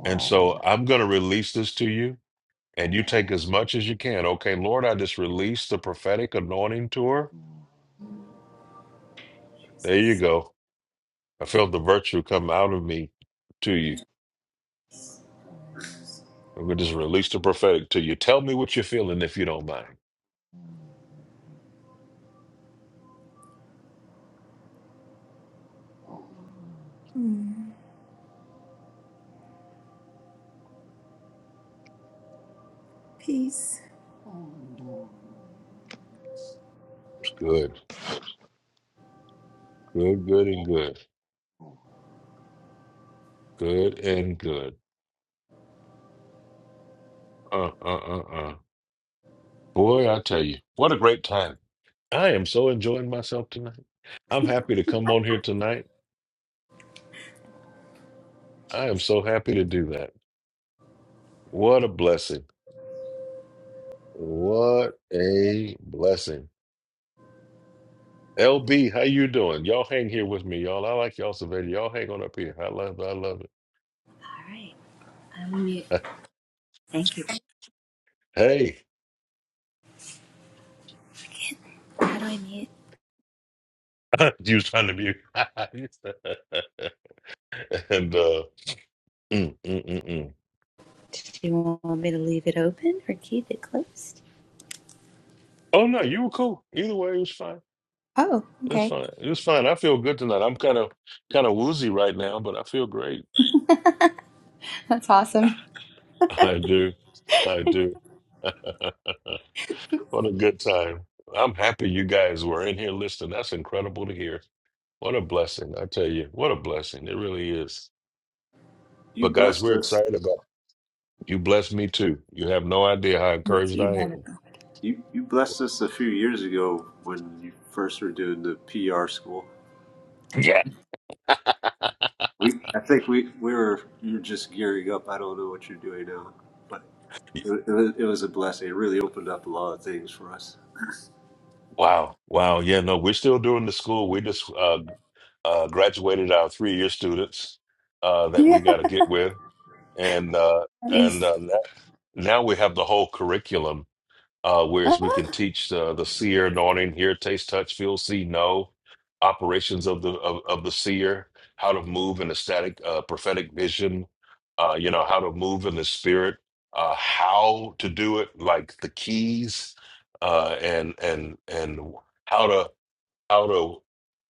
Speaker 2: and so I'm going to release this to you and you take as much as you can. Okay, Lord, I just released the prophetic anointing to her. There you go. I felt the virtue come out of me to you. I'm going to just release the prophetic to you. Tell me what you're feeling if you don't mind.
Speaker 10: Mm. Peace.
Speaker 2: It's Good. Good, good and good. Good and good. Uh uh uh uh. Boy, I tell you. What a great time. I am so enjoying myself tonight. I'm happy to come on here tonight I am so happy to do that. What a blessing. What a blessing. LB, how you doing? Y'all hang here with me, y'all. I like y'all, Savannah. Y'all hang on up here. I love I love
Speaker 10: All Right. I'm on mute.
Speaker 2: it.
Speaker 10: Thank you.
Speaker 2: hey,
Speaker 10: How do I mute?
Speaker 2: you was trying to be. and, uh, mm, mm, mm, mm.
Speaker 10: Do you want-
Speaker 2: oh, no, you were cool. Either way, it was fine.
Speaker 10: Oh,
Speaker 2: It was
Speaker 10: okay.
Speaker 2: fine. It was fine. I feel good tonight. I'm kind of kind of woozy right now, but I feel great.
Speaker 10: That's awesome.
Speaker 2: I do. I do. What a good time. I'm happy you guys were in here listening. That's incredible to hear. What a blessing. I tell you, what a blessing. It really is.
Speaker 10: You
Speaker 2: But guys,
Speaker 10: blessed
Speaker 2: we're
Speaker 10: us.
Speaker 2: excited about you blessed me too. You have no idea how
Speaker 10: Thank
Speaker 2: encouraged
Speaker 10: you,
Speaker 2: I
Speaker 10: Monica. You you
Speaker 2: am.
Speaker 10: blessed us a few years ago when you first were doing the PR school.
Speaker 2: Yeah.
Speaker 10: We I think we we were you were just gearing up. I don't know what you're doing now, but it, wa- it, was, it was a blessing. It really opened up a lot of things for us.
Speaker 2: Wow. Wow. Yeah, no, we're still doing the school. We just uh, uh, graduated our three-year students uh, that
Speaker 10: Yeah.
Speaker 2: we got to get with. And uh, and
Speaker 10: Nice.
Speaker 2: uh, now we have the whole curriculum uh, whereas we can teach uh, the seer anointing, hear, taste, touch, feel, see, know, operations of the of, of the seer, how to move in a static uh, prophetic vision, uh, you know, how to move in the spirit, uh, how to do it, like the keys, uh, and and and how to how to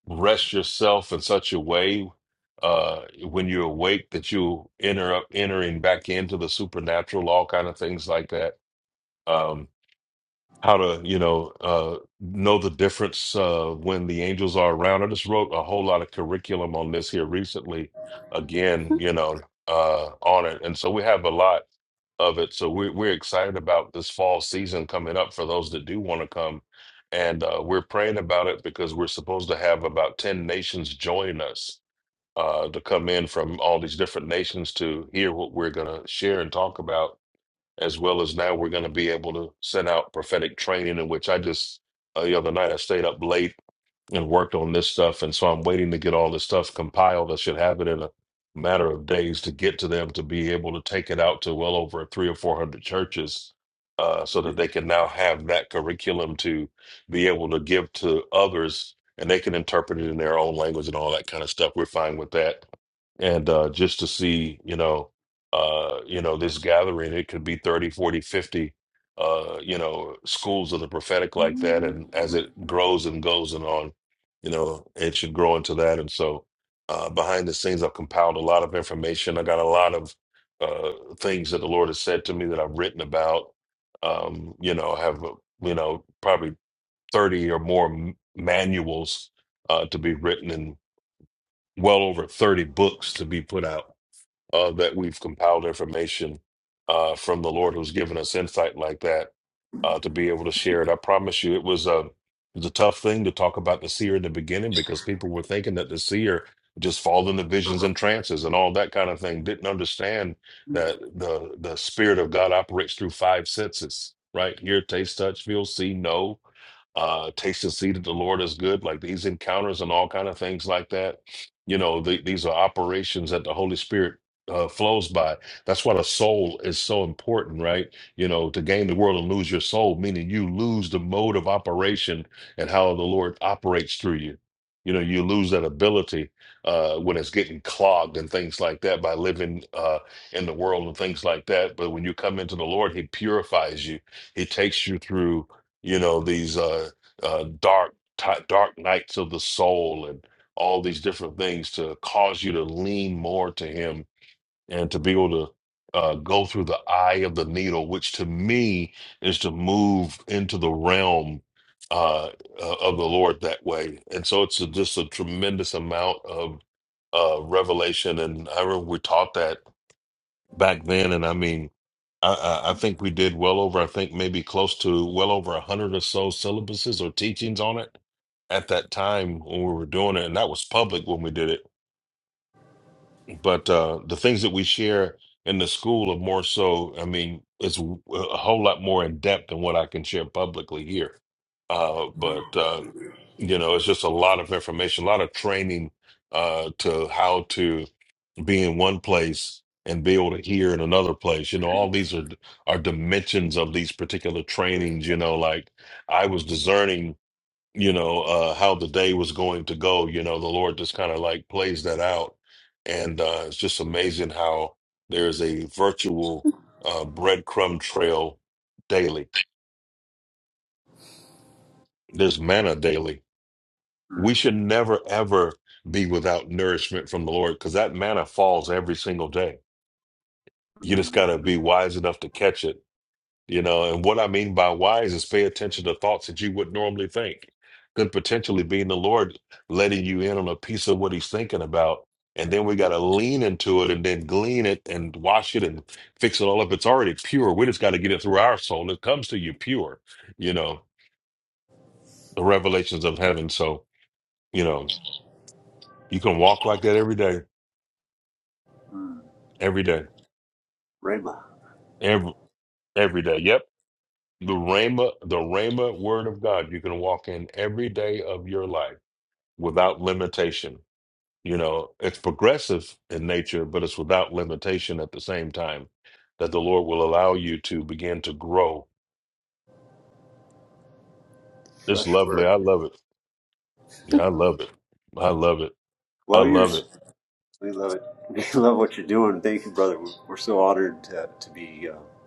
Speaker 2: rest yourself in such a way uh when you're awake that you enter up entering back into the supernatural all kind of things like that Um, how to you know uh know the difference uh when the angels are around i just wrote a whole lot of curriculum on this here recently again you know uh on it and so we have a lot of it so we're, we're excited about this fall season coming up for those that do want to come and uh, we're praying about it because we're supposed to have about 10 nations join us uh, to come in from all these different nations to hear what we're going to share and talk about as well as now we're going to be able to send out prophetic training in which I just uh, the other night I stayed up late and worked on this stuff and so I'm waiting to get all this stuff compiled. I should have it in a matter of days to get to them to be able to take it out to well over three or four hundred churches uh, so that they can now have that curriculum to be able to give to others and they can interpret it in their own language and all that kind of stuff. We're fine with that and uh, just to see you know uh, you know this gathering it could be 30, 40, 50, uh, you know schools of the prophetic like that and as it grows and goes and on you know it should grow into that and so uh, behind the scenes i've compiled a lot of information i got a lot of uh, things that the lord has said to me that i've written about um, you know I have uh, you know probably 30 or more m- manuals uh, to be written and well over 30 books to be put out uh, that we've compiled information uh, from the Lord who's given us insight like that uh, to be able to share it. I promise you, it was a it was a tough thing to talk about the seer in the beginning because people were thinking that the seer just fall into
Speaker 10: Uh
Speaker 2: visions
Speaker 10: huh.
Speaker 2: and trances and all that kind of thing. Didn't understand that the the spirit of God operates through five senses, right? Hear, taste, touch, feel, see, know. Uh, taste and see that the Lord is good. Like these encounters and all kind of things like that. You know, the, these are operations that the Holy Spirit uh, flows by. That's why the soul is so important, right? you know, to gain the world and lose your soul, meaning you lose the mode of operation and how the Lord operates through you. You know, you lose that ability uh, when it's getting clogged and things like that by living uh, in the world and things like that. But when you come into the Lord, He purifies you. He takes you through, you know, these uh, uh, dark, ti- dark nights of the soul and all these different things to cause you to lean more to Him and to be able to uh, go through the eye of the needle, which to me is to move into the realm uh, uh, of the Lord that way. And so it's a, just a tremendous amount of uh, revelation. And I remember we taught that back then. And I mean, I, I I think we did well over, I think maybe close to well over a 100 or so syllabuses or teachings on it at that time when we were doing it. And that was public when we did it but uh, the things that we share in the school are more so i mean it's w- a whole lot more in depth than what i can share publicly here uh, but uh, you know it's just a lot of information a lot of training uh, to how to be in one place and be able to hear in another place you know all these are are dimensions of these particular trainings you know like i was discerning you know uh how the day was going to go you know the lord just kind of like plays that out and uh it's just amazing how there's a virtual uh breadcrumb trail daily there's manna daily we should never ever be without nourishment from the lord because that manna falls every single day you just got to be wise enough to catch it You know, and what I mean by wise is pay attention to thoughts that you would normally think. Could potentially be in the Lord letting you in on a piece of what he's thinking about. And then we got to lean into it and then glean it and wash it and fix it all up. It's already pure. We just got to get it through our soul. It comes to you pure, you know, the revelations of heaven. So, you know, you can walk like that every day, every day,
Speaker 10: Rhema,
Speaker 2: every, every day. Yep. The Rhema, the Rhema word of God, you can walk in every day of your life without limitation. You know, it's progressive in nature, but it's without limitation at the same time that the Lord will allow you to begin to grow. It's
Speaker 10: fresh
Speaker 2: lovely.
Speaker 10: word.
Speaker 2: I love it. Yeah, I love it. I love it. I
Speaker 10: While you're
Speaker 2: love
Speaker 10: s-
Speaker 2: it.
Speaker 10: We love it. We love what you're doing. Thank you, brother. We're so honored to, to be uh,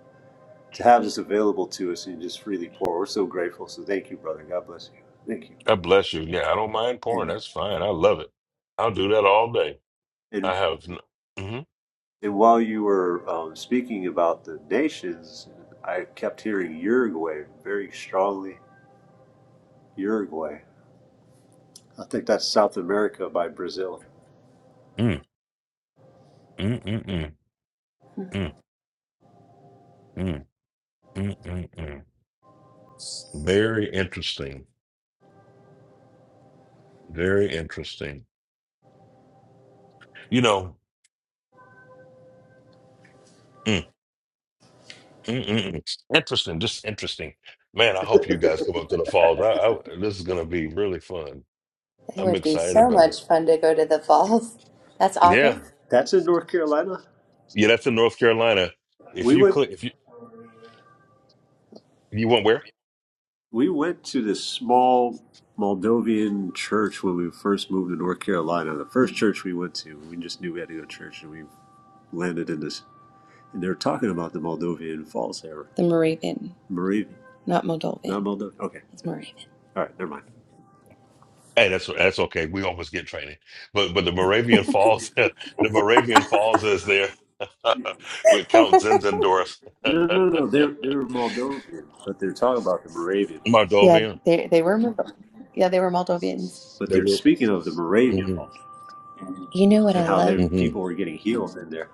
Speaker 10: to have this available to us and just freely pour. We're so grateful. So thank you, brother. God bless you. Thank you.
Speaker 2: God bless you. Yeah, I don't mind porn.
Speaker 10: And
Speaker 2: That's fine. I love it. I'll do that all day.
Speaker 10: and,
Speaker 2: I have. n- Mhm.
Speaker 10: and while you were um, speaking about the nations, I kept hearing Uruguay very strongly. Uruguay. I think that's South America by Brazil.
Speaker 2: Mm, mm, mm, mm, mm, mm, mm, mm, mm. Very interesting. Very interesting. You know. mm. Mm-mm. Interesting, just interesting. Man, I hope you guys come up to the falls. I, I this is gonna be really fun. I'm excited about it. Yeah,
Speaker 10: That's in North Carolina.
Speaker 2: yeah, that's in North Carolina. If
Speaker 10: We
Speaker 2: you
Speaker 10: went.
Speaker 2: click, if you you want where?
Speaker 10: We went to this small Moldovan church when we first moved to North Carolina. The first church we went to, we just knew we had to go to church, and we landed in this. And they were talking about the Moldovan Falls there. The Moravian, not Moldovan. Okay, all right, never mind.
Speaker 2: Hey, that's that's okay. We always get training, but but the Moravian Falls, the Moravian Falls is there with Count Zinzendorf,
Speaker 10: No, no, no. no, They're they're Moldovan, but they're talking about the Moravian Falls. Yeah,
Speaker 2: Mardovian.
Speaker 10: they they were Moldo- yeah they were Moldovians. But
Speaker 2: They
Speaker 10: they're
Speaker 2: were.
Speaker 10: speaking of the Moravian
Speaker 2: hmm
Speaker 10: Falls You know what and I how love? their
Speaker 2: hmm
Speaker 10: people were getting healed in there.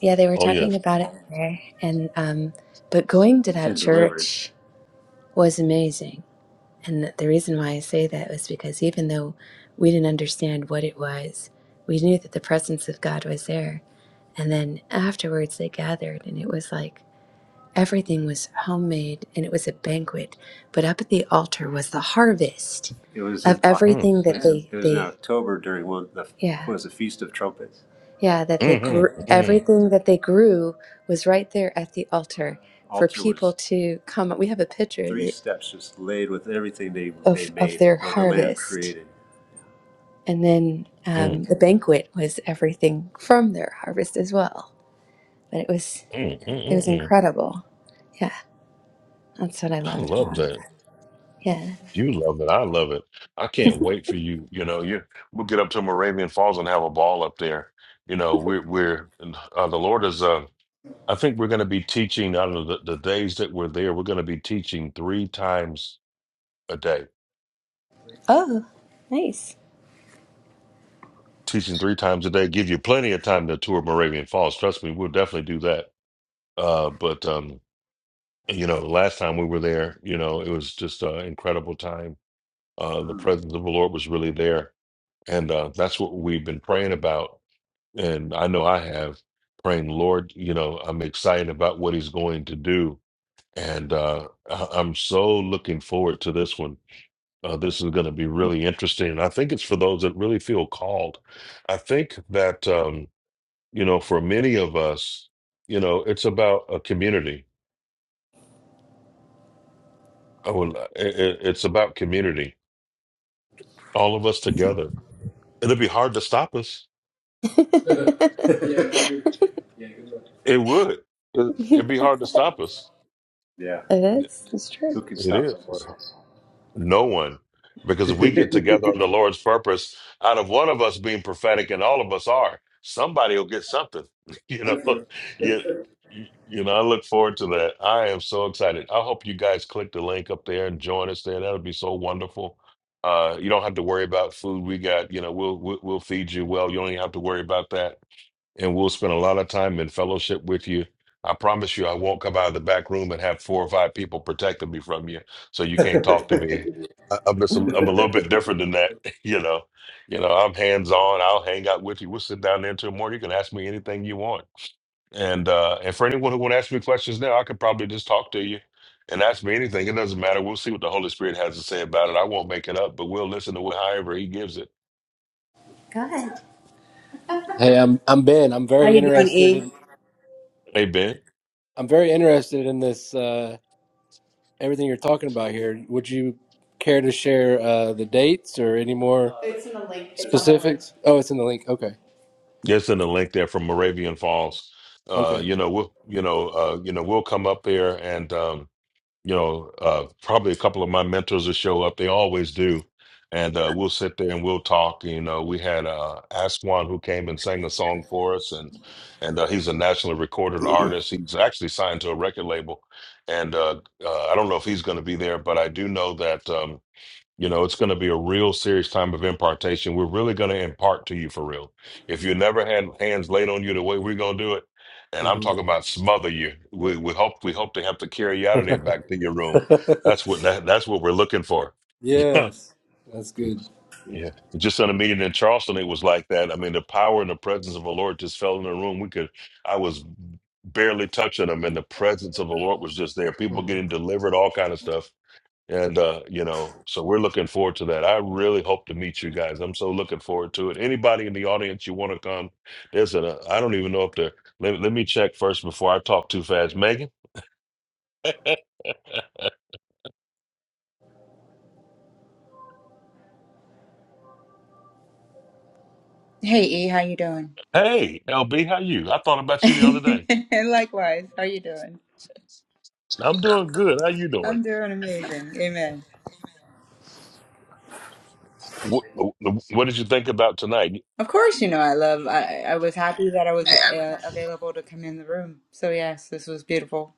Speaker 10: Yeah, they were
Speaker 2: Oh
Speaker 10: talking
Speaker 2: yes.
Speaker 10: about it there, and um, but going to that and delivered. church was amazing. And the the reason why I say that was because even though we didn't understand what it was, we knew that the presence of God was there. And then afterwards, they gathered, and it was like Everything was homemade and it was a banquet, but up at the altar was the harvest It was of in Au-
Speaker 2: Mm,
Speaker 10: everything that they it was in they October during one of the yeah what was the Feast of Trumpets. yeah that they
Speaker 2: mhm,
Speaker 10: grew
Speaker 2: mhm, mm,
Speaker 10: everything that they grew was right there at the altar for Altar people was to come. We have a picture of three that- steps just laid with everything they they of of made their or the land harvest, created. and then um,
Speaker 2: mm,
Speaker 10: the banquet was everything from their harvest as well. But it was
Speaker 2: mm,
Speaker 10: it was
Speaker 2: mm, mm.
Speaker 10: incredible. Yeah. That's what I
Speaker 2: I
Speaker 10: loved
Speaker 2: love
Speaker 10: about it.
Speaker 2: that.
Speaker 10: Yeah.
Speaker 2: You love it. I love it. I can't wait for you. You know, you we'll get up to Moravian Falls and have a ball up there. You know, we're we're and, uh, the Lord is. Uh, I think we're going to be teaching out of the, the days that we're there. We're going to be teaching three times a day.
Speaker 10: Oh, nice.
Speaker 2: Teaching three times a day give you plenty of time to tour Moravian Falls. Trust me, we'll definitely do that. Uh, but um, you know, last time we were there, you know, it was just an incredible time. Uh, the presence of the Lord was really there, and uh, that's what we've been praying about and I know I have praying, Lord, you know, I'm excited about what he's going to do. And uh, I- I'm so looking forward to this one. Uh, this is going to be really interesting. And I think it's for those that really feel called. I think that, um, you know, for many of us, you know, it's about a community. I would, i i- it's about community, all of us together. It'd be hard to stop us. It would. It- It'd be hard to stop us.
Speaker 10: Yeah. It Yeah.
Speaker 2: It
Speaker 10: is. It's true. Who can stop the
Speaker 2: is.
Speaker 10: word?
Speaker 2: No one. Because if we get together on the Lord's purpose, out of one of us being prophetic, and all of us are, somebody will get something. You know,
Speaker 10: Go
Speaker 2: you, you you know, I look forward to that. I am so excited. I hope you guys click the link up there and join us there. That'll be so wonderful. Uh, you don't have to worry about food. We got, you know, we'll we'll, we'll feed you well. You don't even have to worry about that and we'll spend a lot of time in fellowship with you. I promise you, I won't come out of the back room and have four or five people protecting me from you, so you can't talk to me. I, I'm just, a, I'm a little bit different than that, you know. You know, I'm hands on. I'll hang out with you. We'll sit down there until morning. You can ask me anything you want, and uh, and for anyone who want to ask me questions now, I could probably just talk to you and ask me anything. It doesn't matter. We'll see what the Holy Spirit has to say about it. I won't make it up, but we'll listen to wh- however He gives it.
Speaker 10: ahead. Hey, I'm I'm Ben. I'm
Speaker 11: How
Speaker 10: very
Speaker 11: you doing,
Speaker 10: interested
Speaker 11: E?
Speaker 10: in
Speaker 2: Amen.
Speaker 10: I'm very interested in this uh, everything you're talking about here. Would you care to share uh, the dates or any more specifics? Oh, it's in the link. Okay,
Speaker 2: There's in the link there from Moravian Falls. Uh,
Speaker 10: okay.
Speaker 2: you know, we'll you know, uh, you know, we'll come up there and um, you know, uh probably a couple of my mentors will show up. They always do. And uh we'll sit there and we'll talk. You know, we had uh Aswan who came and sang a song for us and and uh, he's a nationally recorded artist. He's actually signed to a record label. And uh, uh I don't know if he's gonna be there, but I do know that um you know, it's going to be a real serious time of impartation. We're really going to impart to you for real. If you never had hands laid on you the way we're going to do it, and I'm
Speaker 10: hmm
Speaker 2: talking about smother you, we, we hope we hope to have to carry you out of there back to your room. That's what that, that's what we're looking for. Yeah.
Speaker 10: yes, that's good.
Speaker 2: Yeah. Just in a meeting in Charleston, it was like that. I mean, the power and the presence of the Lord just fell in the room. We could, I was barely touching them, and the presence of the Lord was just there. People
Speaker 10: Mm-hmm.
Speaker 2: getting delivered, all kind of stuff and uh, you know, so we're looking forward to that. I really hope to meet you guys. I'm so looking forward to it. Anybody in the audience you want to come? There's a I don't even know if the let, let me check first before I talk too fast. Megan,
Speaker 11: Hey E, how you doing?
Speaker 2: hey LB, how you? I thought about you the other day.
Speaker 11: And Likewise, how you doing?
Speaker 2: I'm doing good. How you doing?
Speaker 11: I'm doing amazing. Amen.
Speaker 2: What, what did you think about tonight?
Speaker 11: Of course, you know I love. I I was happy that I was uh, available to come in the room. So yes, this was beautiful.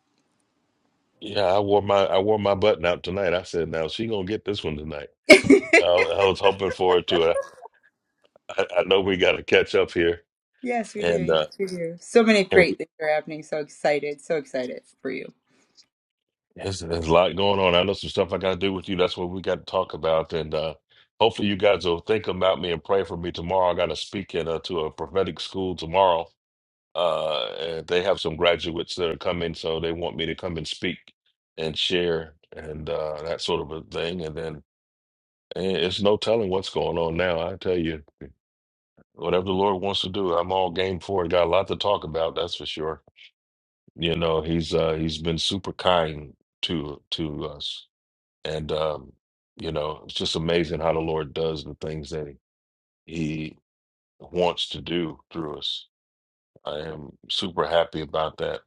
Speaker 2: Yeah, I wore my I wore my button out tonight. I said, now she gonna get this one tonight. I, I was hoping for to it. too. I, I I know we got to catch up here,
Speaker 11: Yes, we do.
Speaker 2: and
Speaker 11: Yes,
Speaker 2: uh,
Speaker 11: we do. So many
Speaker 2: and
Speaker 11: great things are happening. So excited. So excited for you.
Speaker 2: Yeah. There's, there's a lot going on. I know some stuff I got to do with you. That's what we got to talk about. And uh, hopefully, you guys will think about me and pray for me tomorrow. I got to speak at uh, to a prophetic school tomorrow. Uh, and they have some graduates that are coming, so they want me to come and speak and share and uh, that sort of a thing. And then and it's no telling what's going on now. I tell you, whatever the Lord wants to do, I'm all game for it. Got a lot to talk about, that's for sure. You know, he's uh, he's been super kind to to us and um, you know, it's just amazing how the Lord does the things that He wants to do through us. I am super happy about that.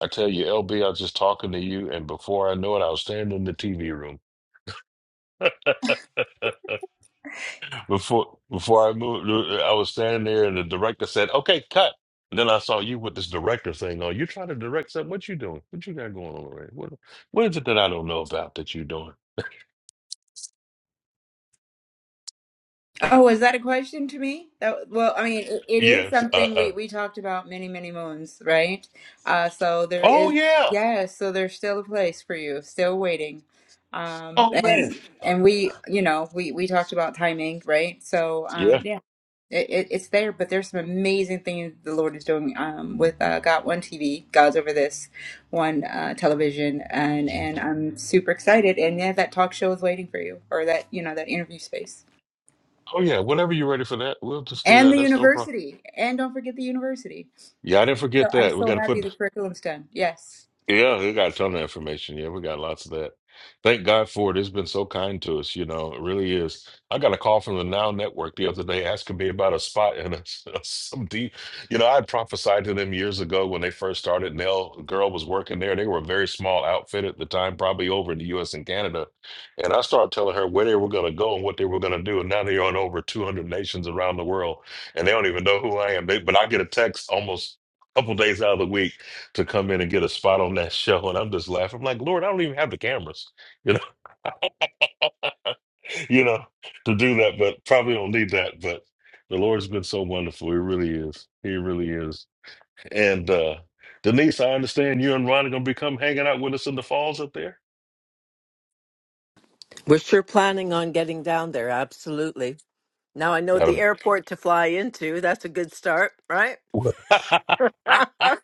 Speaker 2: I tell you, LB, I was just talking to you, and before I know it, I was standing in the TV room. before before I moved, uh, I was standing there, and the director said, "Okay, cut." And then I saw you with this director thing on. You trying to direct something? What you doing? What you got going on already? What What is it that I don't know about that you doing?
Speaker 11: Oh, is that a question to me? That well, I mean, it, it is
Speaker 2: Yes. Uh.
Speaker 11: something
Speaker 2: uh
Speaker 11: we we talked about many many moons, right? Uh, so there
Speaker 2: oh
Speaker 11: is,
Speaker 2: yeah.
Speaker 11: yeah, so there's still a place for you, still waiting. Um,
Speaker 2: Oh man.
Speaker 11: and and we, you know, we we talked about timing, right? So um, yeah, it, it, it's there, but there's some amazing things the Lord is doing um with uh, Got One TV, God's over this one uh, television, and and I'm super excited. And yeah, that talk show is waiting for you, or that you know that interview space
Speaker 2: Oh yeah, whenever you're ready for that, we'll just do
Speaker 11: and
Speaker 2: that.
Speaker 11: the
Speaker 2: That's no problem.
Speaker 11: university. And don't forget the university.
Speaker 2: Yeah, I didn't
Speaker 11: So
Speaker 2: forget
Speaker 11: I'm
Speaker 2: that. We
Speaker 11: so
Speaker 2: got to
Speaker 11: happy
Speaker 2: put
Speaker 11: the curriculum's done. Yes.
Speaker 2: Yeah, we got a ton of information. Yeah, we got lots of that. Thank God for it. It's been so kind to us, you know, it really is. I got a call from the Now Network the other day asking me about a spot in a, some deep, you know, I had prophesied to them years ago when they first started. Nell Girl was working there. They were a very small outfit at the time, probably over in the US and Canada. And I started telling her where they were going to go and what they were going to do. And now they're on over 200 nations around the world and they don't even know who I am. They, but I get a text almost a couple days out of the week to come in and get a spot on that show, and I'm just laughing. I'm like, Lord, I don't even have the cameras, you know, you know, to do that, but probably don't need that. But the Lord's been so wonderful. He really is. He really is. And uh Denise, I understand you and Ron are gonna be come hanging out with us in the falls up there.
Speaker 5: We're sure planning on getting down there, absolutely. Now I know the
Speaker 2: That'll
Speaker 5: airport to fly into. That's a good start, right?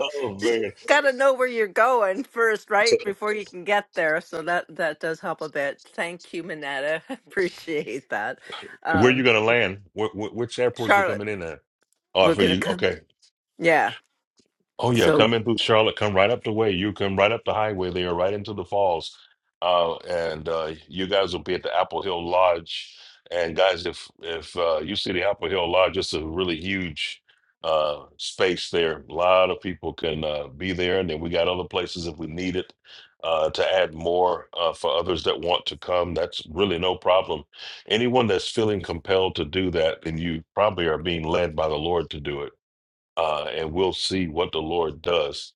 Speaker 2: oh
Speaker 5: Just
Speaker 2: man.
Speaker 5: gotta know where you're going first,
Speaker 2: So
Speaker 5: right? Before you can get there. So that that does help a bit. Thank you, Manetta. Appreciate that.
Speaker 2: where you
Speaker 5: Um,
Speaker 2: gonna land? Wh- wh- which airport you
Speaker 5: Charlotte.
Speaker 2: coming in at? Oh,
Speaker 5: We're
Speaker 2: for
Speaker 5: gonna
Speaker 2: you.
Speaker 5: come.
Speaker 2: Okay.
Speaker 5: Yeah.
Speaker 2: Oh yeah,
Speaker 5: So,
Speaker 2: coming through Charlotte, come right up the way. You come right up the highway there, right into the falls. Uh, and uh, you guys will be at the Apple Hill Lodge. And guys, if if uh, you see the Apple Hill Lodge, it's a really huge uh, space there. A lot of people can uh, be there, and then we got other places if we need it uh, to add more uh, for others that want to come. That's really no problem. Anyone that's feeling compelled to do that, then you probably are being led by the Lord to do it uh, and we'll see what the Lord does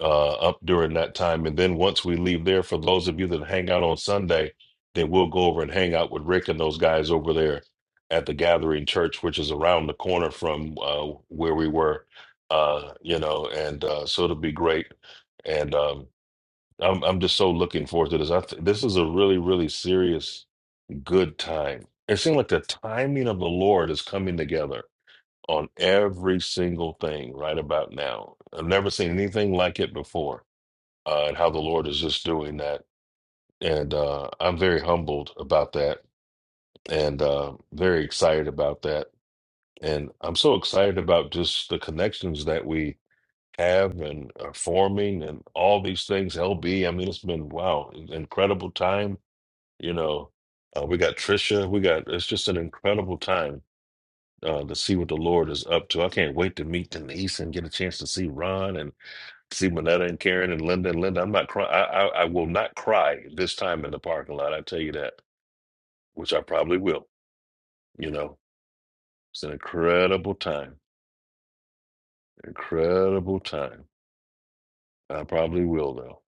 Speaker 2: uh, up during that time. And then once we leave there, for those of you that hang out on Sunday, then we'll go over and hang out with Rick and those guys over there at the Gathering Church, which is around the corner from uh, where we were. Uh, you know, and uh, so it'll be great. And um, I'm I'm just so looking forward to this. I th- this is a really really serious good time. It seems like the timing of the Lord is coming together on every single thing right about now. I've never seen anything like it before, uh, and how the Lord is just doing that. And uh, I'm very humbled about that and uh, very excited about that. And I'm so excited about just the connections that we have and are forming and all these things. LB, I mean, it's been, wow, incredible time. You know, uh, we got Trisha. We got, it's just an incredible time uh, to see what the Lord is up to. I can't wait to meet Denise and get a chance to see Ron and see Manetta and Karen and Linda and Linda. I'm not crying. I, I I will not cry this time in the parking lot. I tell you that, which I probably will. You know, it's an incredible time. Incredible time. I probably will though.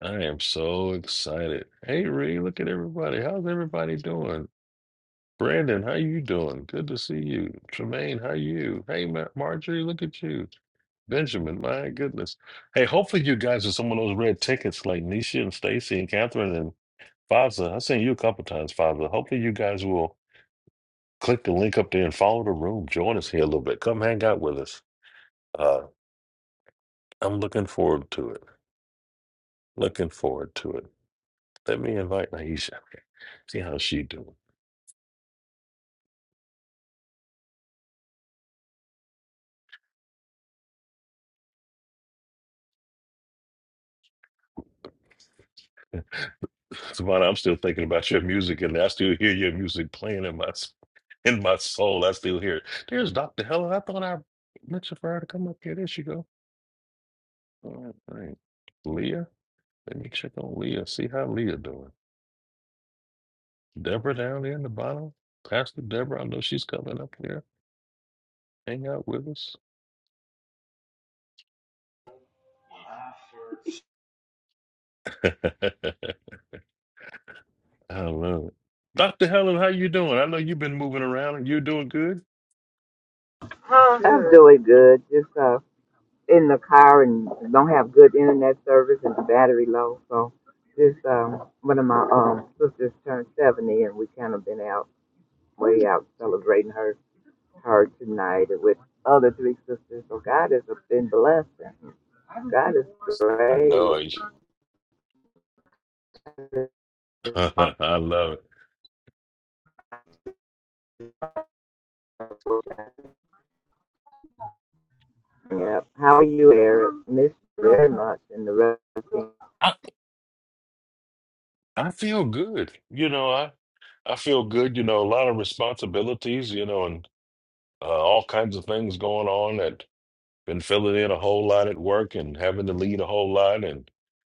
Speaker 2: I am so excited. Hey Ree, look at everybody. How's everybody doing? Brandon, how you doing? Good to see you. Tremaine, how you? Hey, Ma- Marjorie, look at you. Benjamin, my goodness. Hey, hopefully you guys are some of those red tickets like Nisha and Stacy and Catherine and Faza. I've seen you a couple times, Faza. Hopefully you guys will click the link up there and follow the room. Join us here a little bit. Come hang out with us. Uh, I'm looking forward to it. Looking forward to it. Let me invite Naisha. See how she doing. Savannah, I'm still thinking about your music, and I still hear your music playing in my s- in my soul. I still hear it. There's Dr. Helen. I thought I mentioned for her to come up here. There she go. All right. Leah. Let me check on Leah. See how Leah doing. Deborah down there in the bottom. Pastor Deborah, I know she's coming up here. Hang out with us. I love it. Dr. Helen, how you doing? I know you've been moving around and you're doing good.
Speaker 12: How's I'm it? doing good. Just uh, in the car and don't have good internet service and the battery low. So just um, one of my um sisters turned 70 and we kind of been out way out celebrating her her tonight with other three sisters. So God has been blessing. God is
Speaker 2: I know
Speaker 12: great.
Speaker 2: it. I love it.
Speaker 12: Yep. How are you, Eric? Miss you very much and the rest.
Speaker 2: I, I feel good. You know, I feel good, you know, a lot of responsibilities, you know, and uh, all kinds of things going on at been filling in a whole lot at work and having to lead a whole lot, and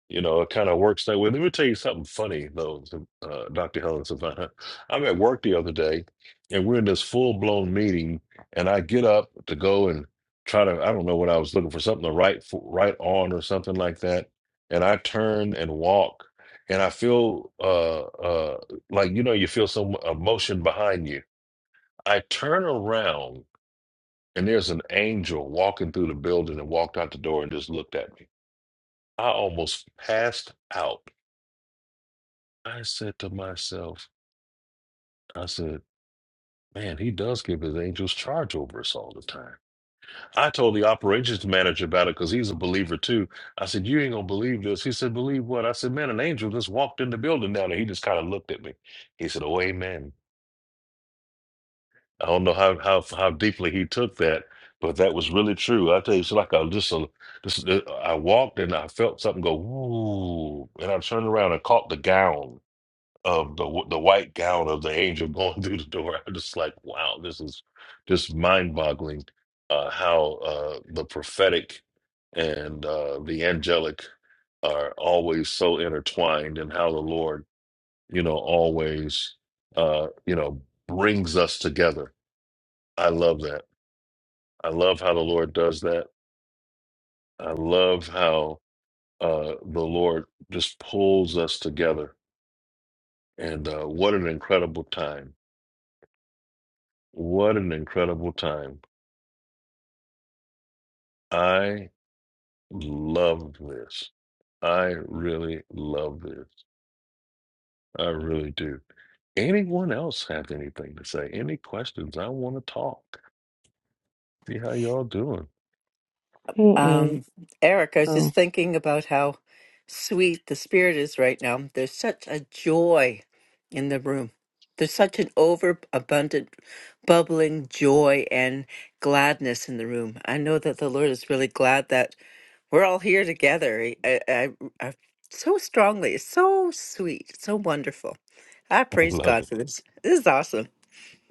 Speaker 2: you know it kind of works that way. Let me tell you something funny though, uh, Dr. Helen Savannah. I'm at work the other day, and we're in this full blown meeting, and I get up to go and try to I don't know what I was looking for something to write for, write on or something like that, and I turn and walk, and I feel uh uh like you know you feel some emotion behind you. I turn around and there's an angel walking through the building and walked out the door and just looked at me. I almost passed out. I said to myself, I said, man, he does give his angels charge over us all the time. I told the operations manager about it because he's a believer too. I said, you ain't going to believe this. He said, believe what? I said, man, an angel just walked in the building down there. He just kind of looked at me. He said, oh, amen. I don't know how how how deeply he took that, but that was really true. I tell you, it's like I just, a, just uh, I walked and I felt something go ooh, and I turned around and caught the gown of the w- the white gown of the angel going through the door. I'm just like, wow, this is just mind boggling uh, how uh, the prophetic and uh, the angelic are always so intertwined, and how the Lord, you know, always uh, you know brings us together I love that. I love how the Lord does that. I love how uh, the Lord just pulls us together. And uh, what an incredible time. What an incredible time. I love this. I really love this. I really do. Anyone else have anything to say? Any questions? I want to talk. See how y'all doing.
Speaker 13: Hey, Eric.
Speaker 5: um, Eric, I was
Speaker 13: Oh.
Speaker 5: just thinking about how sweet the spirit is right now. There's such a joy in the room. There's such an overabundant, bubbling joy and gladness in the room. I know that the Lord is really glad that we're all here together. I, I, I I- so strongly. It's so sweet. So wonderful. I
Speaker 2: I
Speaker 5: praise
Speaker 2: love
Speaker 5: God
Speaker 2: it.
Speaker 5: for this. This is awesome.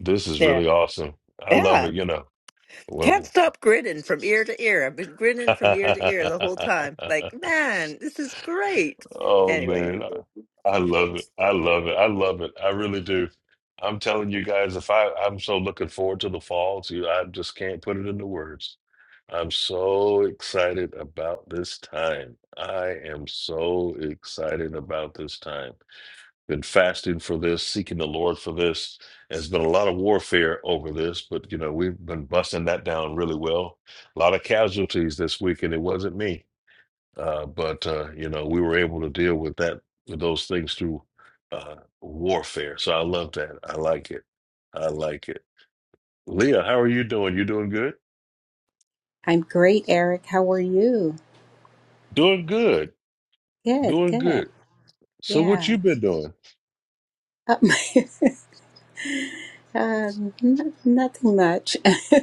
Speaker 2: This is
Speaker 5: Yeah.
Speaker 2: really awesome. I
Speaker 5: Yeah.
Speaker 2: love it. You know,
Speaker 5: Can't
Speaker 2: well,
Speaker 5: stop grinning from ear to ear. I've been grinning from ear to ear the whole time. Like, man, this is great.
Speaker 2: Oh
Speaker 5: Anyway.
Speaker 2: man, I, I love it. I love it. I love it. I really do. I'm telling you guys, if I I'm so looking forward to the fall, too. I just can't put it into words. I'm so excited about this time. I am so excited about this time. Been fasting for this, seeking the Lord for this. There's been a lot of warfare over this, but you know, we've been busting that down really well. A lot of casualties this week, and it wasn't me. Uh, but uh, you know, we were able to deal with that with those things through uh, warfare. So I love that. I like it. I like it. Leah, how are you doing? You doing good?
Speaker 14: I'm great, Eric. How are you?
Speaker 2: Doing good.
Speaker 14: Good,
Speaker 2: Doing
Speaker 14: good.
Speaker 2: good. So what
Speaker 14: Yeah.
Speaker 2: you been doing?
Speaker 14: Uh, uh, n- nothing much.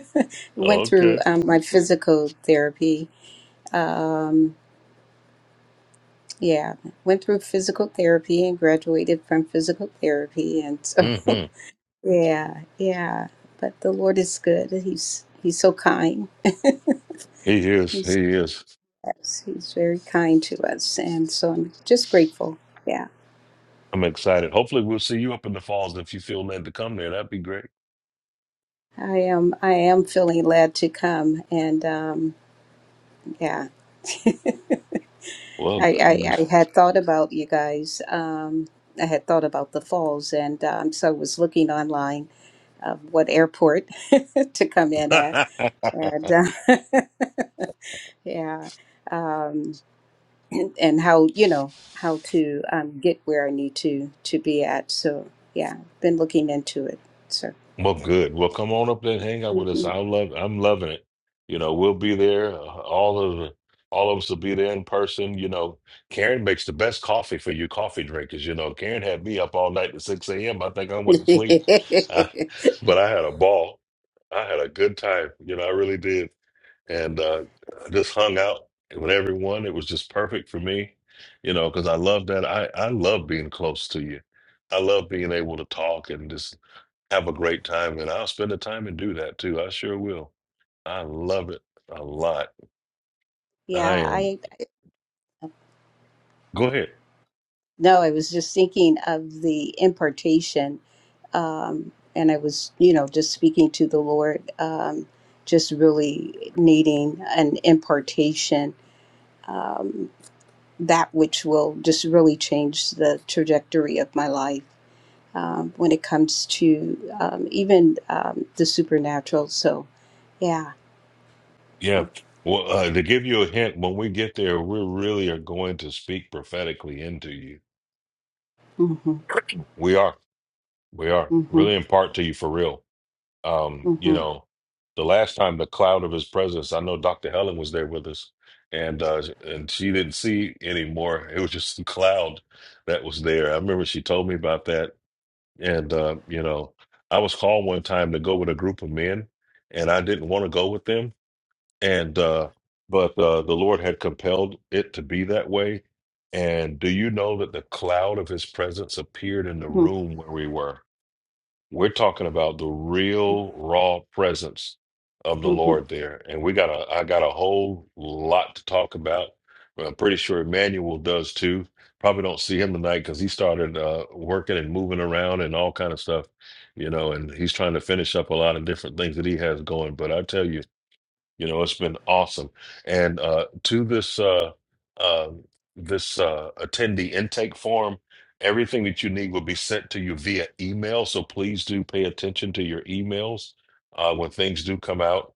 Speaker 2: Oh,
Speaker 14: Went through
Speaker 2: okay.
Speaker 14: um, my physical therapy. Um, yeah, went through physical therapy and graduated from physical therapy, and so
Speaker 2: hmm
Speaker 14: yeah, yeah. But the Lord is good. He's He's so kind.
Speaker 2: He is. He
Speaker 14: He's
Speaker 2: is.
Speaker 14: He's very kind to us, and so I'm just grateful. Yeah.
Speaker 2: I'm excited. Hopefully, we'll see you up in the falls if you feel led to come there. That'd be great.
Speaker 14: I am I am feeling led to come and um Yeah,
Speaker 2: Well,
Speaker 14: I, I, I had thought about you guys. Um, I had thought about the falls, and um, so I was looking online of what airport to come in at, and uh, yeah, um, and, and how you know how to um, get where I need to to be at. So yeah, been looking into it. So
Speaker 2: Well, good. Well, come on up there and hang out with us.
Speaker 14: Mhm.
Speaker 2: I love. I'm loving it. You know, we'll be there. Uh, All of the, all of us will be there in person. You know, Karen makes the best coffee for you coffee drinkers. You know, Karen had me up all night at six a.m. I think I went to sleep, I, but I had a ball. I had a good time. You know, I really did, and uh, I just hung out with everyone. It was just perfect for me. You know, because I love that. I I love being close to you. I love being able to talk and just have a great time and I'll spend the time and do that too. I sure will. I love it a lot. I
Speaker 14: yeah,
Speaker 2: am.
Speaker 14: I
Speaker 2: Go ahead.
Speaker 14: no, I was just thinking of the impartation um, and I was, you know, just speaking to the Lord, um, just really needing an impartation, um, that which will just really change the trajectory of my life um, when it comes to um, even um, the supernatural. So, yeah.
Speaker 2: Yeah. Well, uh, to give you a hint, when we get there, we really are going to speak prophetically into you.
Speaker 14: Mm-hmm,
Speaker 2: We are. We are
Speaker 14: mm-hmm,
Speaker 2: really impart to you for real. Um, you
Speaker 14: mm-hmm,
Speaker 2: know, the last time the cloud of his presence, I know Dr. Helen was there with us and uh and she didn't see anymore. It was just the cloud that was there. I remember she told me about that And uh, you know, I was called one time to go with a group of men, and I didn't want to go with them. And uh, but uh, the Lord had compelled it to be that way. And do you know that the cloud of His presence appeared in the
Speaker 14: mm-hmm.
Speaker 2: room where we were? We're talking about the real raw presence of the
Speaker 14: mm-hmm.
Speaker 2: Lord there. And we got a I got a whole lot to talk about. Well, I'm pretty sure Emmanuel does too. Probably don't see him tonight because he started uh, working and moving around and all kind of stuff, you know, and he's trying to finish up a lot of different things that he has going. But I tell you, you know, it's been awesome. And uh, to this uh, uh, this uh, attendee intake form, everything that you need will be sent to you via email. So please do pay attention to your emails uh, when things do come out.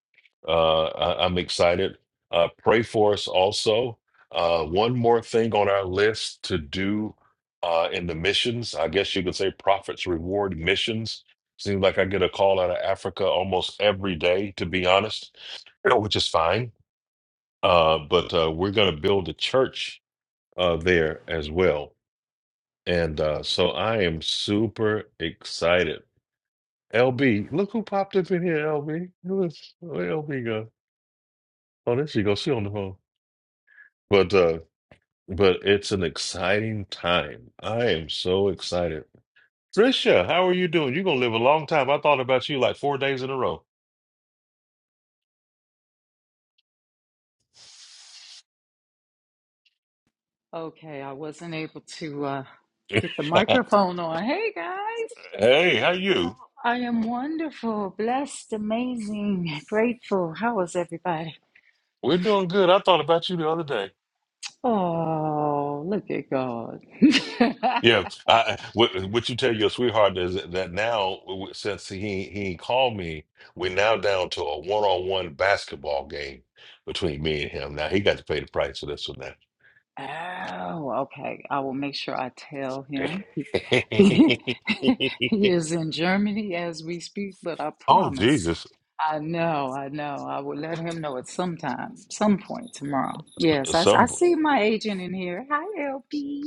Speaker 2: Uh, I- I'm excited. Uh, pray for us also. Uh, one more thing on our list to do uh, in the missions. I guess you could say prophets reward missions. Seems like I get a call out of Africa almost every day, to be honest you know, which is fine. Uh, but uh, we're going to build a church uh, there as well. And uh, so I am super excited. LB, look who popped up in here, LB. Who is where LB go? Oh, there she goes. She on the phone. But uh, but it's an exciting time. I am so excited. Trisha, how are you doing? You're gonna live a long time. I thought about you like four days in a row.
Speaker 15: Okay, I wasn't able to uh,
Speaker 2: hey,
Speaker 15: get the microphone on. Hey guys,
Speaker 2: how you?
Speaker 15: I am wonderful, blessed, amazing, grateful. How is everybody?
Speaker 2: We're doing good. I thought about you the other day.
Speaker 15: Oh, look at God.
Speaker 2: Yeah, I, what, what you tell your sweetheart is that now, w- since he he called me, we're now down to a one-on-one basketball game between me and him. Now he got to pay the price for this one.
Speaker 15: oh, okay. I will make sure I tell him. He he
Speaker 2: Now,
Speaker 15: is in Germany as we speak, but I
Speaker 2: oh
Speaker 15: promise.
Speaker 2: Jesus!
Speaker 15: I know, I know. I will let him know at some time, some point tomorrow. Yes, I I
Speaker 2: Some
Speaker 15: see my agent in here. Hi, LP.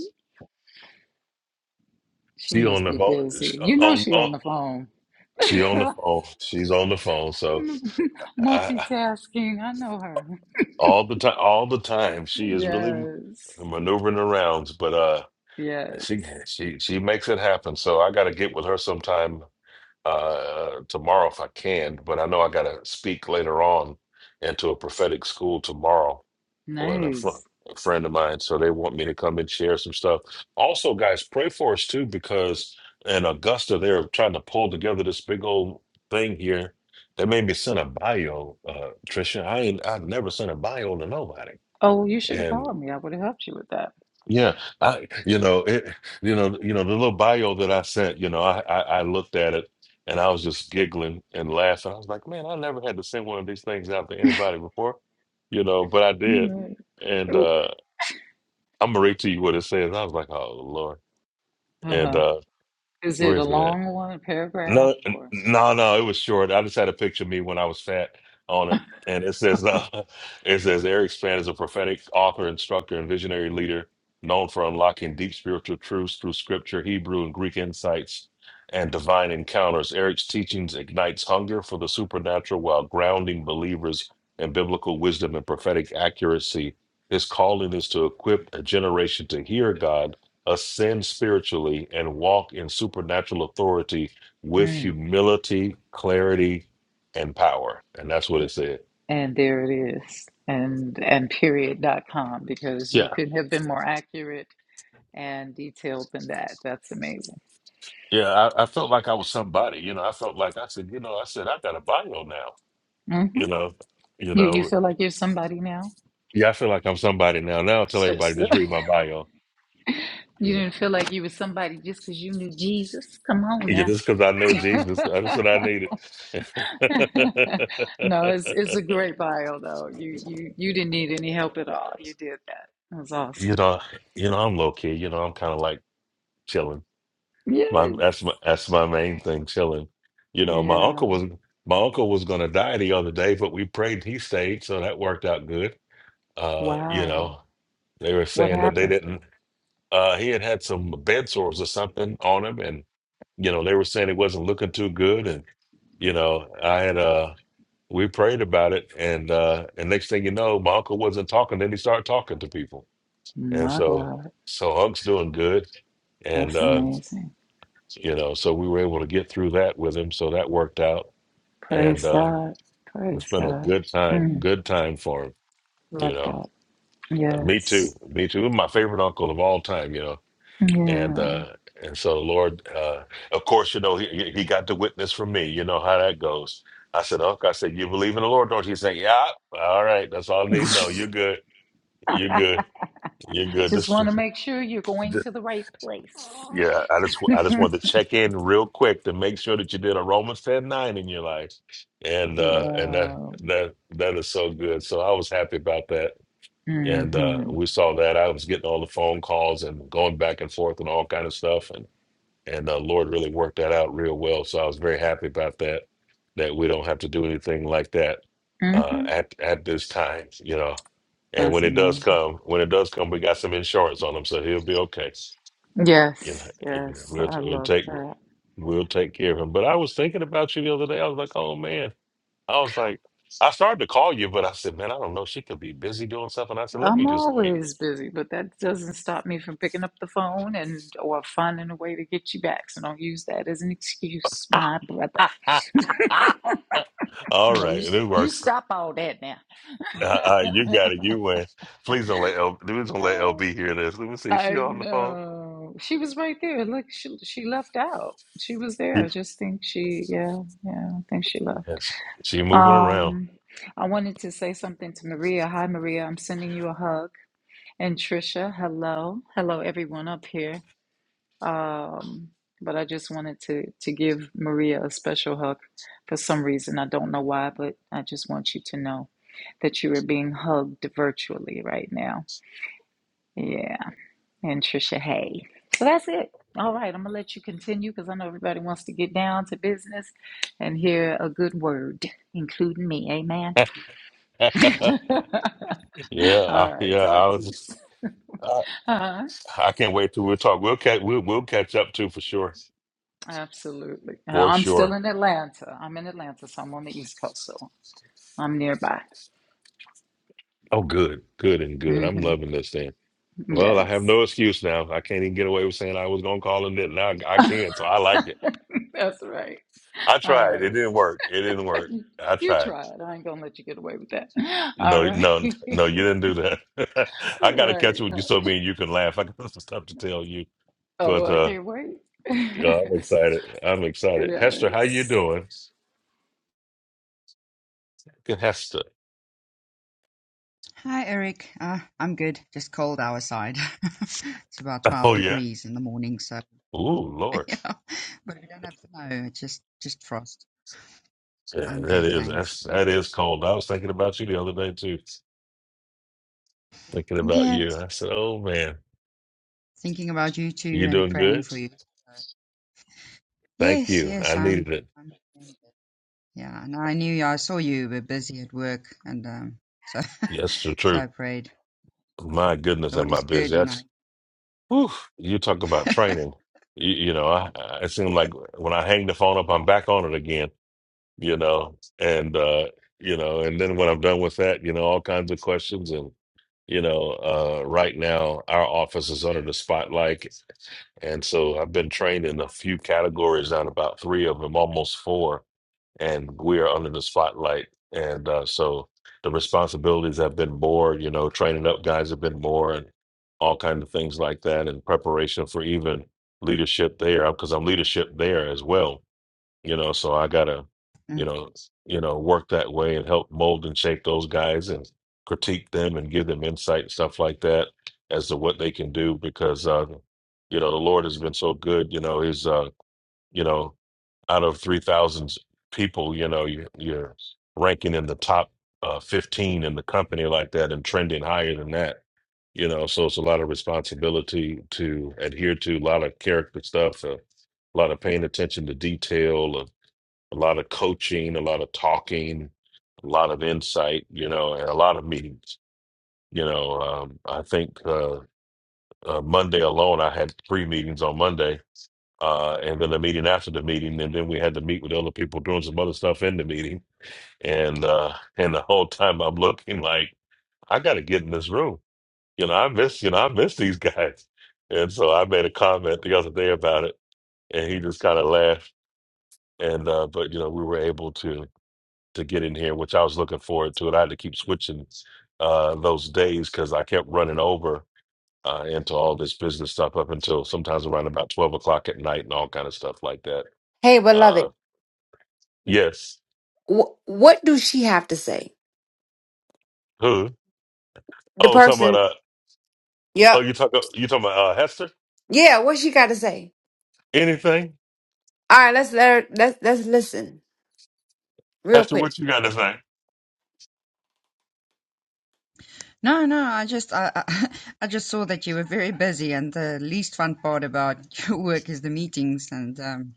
Speaker 15: She
Speaker 2: she on
Speaker 15: must
Speaker 2: the
Speaker 15: be
Speaker 2: phone. she
Speaker 15: busy. You know
Speaker 2: On,
Speaker 15: she
Speaker 2: on
Speaker 15: on the phone.
Speaker 2: she on the phone. She's on the phone. So I,
Speaker 15: Multitasking. I know her.
Speaker 2: all the time, all the time, she is really
Speaker 15: Yes,
Speaker 2: maneuvering around. But uh.
Speaker 15: yes.
Speaker 2: And She she she makes it happen. So I got to get with her sometime uh tomorrow if I can, but I know I got to speak later on into a prophetic school tomorrow with a, fr-
Speaker 15: Nice.
Speaker 2: a friend of mine. So they want me to come and share some stuff. Also, guys, pray for us too because in Augusta they're trying to pull together this big old thing here. They made me send a bio, uh, Trisha. I ain't I've never sent a bio to nobody.
Speaker 15: Oh, you should have
Speaker 2: And.
Speaker 15: called me. I would have helped you with that.
Speaker 2: Yeah, I you know it you know you know the little bio that I sent you know I, I I looked at it and I was just giggling and laughing. I was like, man, I never had to send one of these things out to anybody before, you know, but I did,
Speaker 15: All right.
Speaker 2: and
Speaker 15: Oh,
Speaker 2: uh I'm gonna read to you what it says. I was like, oh Lord, and
Speaker 15: Uh-huh.
Speaker 2: uh
Speaker 15: Is
Speaker 2: where
Speaker 15: it a
Speaker 2: is it
Speaker 15: long one, a paragraph,
Speaker 2: no, n-
Speaker 15: or?
Speaker 2: no, no. It was short. I just had a picture of me when I was fat on it, and it says, uh, "It says Eric Span is a prophetic author, instructor, and visionary leader known for unlocking deep spiritual truths through Scripture, Hebrew and Greek insights, and divine encounters. Eric's teachings ignites hunger for the supernatural while grounding believers in biblical wisdom and prophetic accuracy. His calling is to equip a generation to hear God." Ascend spiritually and walk in supernatural authority with
Speaker 15: Mm.
Speaker 2: humility, clarity, and power. And that's what it said.
Speaker 15: And there it is. And and period dot com because you
Speaker 2: Yeah.
Speaker 15: couldn't have been more accurate and detailed than that. That's amazing.
Speaker 2: Yeah. I, I felt like I was somebody. You know, I felt like I said, you know, I said, I got a bio now.
Speaker 15: hmm
Speaker 2: You know, you
Speaker 15: You you
Speaker 2: know,
Speaker 15: feel like you're somebody now?
Speaker 2: yeah, I feel like I'm somebody now. Now I tell
Speaker 15: So,
Speaker 2: everybody
Speaker 15: so-
Speaker 2: just read my bio. You
Speaker 15: you
Speaker 2: know,
Speaker 15: didn't feel like you were somebody just because you knew Jesus. Come on
Speaker 2: yeah,
Speaker 15: now.
Speaker 2: just because I know Jesus, that's what I needed.
Speaker 15: no, it's it's a great bio though. You you you didn't need any help at all. You did that. That was
Speaker 2: you
Speaker 15: awesome.
Speaker 2: know, you know, I'm low key. You know, I'm kind of like chilling. My
Speaker 15: Yes.
Speaker 2: that's my that's my main thing, chilling. You know, my
Speaker 15: Yeah.
Speaker 2: uncle was my uncle was gonna die the other day, but we prayed and he stayed, so that worked out good. Uh, you
Speaker 15: Wow.
Speaker 2: know, they were
Speaker 15: What
Speaker 2: saying that they
Speaker 15: happened?
Speaker 2: didn't uh he had had some bed sores or something on him and you know, they were saying it wasn't looking too good and you know, I had uh we prayed about it and uh and next thing you know, my uncle wasn't talking, then he started talking to people. And
Speaker 15: My
Speaker 2: so
Speaker 15: God.
Speaker 2: so Hunk's doing good. And
Speaker 15: That's
Speaker 2: uh,
Speaker 15: amazing.
Speaker 2: you know so we were able to get through that with him so that worked out and
Speaker 15: Praise
Speaker 2: uh
Speaker 15: God.
Speaker 2: it's
Speaker 15: Praise
Speaker 2: been a
Speaker 15: God.
Speaker 2: good time
Speaker 15: Mm,
Speaker 2: good time for him you
Speaker 15: love
Speaker 2: know
Speaker 15: that.
Speaker 2: And me too
Speaker 15: Yes.
Speaker 2: me too He's my favorite uncle of all time you know and
Speaker 15: Yeah.
Speaker 2: uh and so the lord uh of course you know he he got the witness from me you know how that goes i said uncle i said you believe in the lord don't you he said yeah all right that's all i need to know you're good you're good you're good
Speaker 15: Just
Speaker 2: this
Speaker 15: want to make sure you're going to the right place.
Speaker 2: Yeah, I just I just wanted to check in real quick to make sure that you did a Romans ten nine in your life, and uh, and that
Speaker 15: Wow.
Speaker 2: that that is so good. So I was happy about that, and uh,
Speaker 15: Mm-hmm.
Speaker 2: we saw that. I was getting all the phone calls and going back and forth and all kind of stuff, and and uh, Lord really worked that out real well. So I was very happy about that. That we don't have to do anything like that uh,
Speaker 15: Mm-hmm.
Speaker 2: at at this time, you know. And when
Speaker 15: That's
Speaker 2: it does
Speaker 15: amazing.
Speaker 2: come, when it does come, we got some insurance on him, so he'll be okay you know,
Speaker 15: Yes.
Speaker 2: you know,
Speaker 15: Yes.
Speaker 2: we'll,
Speaker 15: I
Speaker 2: we'll
Speaker 15: love
Speaker 2: take
Speaker 15: that.
Speaker 2: we'll take care of him. But I was thinking about you the other day. I was like, oh man, I was like, I started to call you, but I said, man, I don't know. She could be busy doing stuff, and I said, let me
Speaker 15: I'm
Speaker 2: just wait.
Speaker 15: always busy, but that doesn't stop me from picking up the phone and or finding a way to get you back. So don't use that as an excuse, my brother.
Speaker 2: All
Speaker 15: Now,
Speaker 2: right,
Speaker 15: you,
Speaker 2: it
Speaker 15: you
Speaker 2: works.
Speaker 15: stop all that now.
Speaker 2: Uh, uh, you got it. You win. Please don't let L. Please don't let LB hear this. Let me see. Is
Speaker 15: I
Speaker 2: she on the phone?
Speaker 15: know. She was right there. Look, she she left out. She was there. I just think she, yeah, yeah, I think she left.
Speaker 2: Yes, she moving around.
Speaker 15: Um, I wanted to say something to Maria. Hi, Maria. I'm sending you a hug. And Trisha, hello. Hello, everyone up here. Um, but I just wanted to to give Maria a special hug for some reason. I don't know why, but I just want you to know that you are being hugged virtually right now. Yeah. and Trisha Hay. So that's it. All right, I'm gonna let you continue because I know everybody wants to get down to business and hear a good word, including me. Amen.
Speaker 2: yeah,
Speaker 15: All
Speaker 2: I,
Speaker 15: right,
Speaker 2: yeah. I
Speaker 15: talk to
Speaker 2: was.
Speaker 15: you.
Speaker 2: Just, I,
Speaker 15: uh
Speaker 2: I can't wait till we talk. We'll catch. We'll, we'll catch up too for sure.
Speaker 15: Absolutely. Uh,
Speaker 2: For
Speaker 15: I'm still
Speaker 2: sure.
Speaker 15: in Atlanta. I'm in Atlanta, so I'm on the East Coast, so I'm nearby.
Speaker 2: Oh, good, good, and good. I'm
Speaker 15: hmm
Speaker 2: loving this thing. Well, I have
Speaker 15: Yes,
Speaker 2: no excuse now. I can't even get away with saying I was gonna call him that. Now I I can't, so I like it.
Speaker 15: that's right.
Speaker 2: I
Speaker 15: All
Speaker 2: tried. It
Speaker 15: right,
Speaker 2: didn't work. It didn't work. I
Speaker 15: you
Speaker 2: tried.
Speaker 15: try it. I ain't gonna let you get away with that. All
Speaker 2: No,
Speaker 15: right,
Speaker 2: no, no. You didn't do that. I gotta
Speaker 15: right.
Speaker 2: catch up with
Speaker 15: Uh,
Speaker 2: you so me and you can laugh. I got some stuff to tell you,
Speaker 15: Oh,
Speaker 2: but
Speaker 15: I
Speaker 2: uh,
Speaker 15: can't wait.
Speaker 2: yeah, I'm excited. I'm excited. Hester, how you
Speaker 15: yes.
Speaker 2: doing? Good, Hester.
Speaker 16: Hi, Eric. Uh, I'm good. Just cold our side. it's about 12
Speaker 2: Oh yeah.
Speaker 16: degrees in the morning, so
Speaker 2: Ooh, Lord.
Speaker 16: yeah. But we don't have snow. It's just just frost.
Speaker 2: Yeah,
Speaker 16: I'm
Speaker 2: that
Speaker 16: good,
Speaker 2: is
Speaker 16: thanks.
Speaker 2: that's, that is cold. I was thinking about you the other day too. Thinking about you.
Speaker 16: Yes.
Speaker 2: I said, oh man.
Speaker 16: Thinking about you
Speaker 2: You
Speaker 16: too and
Speaker 2: doing
Speaker 16: praying
Speaker 2: good?
Speaker 16: for you.
Speaker 2: Thank
Speaker 16: Yes,
Speaker 2: you.
Speaker 16: yes,
Speaker 2: I needed
Speaker 16: I'm.
Speaker 2: it.
Speaker 16: I'm doing good. yeah, and I knew you. I saw you were busy at work, and um, so
Speaker 2: Yes, the
Speaker 16: so
Speaker 2: truth.
Speaker 16: I prayed.
Speaker 2: My goodness,
Speaker 16: Lord
Speaker 2: am I
Speaker 16: is good,
Speaker 2: busy?
Speaker 16: you know.
Speaker 2: That's whew, you talk about training. You, you know, I, I it seemed like when I hang the phone up, I'm back on it again. You know, and uh, you know, and then when I'm done with that, you know, all kinds of questions and you know, uh, right now our office is under the spotlight, and so I've been trained in a few categories, on about three of them, almost four and we are under the spotlight. And uh, so the responsibilities have been more, you know, training up guys have been more, and all kinds of things like that, and preparation for even leadership there, because I'm leadership there as well, you know. So I gotta, you know, you know, work that way and help mold and shape those guys and critique them and give them insight and stuff like that as to what they can do, because uh, you know the Lord has been so good, you know, his. uh, you know, out of 3,000 people, you know, you, you're ranking in the top uh, 15 in the company like that and trending higher than that, you know. So it's a lot of responsibility to adhere to, a lot of character stuff, a lot of paying attention to detail, a, a lot of coaching, a lot of talking, a lot of insight, you know, and a lot of meetings. You know, um, I think uh, uh, Monday alone, I had three meetings on Monday uh, and then a meeting after the meeting, and then we had to meet with other people doing some other stuff in the meeting, and uh, and the whole time I'm looking like I got to get in this room, you know, I miss, you know, I miss these guys, and so I made a comment the other day about it, and he just kind of laughed, and uh, but you know, we were able to to get in here, which I was looking forward to, and I had to keep switching uh, those days because I kept running over. Uh, into all this business stuff up until sometimes around about 12 o'clock at night and all kind of stuff like that
Speaker 7: Hey,
Speaker 2: Uh,
Speaker 7: beloved,
Speaker 2: Yes.
Speaker 7: wh- what do she have to say?
Speaker 2: Who?
Speaker 7: The
Speaker 2: Oh, talking about
Speaker 7: person.
Speaker 2: uh oh
Speaker 7: Yep.
Speaker 2: you talk you talking about uh Hester?
Speaker 7: Yeah. What she got to say?
Speaker 2: Anything?
Speaker 7: All right. Let's let her. Let's let's listen real
Speaker 2: Hester,
Speaker 7: quick.
Speaker 2: what you got to say?
Speaker 16: No, no, I just I, I I just saw that you were very busy, and the least fun part about your work is the meetings, and um,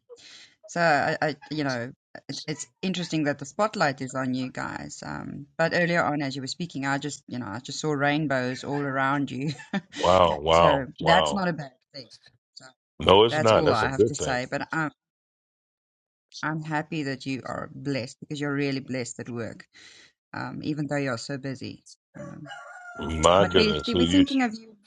Speaker 16: so I, I you know it's it's interesting that the spotlight is on you guys. Um, but earlier on, as you were speaking, I just you know I just saw rainbows all around you,
Speaker 2: Wow, wow,
Speaker 16: so that's
Speaker 2: wow.
Speaker 16: not a bad thing. So
Speaker 2: No, it's
Speaker 16: that's
Speaker 2: not.
Speaker 16: all
Speaker 2: That's a
Speaker 16: I have
Speaker 2: good
Speaker 16: to
Speaker 2: thing.
Speaker 16: say. But I'm I'm happy that you are blessed because you're really blessed at work, um, even though you're so busy. Um,
Speaker 2: My
Speaker 16: but we
Speaker 2: goodness, who
Speaker 16: we're
Speaker 2: you
Speaker 16: thinking of you.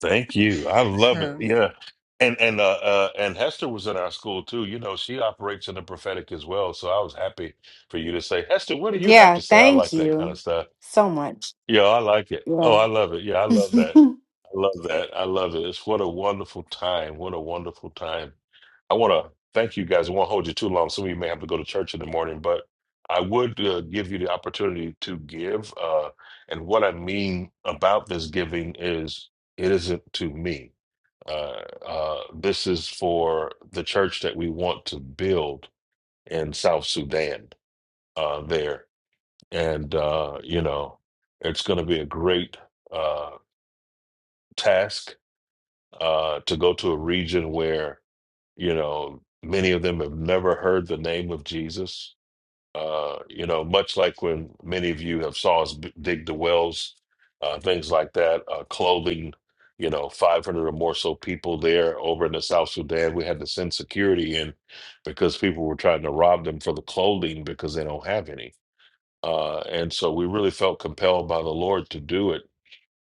Speaker 2: thank you. I love it.
Speaker 16: so
Speaker 2: Yeah. And and uh, uh and Hester was in our school too. You know, she operates in the prophetic as well. So I was happy for you to say, Hester, what do you have
Speaker 7: Yeah.
Speaker 2: to say? I
Speaker 7: Thank
Speaker 2: like that kind of
Speaker 7: you
Speaker 2: stuff.
Speaker 7: so much.
Speaker 2: Yeah, I like it. Oh,
Speaker 7: Yeah.
Speaker 2: I love it. Yeah, I love that. I love that. I love it. It's what a wonderful time. What a wonderful time. I want to thank you guys. I won't hold you too long, so we may have to go to church in the morning. But I would uh, give you the opportunity to give. Uh, and what I mean about this giving is, it isn't to me. Uh, uh, this is for the church that we want to build in South Sudan. Uh, there, and uh, you know, it's going to be a great uh, task uh, to go to a region where You know, many of them have never heard the name of Jesus. Uh, you know, much like when many of you have saw us b- dig the wells, uh, things like that, uh, clothing, you know, 500 or more so people there over in the South Sudan. We had to send security in because people were trying to rob them for the clothing because they don't have any. Uh, and so we really felt compelled by the Lord to do it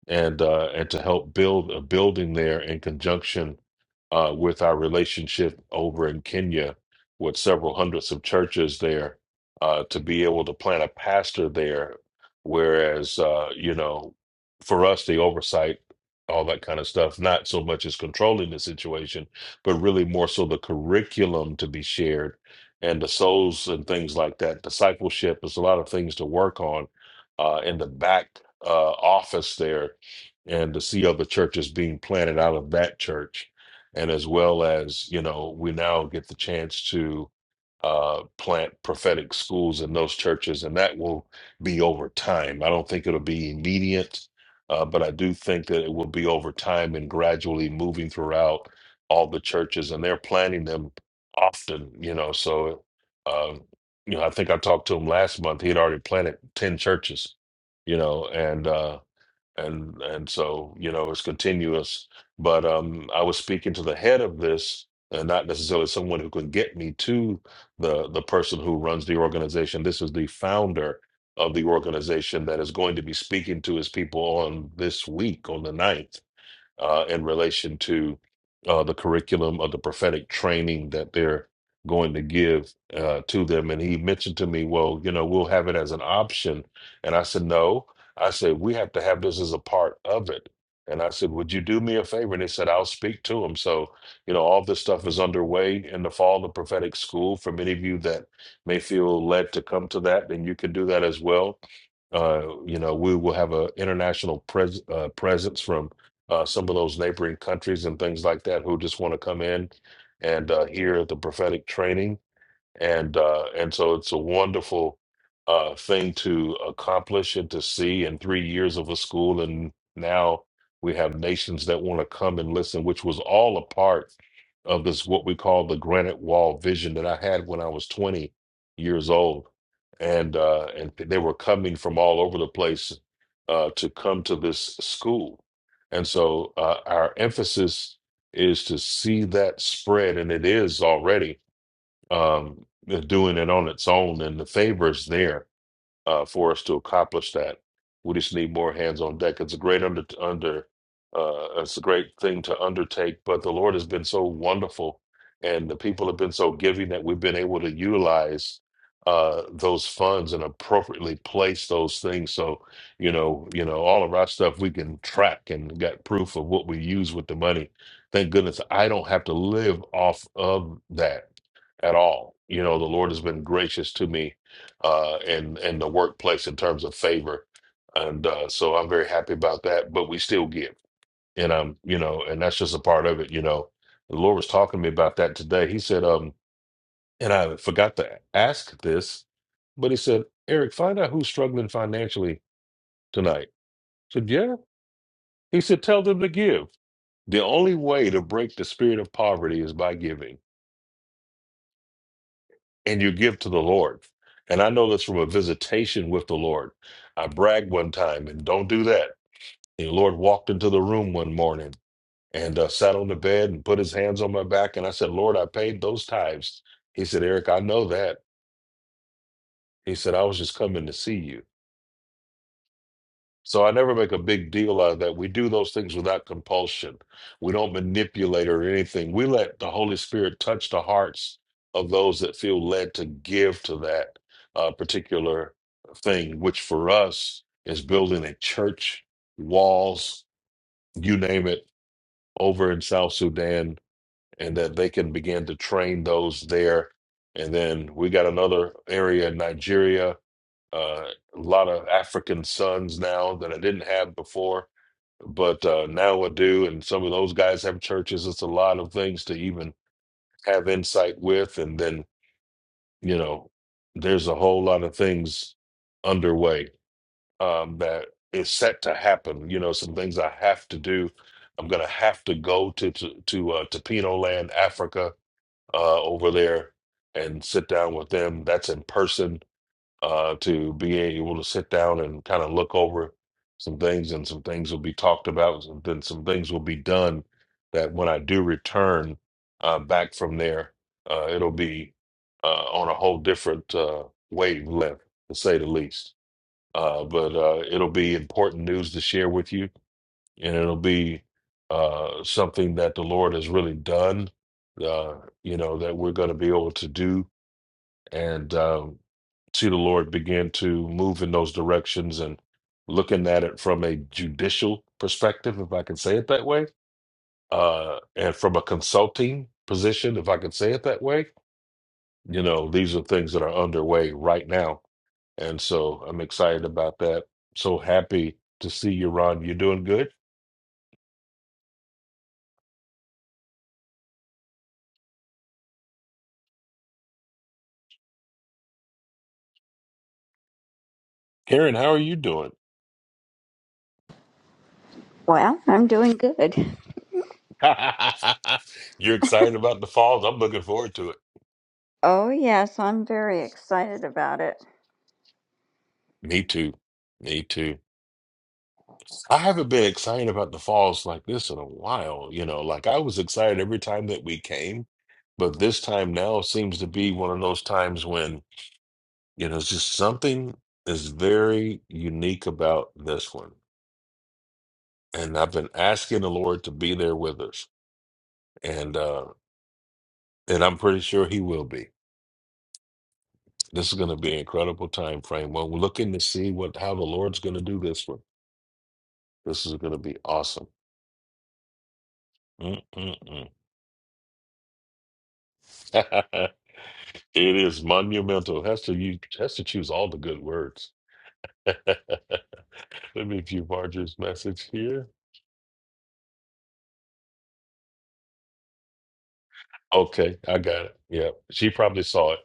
Speaker 2: and uh, and to help build a building there in conjunction uh, with our relationship over in Kenya with several hundreds of churches there uh, to be able to plant a pastor there. Whereas, uh, you know, for us, the oversight, all that kind of stuff, not so much as controlling the situation, but really more so the curriculum to be shared and the souls and things like that. Discipleship, is a lot of things to work on uh, in the back uh, office there and to see other churches being planted out of that church. And as well as, you know, we now get the chance to uh, plant prophetic schools in those churches, and that will be over time. I don't think it'll be immediate, uh, but I do think that it will be over time and gradually moving throughout all the churches, and they're planting them often, you know. So, uh, you know, I think I talked to him last month. He had already planted 10 churches, you know, and, uh, and and so you know it's continuous but um i was speaking to the head of this and not necessarily someone who can get me to the the person who runs the organization this is the founder of the organization that is going to be speaking to his people on this week on the 9th uh, in relation to uh, the curriculum of the prophetic training that they're going to give uh, to them. And he mentioned to me, well, you know, we'll have it as an option. And I said, no. I said, we have to have this as a part of it. And I said, would you do me a favor? And they said, I'll speak to them. So, you know, all this stuff is underway in the fall of prophetic school. For many of you that may feel led to come to that, then you can do that as well. Uh, you know, we will have an international pres- uh, presence from uh, some of those neighboring countries and things like that who just want to come in and uh, hear the prophetic training and uh, and so it's a wonderful uh, thing to accomplish and to see in three years of a school, and now we have nations that want to come and listen, which was all a part of this what we call the granite wall vision that I had when I was 20 years old, and uh, and they were coming from all over the place uh, to come to this school, and so uh, our emphasis is to see that spread, and it is already um, uh, doing it on its own, and the favor is there uh, for us to accomplish that. We just need more hands on deck. It's a great under under. Uh, it's a great thing to undertake, but the Lord has been so wonderful, and the people have been so giving that we've been able to utilize uh, those funds and appropriately place those things. So you know, you know, all of our stuff we can track and got proof of what we use with the money. Thank goodness I don't have to live off of that at all. You know, the Lord has been gracious to me uh, in in the workplace in terms of favor, and uh, so I'm very happy about that. But we still give, and I'm you know, and that's just a part of it. You know, the Lord was talking to me about that today. He said, um, and I forgot to ask this, but he said, Eric, find out who's struggling financially tonight. I said, yeah. He said, tell them to give. The only way to break the spirit of poverty is by giving. and you give to the Lord. And I know this from a visitation with the Lord. I bragged one time, and don't do that. And the Lord walked into the room one morning and uh, sat on the bed and put his hands on my back. And I said, Lord, I paid those tithes. He said, Eric, I know that. He said, I was just coming to see you. So I never make a big deal out of that. We do those things without compulsion. We don't manipulate or anything. We let the Holy Spirit touch the hearts of those that feel led to give to that uh, particular thing, which for us is building a church, walls, you name it, over in South Sudan, and that they can begin to train those there. And then we got another area in Nigeria, uh, a lot of African sons now that I didn't have before but uh, now I do, and some of those guys have churches. It's a lot of things to even have insight with, and then you know, there's a whole lot of things underway um, that is set to happen. You know, some things I have to do. I'm gonna have to go to to, to uh, Topino Land, Africa, uh, over there, and sit down with them. That's in person uh, to be able to sit down and kind of look over some things, and some things will be talked about, and then some things will be done that when I do return uh, back from there, uh, it'll be uh, on a whole different uh, wavelength, to say the least. Uh, but uh, it'll be important news to share with you, and it'll be uh, something that the Lord has really done. Uh, you know that we're going to be able to do, and uh, see the Lord begin to move in those directions and looking at it from a judicial perspective, if I can say it that way, uh, and from a consulting position, if I can say it that way, you know, these are things that are underway right now. And so I'm excited about that. So happy to see you, Ron. You're doing good. Karen, how are you doing?
Speaker 17: Well, I'm doing good.
Speaker 2: You're excited about the falls. I'm looking forward to it.
Speaker 17: Oh, yes, I'm very excited about it.
Speaker 2: Me too. Me too. I haven't been excited about the falls like this in a while, you know. Like I was excited every time that we came, but this time now seems to be one of those times when, you know, it's just something is very unique about this one. And I've been asking the Lord to be there with us. And uh and I'm pretty sure he will be. This is going to be an incredible time frame. Well, we're looking to see what how the Lord's going to do this one. This is going to be awesome. Mm-mm-mm. it is monumental. Has to you has to choose all the good words. Let me view Marjorie's message here. Okay, I got it. Yeah, she probably saw it.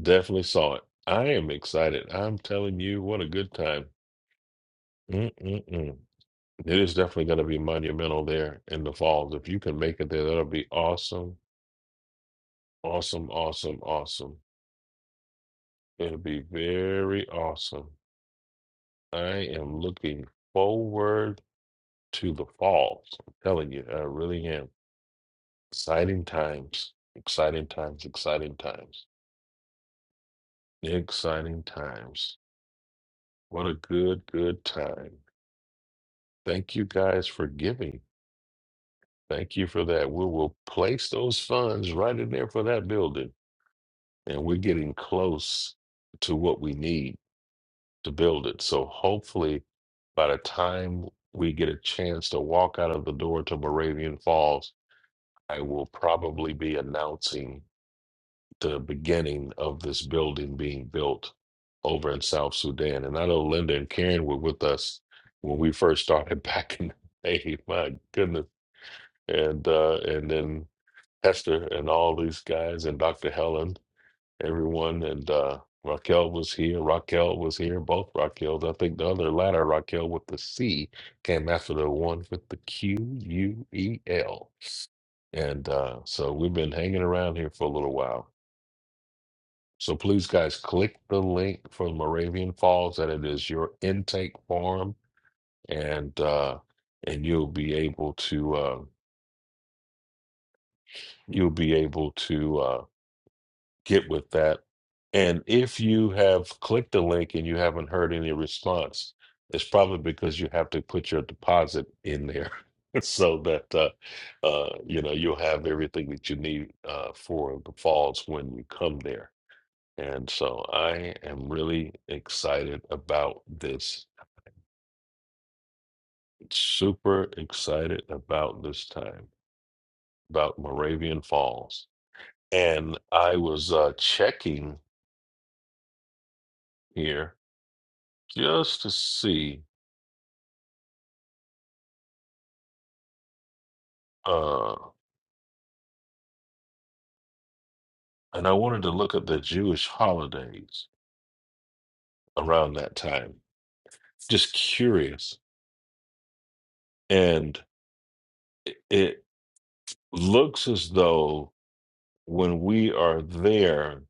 Speaker 2: Definitely saw it. I am excited. I'm telling you, what a good time. Mm-mm-mm. It is definitely going to be monumental there in the falls. If you can make it there, that'll be awesome, awesome, awesome, awesome. It'll be very awesome. I am looking forward to the falls. I'm telling you, I really am. Exciting times, exciting times, exciting times, exciting times. What a good, good time. Thank you guys for giving. Thank you for that. We will place those funds right in there for that building. And we're getting close to what we need to build it. So hopefully, by the time we get a chance to walk out of the door to Moravian Falls, I will probably be announcing the beginning of this building being built over in South Sudan. And I know Linda and Karen were with us when we first started back in the day. My goodness. And uh and then Hester and all these guys and Dr. Helen, everyone and uh Raquel was here, Raquel was here, both Raquels. I think the other latter Raquel with the C came after the one with the Q U E L. And uh so we've been hanging around here for a little while So please, guys, click the link for Moravian Falls, and it is your intake form, and uh, and you'll be able to uh, you'll be able to uh, get with that. And if you have clicked the link and you haven't heard any response, it's probably because you have to put your deposit in there, so that uh, uh, you know you'll have everything that you need uh, for the falls when you come there. And so I am really excited about this. Super excited about this time, about Moravian Falls. And I was uh, checking here just to see, uh, and I wanted to look at the Jewish holidays around that time. Just curious. And it it looks as though when we are there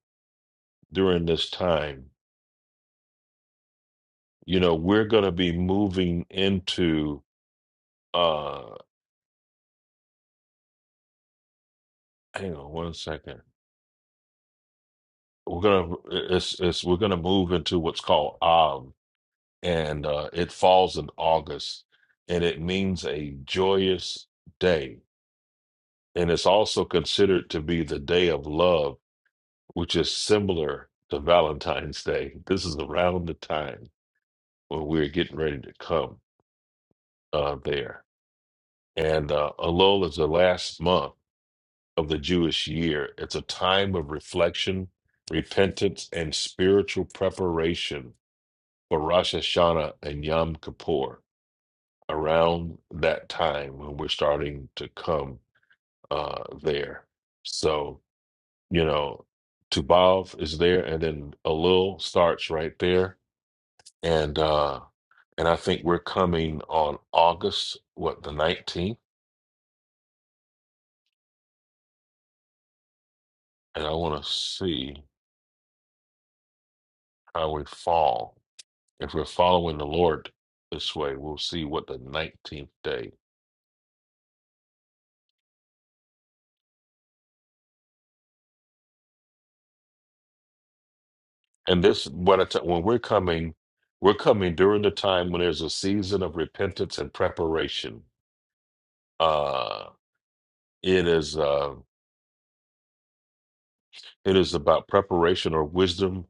Speaker 2: during this time, you know, we're going to be moving into uh hang on one second. We're going to it's it's we're going to move into what's called Av and uh it falls in August and it means a joyous day. And it's also considered to be the day of love, which is similar to Valentine's Day. This is around the time when we're getting ready to come uh there. And uh Alola is the last month of the Jewish year. It's a time of reflection, repentance, and spiritual preparation for Rosh Hashanah and Yom Kippur around that time when we're starting to come uh, there. So, you know, Tubav is there, and then Elul starts right there. And, uh, and I think we're coming on August, what, the 19th? And I want to see how we fall. If we're following the Lord this way, we'll see what the 19th day. And this, what I t- when we're coming, we're coming during the time when there's a season of repentance and preparation. Uh, it is uh, it is about preparation or wisdom,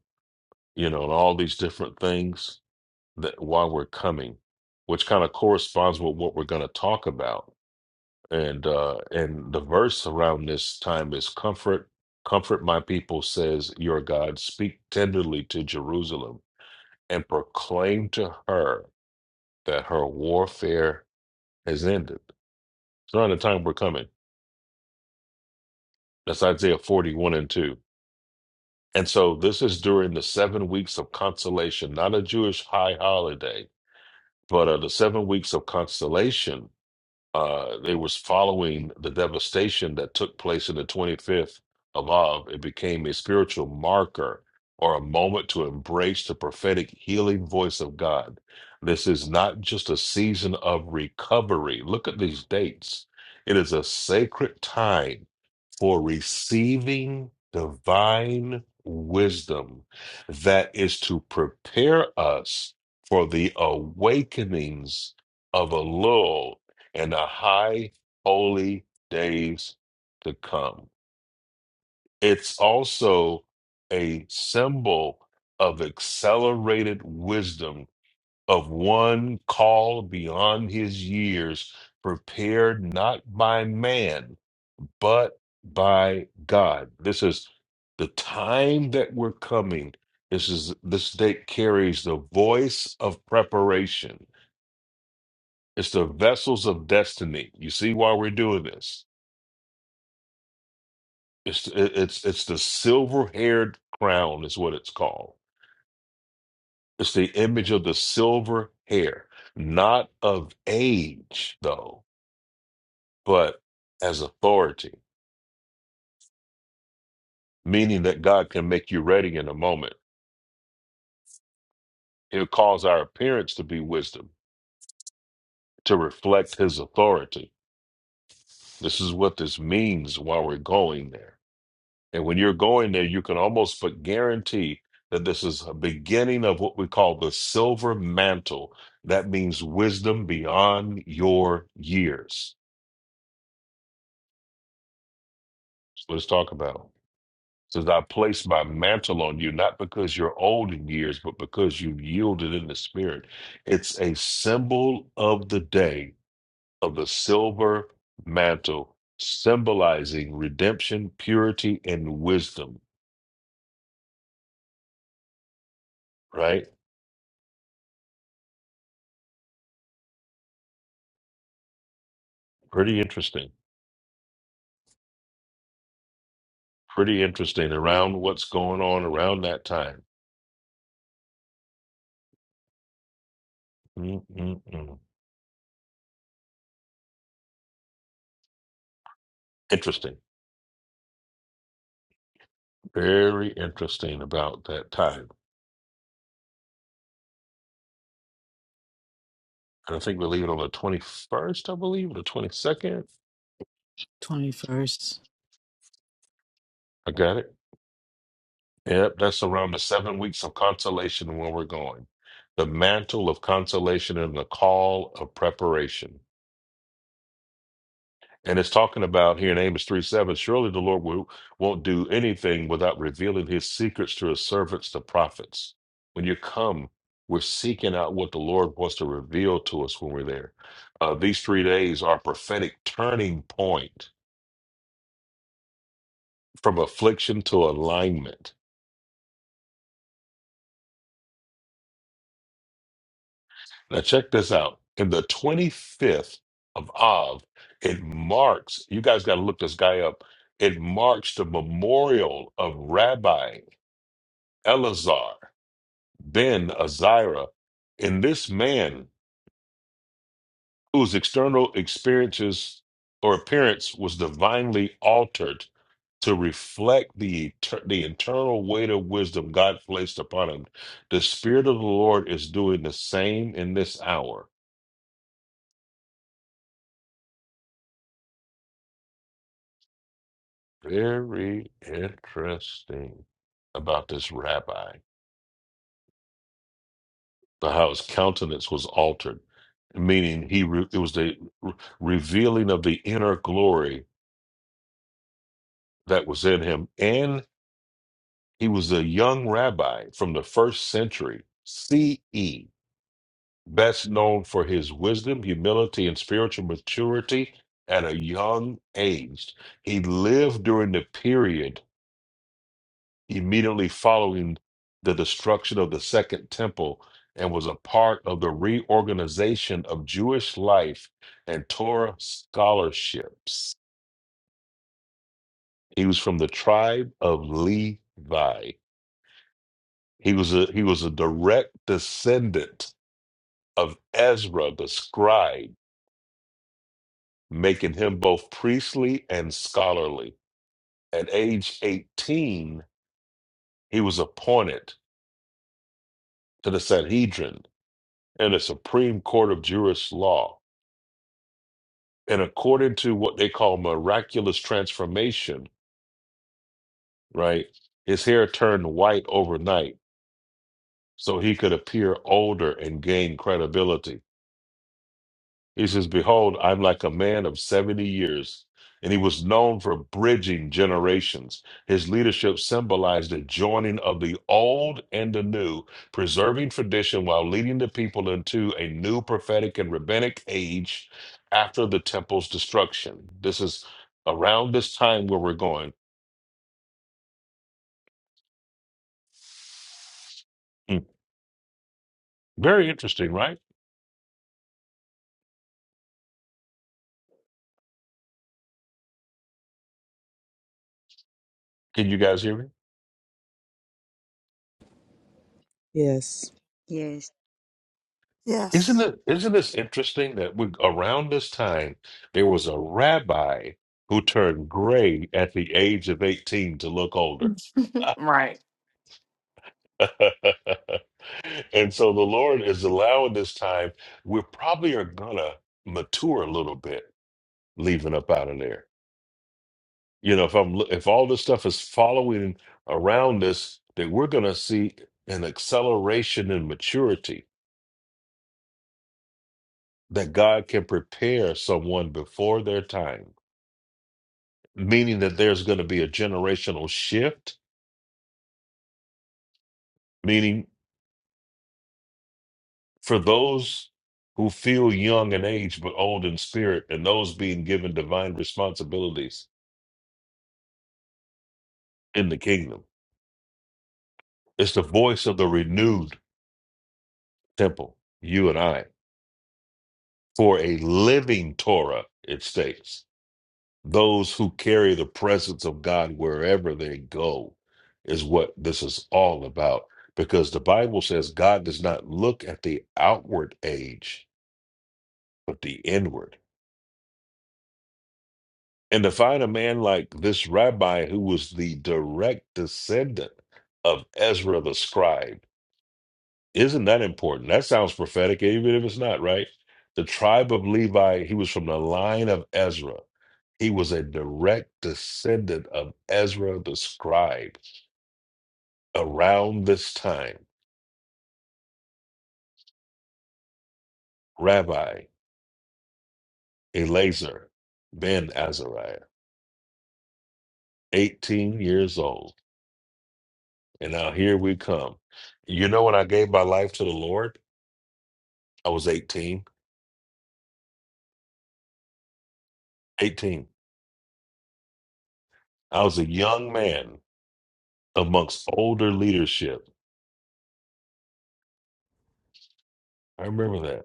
Speaker 2: you know, and all these different things that while we're coming, which kind of corresponds with what we're going to talk about and uh and the verse around this time is comfort comfort my people says your god speak tenderly to jerusalem and proclaim to her that her warfare has ended it's around the time we're coming that's isaiah 41 and 2 and so this is during the seven weeks of consolation not a jewish high holiday but uh, the seven weeks of consolation uh, they was following the devastation that took place in the 25th of Av. It became a spiritual marker or a moment to embrace the prophetic healing voice of God. This is not just a season of recovery. Look at these dates. It is a sacred time for receiving divine wisdom that is to prepare us for the awakenings of a lull and a high holy days to come. It's also a symbol of accelerated wisdom of one called beyond his years, prepared not by man but by God. This is the time that we're coming. This is this date carries the voice of preparation. It's the vessels of destiny. You see why we're doing this. It's it's it's the silver-haired crown is what it's called. It's the image of the silver hair, not of age though, but as authority, meaning that God can make you ready in a moment. He'll cause our appearance to be wisdom to reflect his authority. This is what this means while we're going there. And when you're going there, you can almost but guarantee that this is a beginning of what we call the silver mantle. That means wisdom beyond your years. So let's talk about. It It says, I place my mantle on you, not because you're old in years, but because you've yielded in the spirit. It's a symbol of the day of the silver mantle, symbolizing redemption, purity, and wisdom. Right? Pretty interesting. Pretty interesting around what's going on around that time. Mm-mm-mm. Interesting. Very interesting about that time. And I think we leave it on the 21st, I believe, or the 22nd.
Speaker 1: 21st.
Speaker 2: I got it. Yep, that's around the seven weeks of consolation when we're going. The mantle of consolation and the call of preparation. And it's talking about here in Amos 3 7, surely the Lord will, won't do anything without revealing his secrets to his servants, the prophets. When you come, we're seeking out what the Lord wants to reveal to us when we're there. Uh, these three days are a prophetic turning point from affliction to alignment. Now, check this out. In the 25th of Av, it marks, you guys got to look this guy up, it marks the memorial of Rabbi Elazar. Ben Azira, in this man whose external experiences or appearance was divinely altered to reflect the eter- the internal weight of wisdom God placed upon him. The Spirit of the Lord is doing the same in this hour. Very interesting about this rabbi, but how his countenance was altered, meaning he re- it was the re- revealing of the inner glory that was in him, and He was a young rabbi from the first century CE, best known for his wisdom, humility, and spiritual maturity at a young age. He lived during the period immediately following the destruction of the Second Temple and was a part of the reorganization of Jewish life and Torah scholarships. He was from the tribe of Levi. He was a he was a direct descendant of Ezra the scribe, making him both priestly and scholarly. At age 18, he was appointed to the Sanhedrin and the Supreme Court of Jewish law. And according to what they call miraculous transformation, right, his hair turned white overnight so he could appear older and gain credibility. He says, Behold, I'm like a man of 70 years. And he was known for bridging generations. His leadership symbolized a joining of the old and the new, preserving tradition while leading the people into a new prophetic and rabbinic age after the temple's destruction. This is around this time where we're going. Mm. Very interesting, right? Can you guys hear me?
Speaker 1: yes.
Speaker 16: Yes.
Speaker 2: Isn't
Speaker 3: Yes.
Speaker 2: it isn't this interesting that we, around this time there was a rabbi who turned gray at the age of 18 to look older.
Speaker 7: right.
Speaker 2: And so the Lord is allowing this time we probably are gonna mature a little bit leaving up out of there. You know, if I'm if all this stuff is following around us, that we're gonna see an acceleration in maturity that God can prepare someone before their time meaning that there's going to be a generational shift, meaning for those who feel young in age but old in spirit, and those being given divine responsibilities in the kingdom. It's the voice of the renewed temple, you and I, for a living Torah, it states. Those who carry the presence of God wherever they go is what this is all about. Because the Bible says God does not look at the outward age, but the inward And to find a man like this rabbi who was the direct descendant of Ezra the scribe, isn't that important? That sounds prophetic, even if it's not, right? The tribe of Levi, he was from the line of Ezra. He was a direct descendant of Ezra the scribe. Around this time, Rabbi Elazar ben Azariah, 18 years old. And now here we come. You know, when I gave my life to the Lord, I was 18. 18. I was a young man amongst older leadership. I remember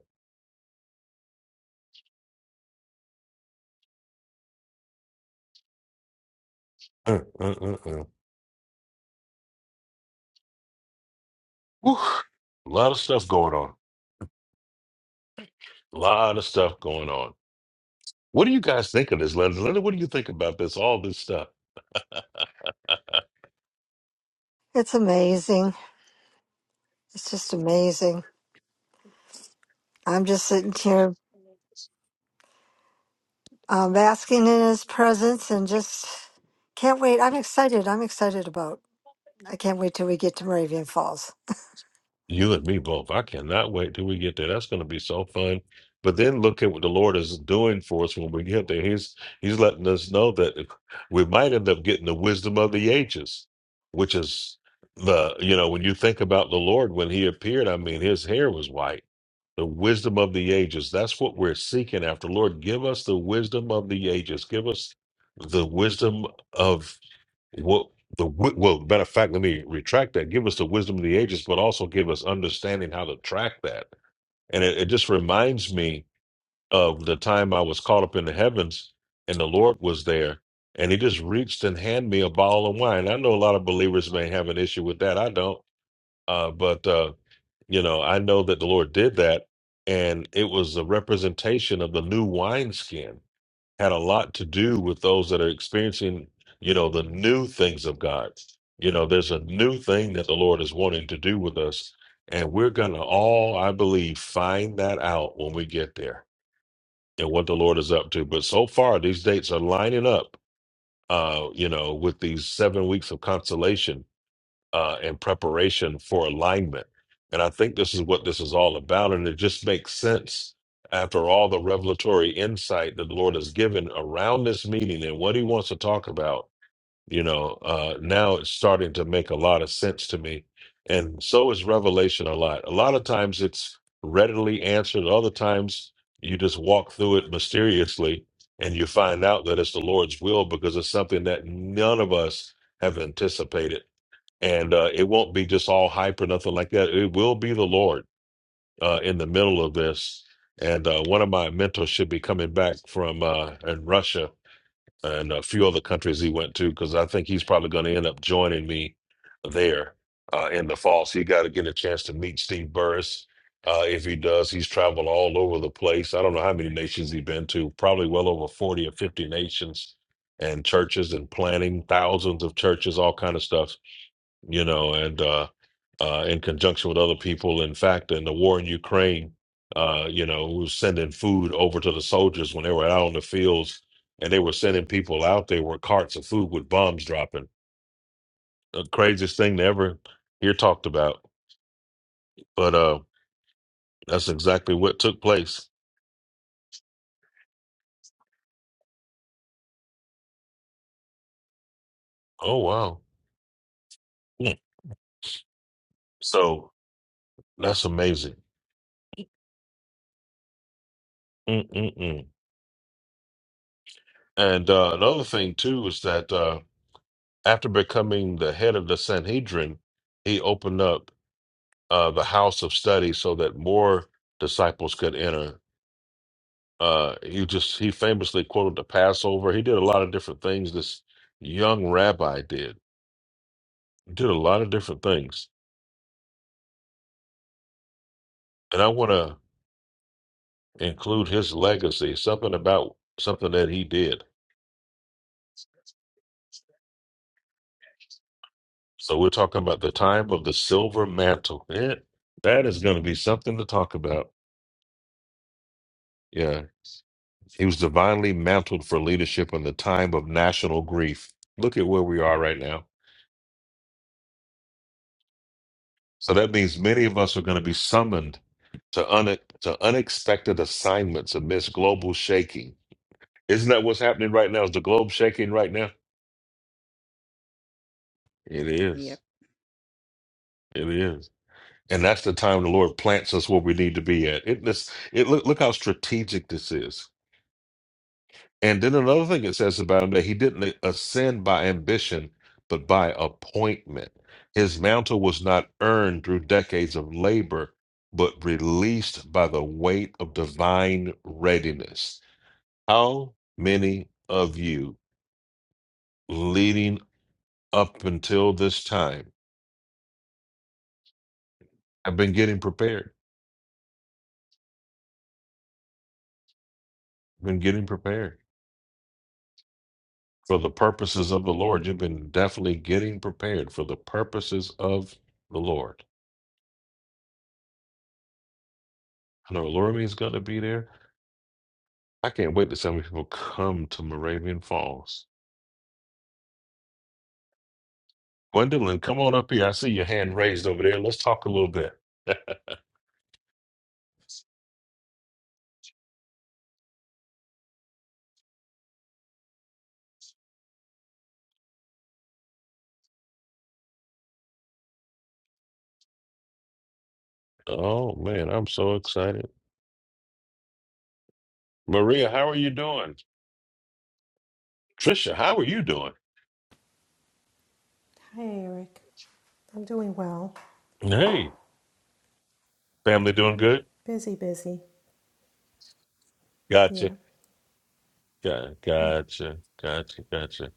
Speaker 2: that. Uh, uh, uh, uh. Whew. A lot of stuff going on. A lot of stuff going on. What do you guys think of this, Linda? Linda, what do you think about this? All this stuff.
Speaker 3: It's amazing. It's just amazing. I'm just sitting here um, basking in his presence and just can't wait. I'm excited. I'm excited about. I can't wait till we get to Moravian Falls.
Speaker 2: You and me both. I cannot wait till we get there. That's going to be so fun. But then look at what the Lord is doing for us when we get there. He's He's letting us know that we might end up getting the wisdom of the ages, which is the you know when you think about the Lord when He appeared. I mean, His hair was white. The wisdom of the ages. That's what we're seeking after. Lord, give us the wisdom of the ages. Give us the wisdom of well, the wi- well, matter of fact, let me retract that. Give us the wisdom of the ages, but also give us understanding how to track that. And it, it just reminds me of the time I was caught up in the heavens, and the Lord was there, and He just reached and handed me a bottle of wine. I know a lot of believers may have an issue with that. I don't, uh, but uh, you know, I know that the Lord did that, and it was a representation of the new wineskin had a lot to do with those that are experiencing, you know, the new things of God. You know, there's a new thing that the Lord is wanting to do with us. And we're going to all, I believe, find that out when we get there and what the Lord is up to. But so far, these dates are lining up, uh, you know, with these seven weeks of consolation uh, in preparation for alignment. And I think this is what this is all about. And it just makes sense after all the revelatory insight that the Lord has given around this meeting and what he wants to talk about. You know, uh, now it's starting to make a lot of sense to me. And so is revelation a lot. A lot of times it's readily answered, other times you just walk through it mysteriously and you find out that it's the Lord's will because it's something that none of us have anticipated and uh, it won't be just all hype or nothing like that. It will be the Lord uh, in the middle of this. And uh, one of my mentors should be coming back from uh, in Russia and a few other countries he went to because I think he's probably going to end up joining me there uh, in the fall. So you got to get a chance to meet Steve Burris. Uh, if he does, he's traveled all over the place. I don't know how many nations he's been to, probably well over 40 or 50 nations and churches and planning thousands of churches, all kind of stuff you know, and uh, uh, in conjunction with other people. In fact, in the war in Ukraine, uh, you know, we were sending food over to the soldiers when they were out on the fields, and they were sending people out there with carts of food with bombs dropping. The craziest thing to ever hear talked about, but uh, that's exactly what took place. Oh wow! Mm. So that's amazing. Mm-mm-mm. And uh, another thing too is that uh, after becoming the head of the Sanhedrin, he opened up. uh, the house of study so that more disciples could enter. Uh, he just he famously quoted the Passover. He did a lot of different things. This young rabbi did did a lot of different things, and I want to include his legacy, something about something that he did. So we're talking about the time of the silver mantle. Eh, that is going to be something to talk about. Yeah, he was divinely mantled for leadership in the time of national grief. Look at where we are right now So that means many of us are going to be summoned to, une- to unexpected assignments amidst global shaking. Isn't that what's happening right now? Is the globe shaking right now? It
Speaker 16: Yep.
Speaker 2: is. It is. And that's the time the Lord plants us where we need to be at. It, this, it look, look how strategic this is. And then another thing it says about him that he didn't ascend by ambition, but by appointment. His mantle was not earned through decades of labor, but released by the weight of divine readiness. How many of you leading up until this time have been getting prepared? Been getting prepared for the purposes of the Lord. You've been definitely getting prepared for the purposes of the Lord. I know Laura is going to be there. I can't wait to see how many people come to Moravian Falls. Gwendolyn, come on up here. I see your hand raised over there. Let's talk a little bit. oh man, I'm so excited. Maria, how are you doing? Trisha, how are you doing?
Speaker 18: Hey, Eric. I'm doing well.
Speaker 2: Hey, family doing good?
Speaker 18: Busy, busy.
Speaker 2: Gotcha.
Speaker 18: Yeah.
Speaker 2: Got, gotcha. Gotcha. Gotcha.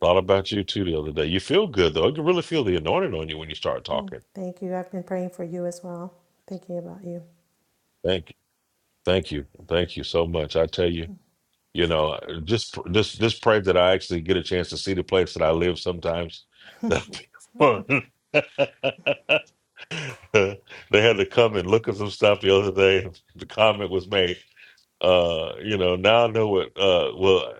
Speaker 2: Thought about you too the other day. You feel good though. I can really feel the anointing on you when you start
Speaker 18: Hmm.
Speaker 2: talking.
Speaker 18: Thank you. I've been praying for you as well, thinking about you.
Speaker 2: Thank you. Thank you. Thank you so much. I tell you. You know, just just just pray that I actually get a chance to see the place that I live sometimes. That'd be fun. they had to come and look at some stuff the other day. The comment was made. Uh, you know, now I know what. Uh, well,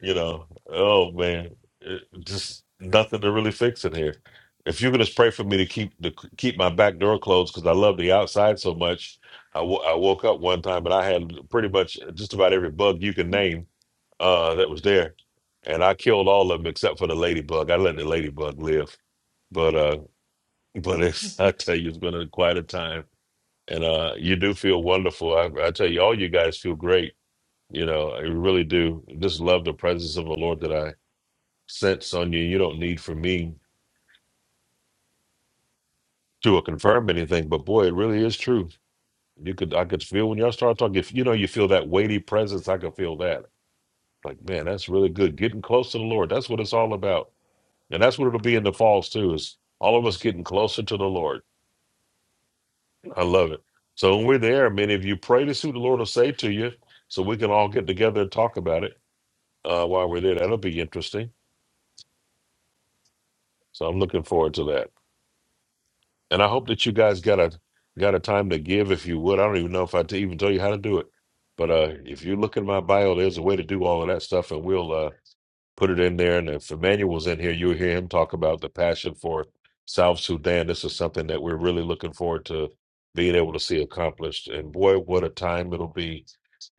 Speaker 2: you know, oh man, it, just nothing to really fix in here. If you're gonna pray for me to keep to keep my back door closed because I love the outside so much, I wo- I woke up one time and I had pretty much just about every bug you can name uh, that was there, and I killed all of them except for the ladybug. I let the ladybug live, but uh, but it's I tell you, it's been a, quite a time, and uh, you do feel wonderful. I, I tell you, all you guys feel great. You know, I really do. Just love the presence of the Lord that I sense on you. You don't need for me to uh, confirm anything, but boy, it really is true. You could, I could feel when y'all start talking. If you know, you feel that weighty presence. I could feel that. Like, man, that's really good. Getting close to the Lord. That's what it's all about And that's what it'll be in the falls too, is all of us getting closer to the Lord. I love it. So when we're there, many of you pray to see what the Lord will say to you so we can all get together and talk about it uh, while we're there. That'll be interesting. So I'm looking forward to that. And I hope that you guys got a got a time to give if you would. I don't even know if I t- even tell you how to do it. But uh, if you look in my bio, there's a way to do all of that stuff and we'll uh, put it in there. And if Emmanuel was in here, you'll hear him talk about the passion for South Sudan. This is something that we're really looking forward to being able to see accomplished. And boy, what a time it'll be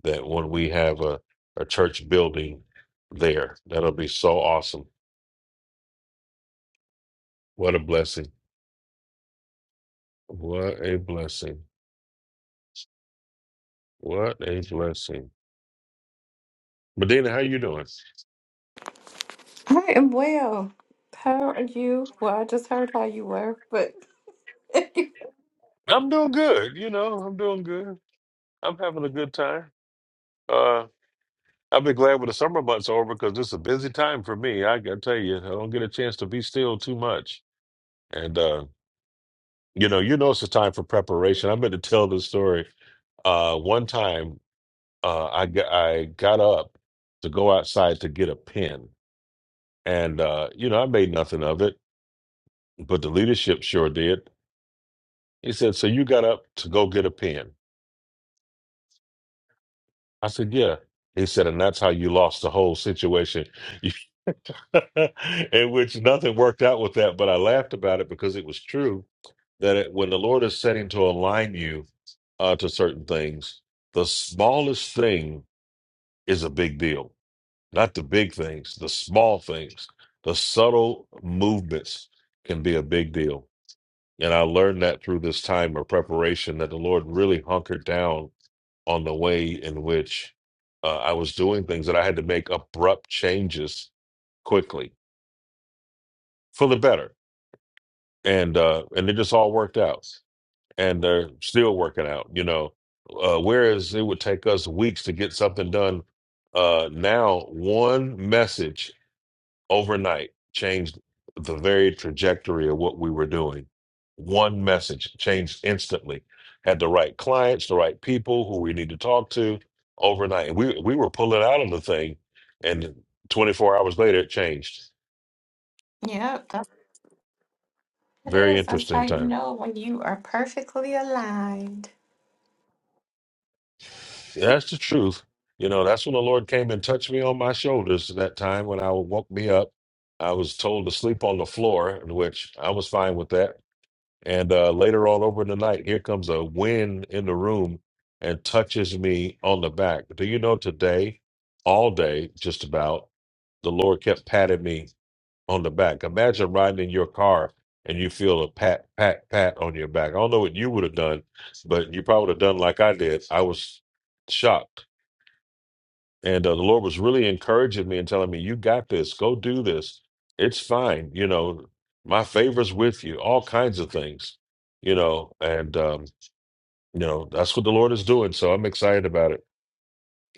Speaker 2: that when we have a, a church building there. That'll be so awesome. What a blessing. What a blessing. What a blessing. Medina, how you doing?
Speaker 19: I am well. How are you? Well, I just heard how you were, but
Speaker 2: I'm doing good. You know, I'm doing good. I'm having a good time. I've been glad when the summer months are over because it's a busy time for me. I gotta tell you, I don't get a chance to be still too much. And uh, you know, you know it's a time for preparation. I'm going to tell this story. Uh, one time, uh, I got, I got up to go outside to get a pen, and uh, you know, I made nothing of it, but the leadership sure did. He said, "So you got up to go get a pen?" I said, "Yeah." He said, "And that's how you lost the whole situation. in which nothing worked out with that, but I laughed about it because it was true that it, when the Lord is setting to align you uh, to certain things, the smallest thing is a big deal. Not the big things, the small things, the subtle movements can be a big deal. And I learned that through this time of preparation that the Lord really hunkered down on the way in which uh, I was doing things that I had to make abrupt changes quickly for the better and uh and it just all worked out and they're still working out you know uh whereas it would take us weeks to get something done uh now one message overnight changed the very trajectory of what we were doing one message changed instantly had the right clients the right people who we need to talk to overnight we we were pulling out of the thing and 24 hours later it changed
Speaker 19: yeah, that's what it
Speaker 2: very
Speaker 19: is. That's how
Speaker 2: interesting
Speaker 19: you
Speaker 2: time
Speaker 19: know when you are perfectly aligned.
Speaker 2: That's the truth. You know, that's when the Lord came and touched me on my shoulders that time when I woke me up. I was told to sleep on the floor, which I was fine with that. And uh, later on over the night, here comes a wind in the room and touches me on the back. Do you know today, all day, just about, the Lord kept patting me on the back. Imagine riding in your car and you feel a pat, pat, pat on your back. I don't know what you would have done, but you probably would have done like I did. I was shocked and uh, the Lord was really encouraging me and telling me, "You got this. Go do this. It's fine. You know, my favor's with you. All kinds of things. You know, and um, you know that's what the Lord is doing. So I'm excited about it.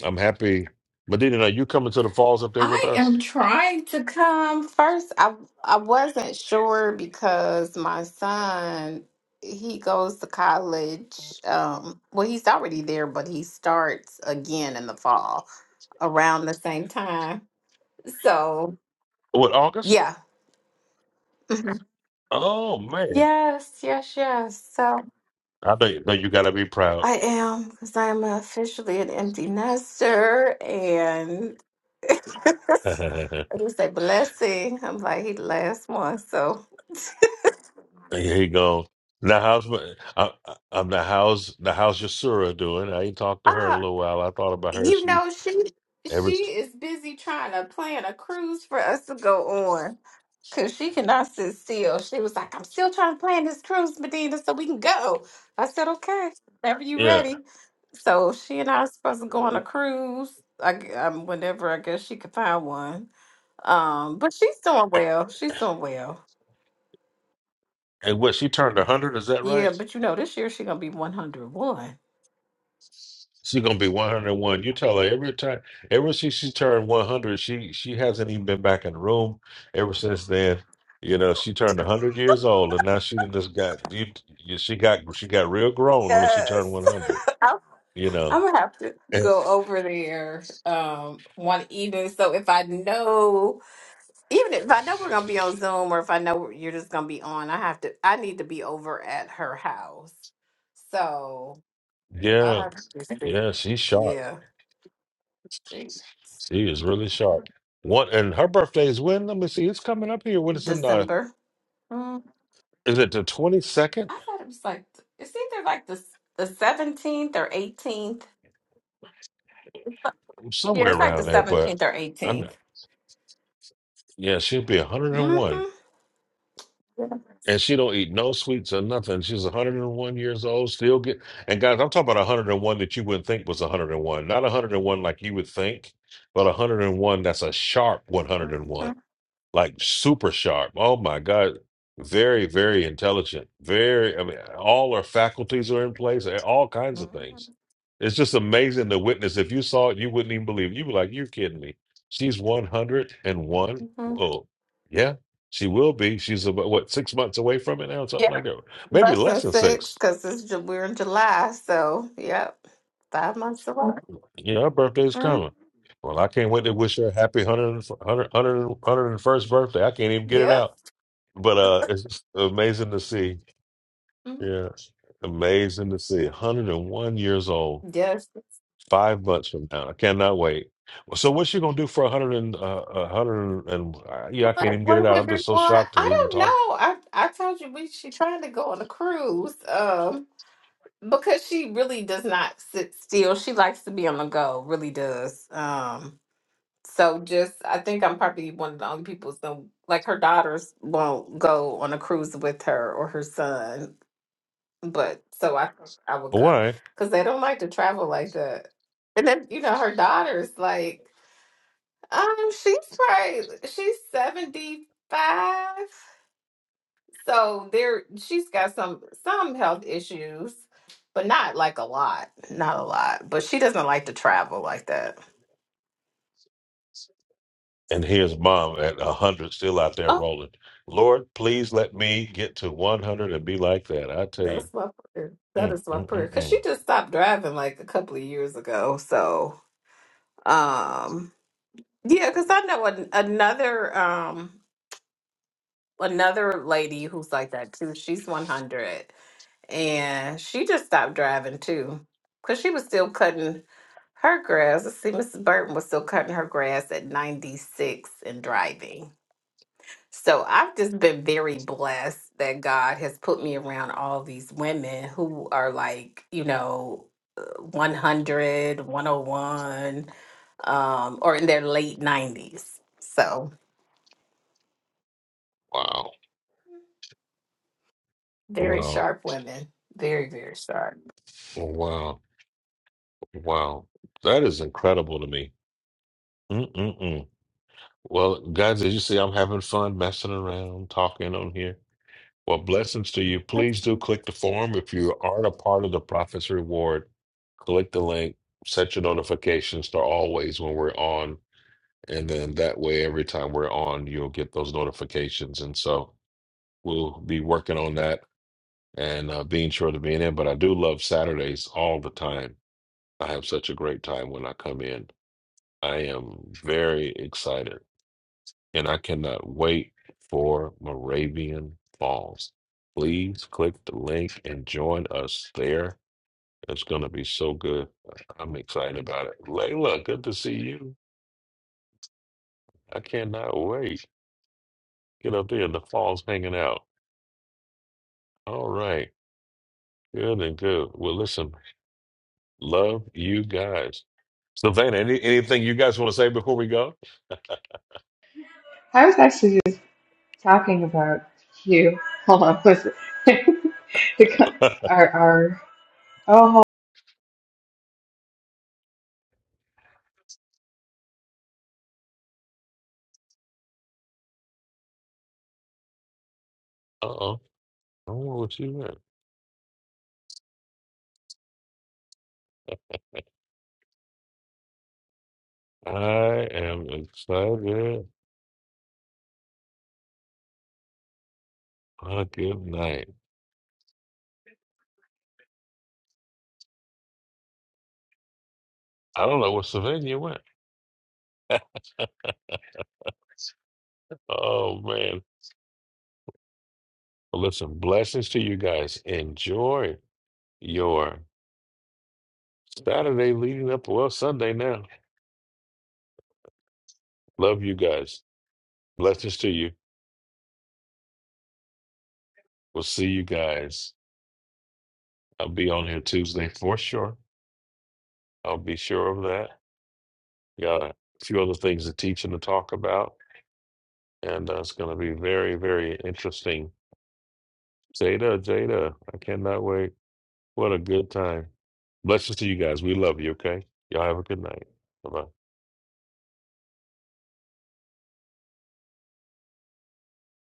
Speaker 2: I'm happy. Medina, are you coming to the falls up there with
Speaker 19: I
Speaker 2: us?
Speaker 19: am trying to come first. I I wasn't sure because my son he goes to college. Um, well, he's already there, but he starts again in the fall around the same time. So
Speaker 2: What August?
Speaker 19: yeah. Mhm.
Speaker 2: Oh man,
Speaker 19: Yes, yes, yes. So.
Speaker 2: I know. You, know you got to be proud.
Speaker 19: I am because I'm officially an empty nester, and it
Speaker 2: Here
Speaker 19: was a blessing. I'm like he the last one, so
Speaker 2: you go. Now how's my- I, I- I'm the how's the how's your Sura doing? I ain't talked to her in
Speaker 19: uh,
Speaker 2: a little while. I thought about her.
Speaker 19: you
Speaker 2: She
Speaker 19: know she
Speaker 2: Ever,
Speaker 19: she is busy trying to plan a cruise for us to go on because she cannot sit still. She was like, "I'm still trying to plan this cruise, Medina, so we can go." I said, "Okay, whenever you
Speaker 2: yeah.
Speaker 19: ready." So she and I are supposed to go on a cruise. I, g- um, whenever I guess she could find one. Um, but she's doing well. She's doing well.
Speaker 2: And what she turned a hundred, is that
Speaker 19: Yeah,
Speaker 2: right?
Speaker 19: but you know, this year she's gonna be 101.
Speaker 2: She's gonna be one hundred and one. You tell her every time, ever since she turned one hundred, she she hasn't even been back in the room ever since then. You know, she turned a hundred years old, and now she done just got you, you- she got she got real grown when she
Speaker 19: Yes.
Speaker 2: turned one hundred.
Speaker 19: I'm
Speaker 2: You
Speaker 19: I'm
Speaker 2: know,
Speaker 19: gonna have to
Speaker 2: And-
Speaker 19: go over there um one evening. So if I know even if I know we're gonna be on Zoom or if I know you're just gonna be on, I have to I need to be over at her house. So I
Speaker 2: yeah,
Speaker 19: have to see.
Speaker 2: yeah, she's sharp.
Speaker 19: Yeah. she-
Speaker 2: She is really sharp. What and her birthday is when? Let me see. It's coming up here. What is in the?
Speaker 19: December. Mm,
Speaker 2: Is it the twenty second?
Speaker 19: I thought it was like it's either like the the 17th or 18th. Yeah,
Speaker 2: Somewhere
Speaker 19: it's like the
Speaker 2: around there, but.
Speaker 19: seventeenth or
Speaker 2: I'm.
Speaker 19: 18th
Speaker 2: Yeah, she'll be 101. And one.
Speaker 19: Mm-hmm.
Speaker 2: And she don't eat no sweets or nothing. She's 101 years old, still get and guys, I'm talking about 101 that you wouldn't think was 101. Not 101 like you would think, but 101 that's a sharp 101
Speaker 19: hmm
Speaker 2: like super sharp. Oh my God. Very, very intelligent. Very, I mean, all our faculties are in place, eh, all kinds of things.
Speaker 19: hmm
Speaker 2: It's just amazing to witness. If you saw it, you wouldn't even believe it. You'd be like, you're kidding me. She's 101. Oh, yeah, she will be. She's about, what, six months away from it now, something
Speaker 19: Yeah,
Speaker 2: like that. Maybe
Speaker 19: less than
Speaker 2: less than
Speaker 19: six
Speaker 2: six.
Speaker 19: because it's Ju- we're in July, so yep, five months away.
Speaker 2: You know, her birthday's
Speaker 19: Mhm.
Speaker 2: coming. Well, I can't wait to wish her a happy 100, 100, 101st birthday. I can't even get it
Speaker 19: Yep.
Speaker 2: out. But uh, it's just amazing to see.
Speaker 19: Mhm.
Speaker 2: Yeah, amazing to see. 101 years old,
Speaker 19: Yes.
Speaker 2: five months from now. I cannot wait. Well, So, what's she gonna do for 100 and uh, 100 and uh, yeah? I can't
Speaker 19: What?
Speaker 2: even get it
Speaker 19: One
Speaker 2: out. I'm
Speaker 19: hundred
Speaker 2: just so
Speaker 19: one.
Speaker 2: shocked to
Speaker 19: I
Speaker 2: even
Speaker 19: don't know.
Speaker 2: talk.
Speaker 19: I I told you we she trying to go on a cruise. Um, because she really does not sit still. She likes to be on the go. Really does. Um. So just, I think I'm probably one of the only people so like her daughters won't go on a cruise with her or her son, but so I I would go
Speaker 2: Why?
Speaker 19: because they don't like to travel like that. And then you know her daughter's like, um, she's probably she's seventy five, so there she's got some some health issues, but not like a lot, not a lot. But she doesn't like to travel like that.
Speaker 2: And here's mom at 100, still out there rolling. Lord, please let me get to 100 and be like that. I tell you,
Speaker 19: That's my prayer. That
Speaker 2: mm,
Speaker 19: is my
Speaker 2: mm,
Speaker 19: prayer.
Speaker 2: mm,
Speaker 19: Cause she
Speaker 2: mm.
Speaker 19: just stopped driving like a couple of years ago. So, um, yeah, cause I know an, another, um, another lady who's like that too. She's 100 and she just stopped driving too. Cause she was still cutting her grass. Let's see, Mrs. Burton was still cutting her grass at 96 and driving. So I've just been very blessed that God has put me around all these women who are like, you know, uh, 100, um, or in their late 90s. So
Speaker 2: wow,
Speaker 19: very
Speaker 2: wow,
Speaker 19: sharp women. Very, very sharp.
Speaker 2: wow, wow. That is incredible to me. Mm-mm-mm. Well, guys, as you see, I'm having fun messing around, talking on here. Well, blessings to you. Please do click the form. If you aren't a part of the Prophet's Reward, click the link, set your notifications to always when we're on. And then that way, every time we're on, you'll get those notifications. And so we'll be working on that and uh, being sure to be in. But I do love Saturdays all the time. I have such a great time when I come in. I am very excited and I cannot wait for Moravian Falls. Please click the link and join us there. It's going to be so good. I'm excited about it. Layla, good to see you. I cannot wait. Get up there in the falls hanging out. All right. Good and good. Well, listen, love you guys. Savannah, any, anything you guys want to say before we go? Uh-oh. I don't know what you meant. I am excited. Uh, good night. I don't know what Savannah went. Oh man. Well, listen, blessings to you guys. Enjoy your Saturday leading up, well, Sunday now. Love you guys. Blessings to you. We'll see you guys. I'll be on here Tuesday for sure. I'll be sure of that. Got a few other things to teach and to talk about. And uh, it's going to be very, very interesting. Jada, Jada, I cannot wait. What a good time. Blessings to you guys. We love you, okay? Y'all have a good night. Bye bye.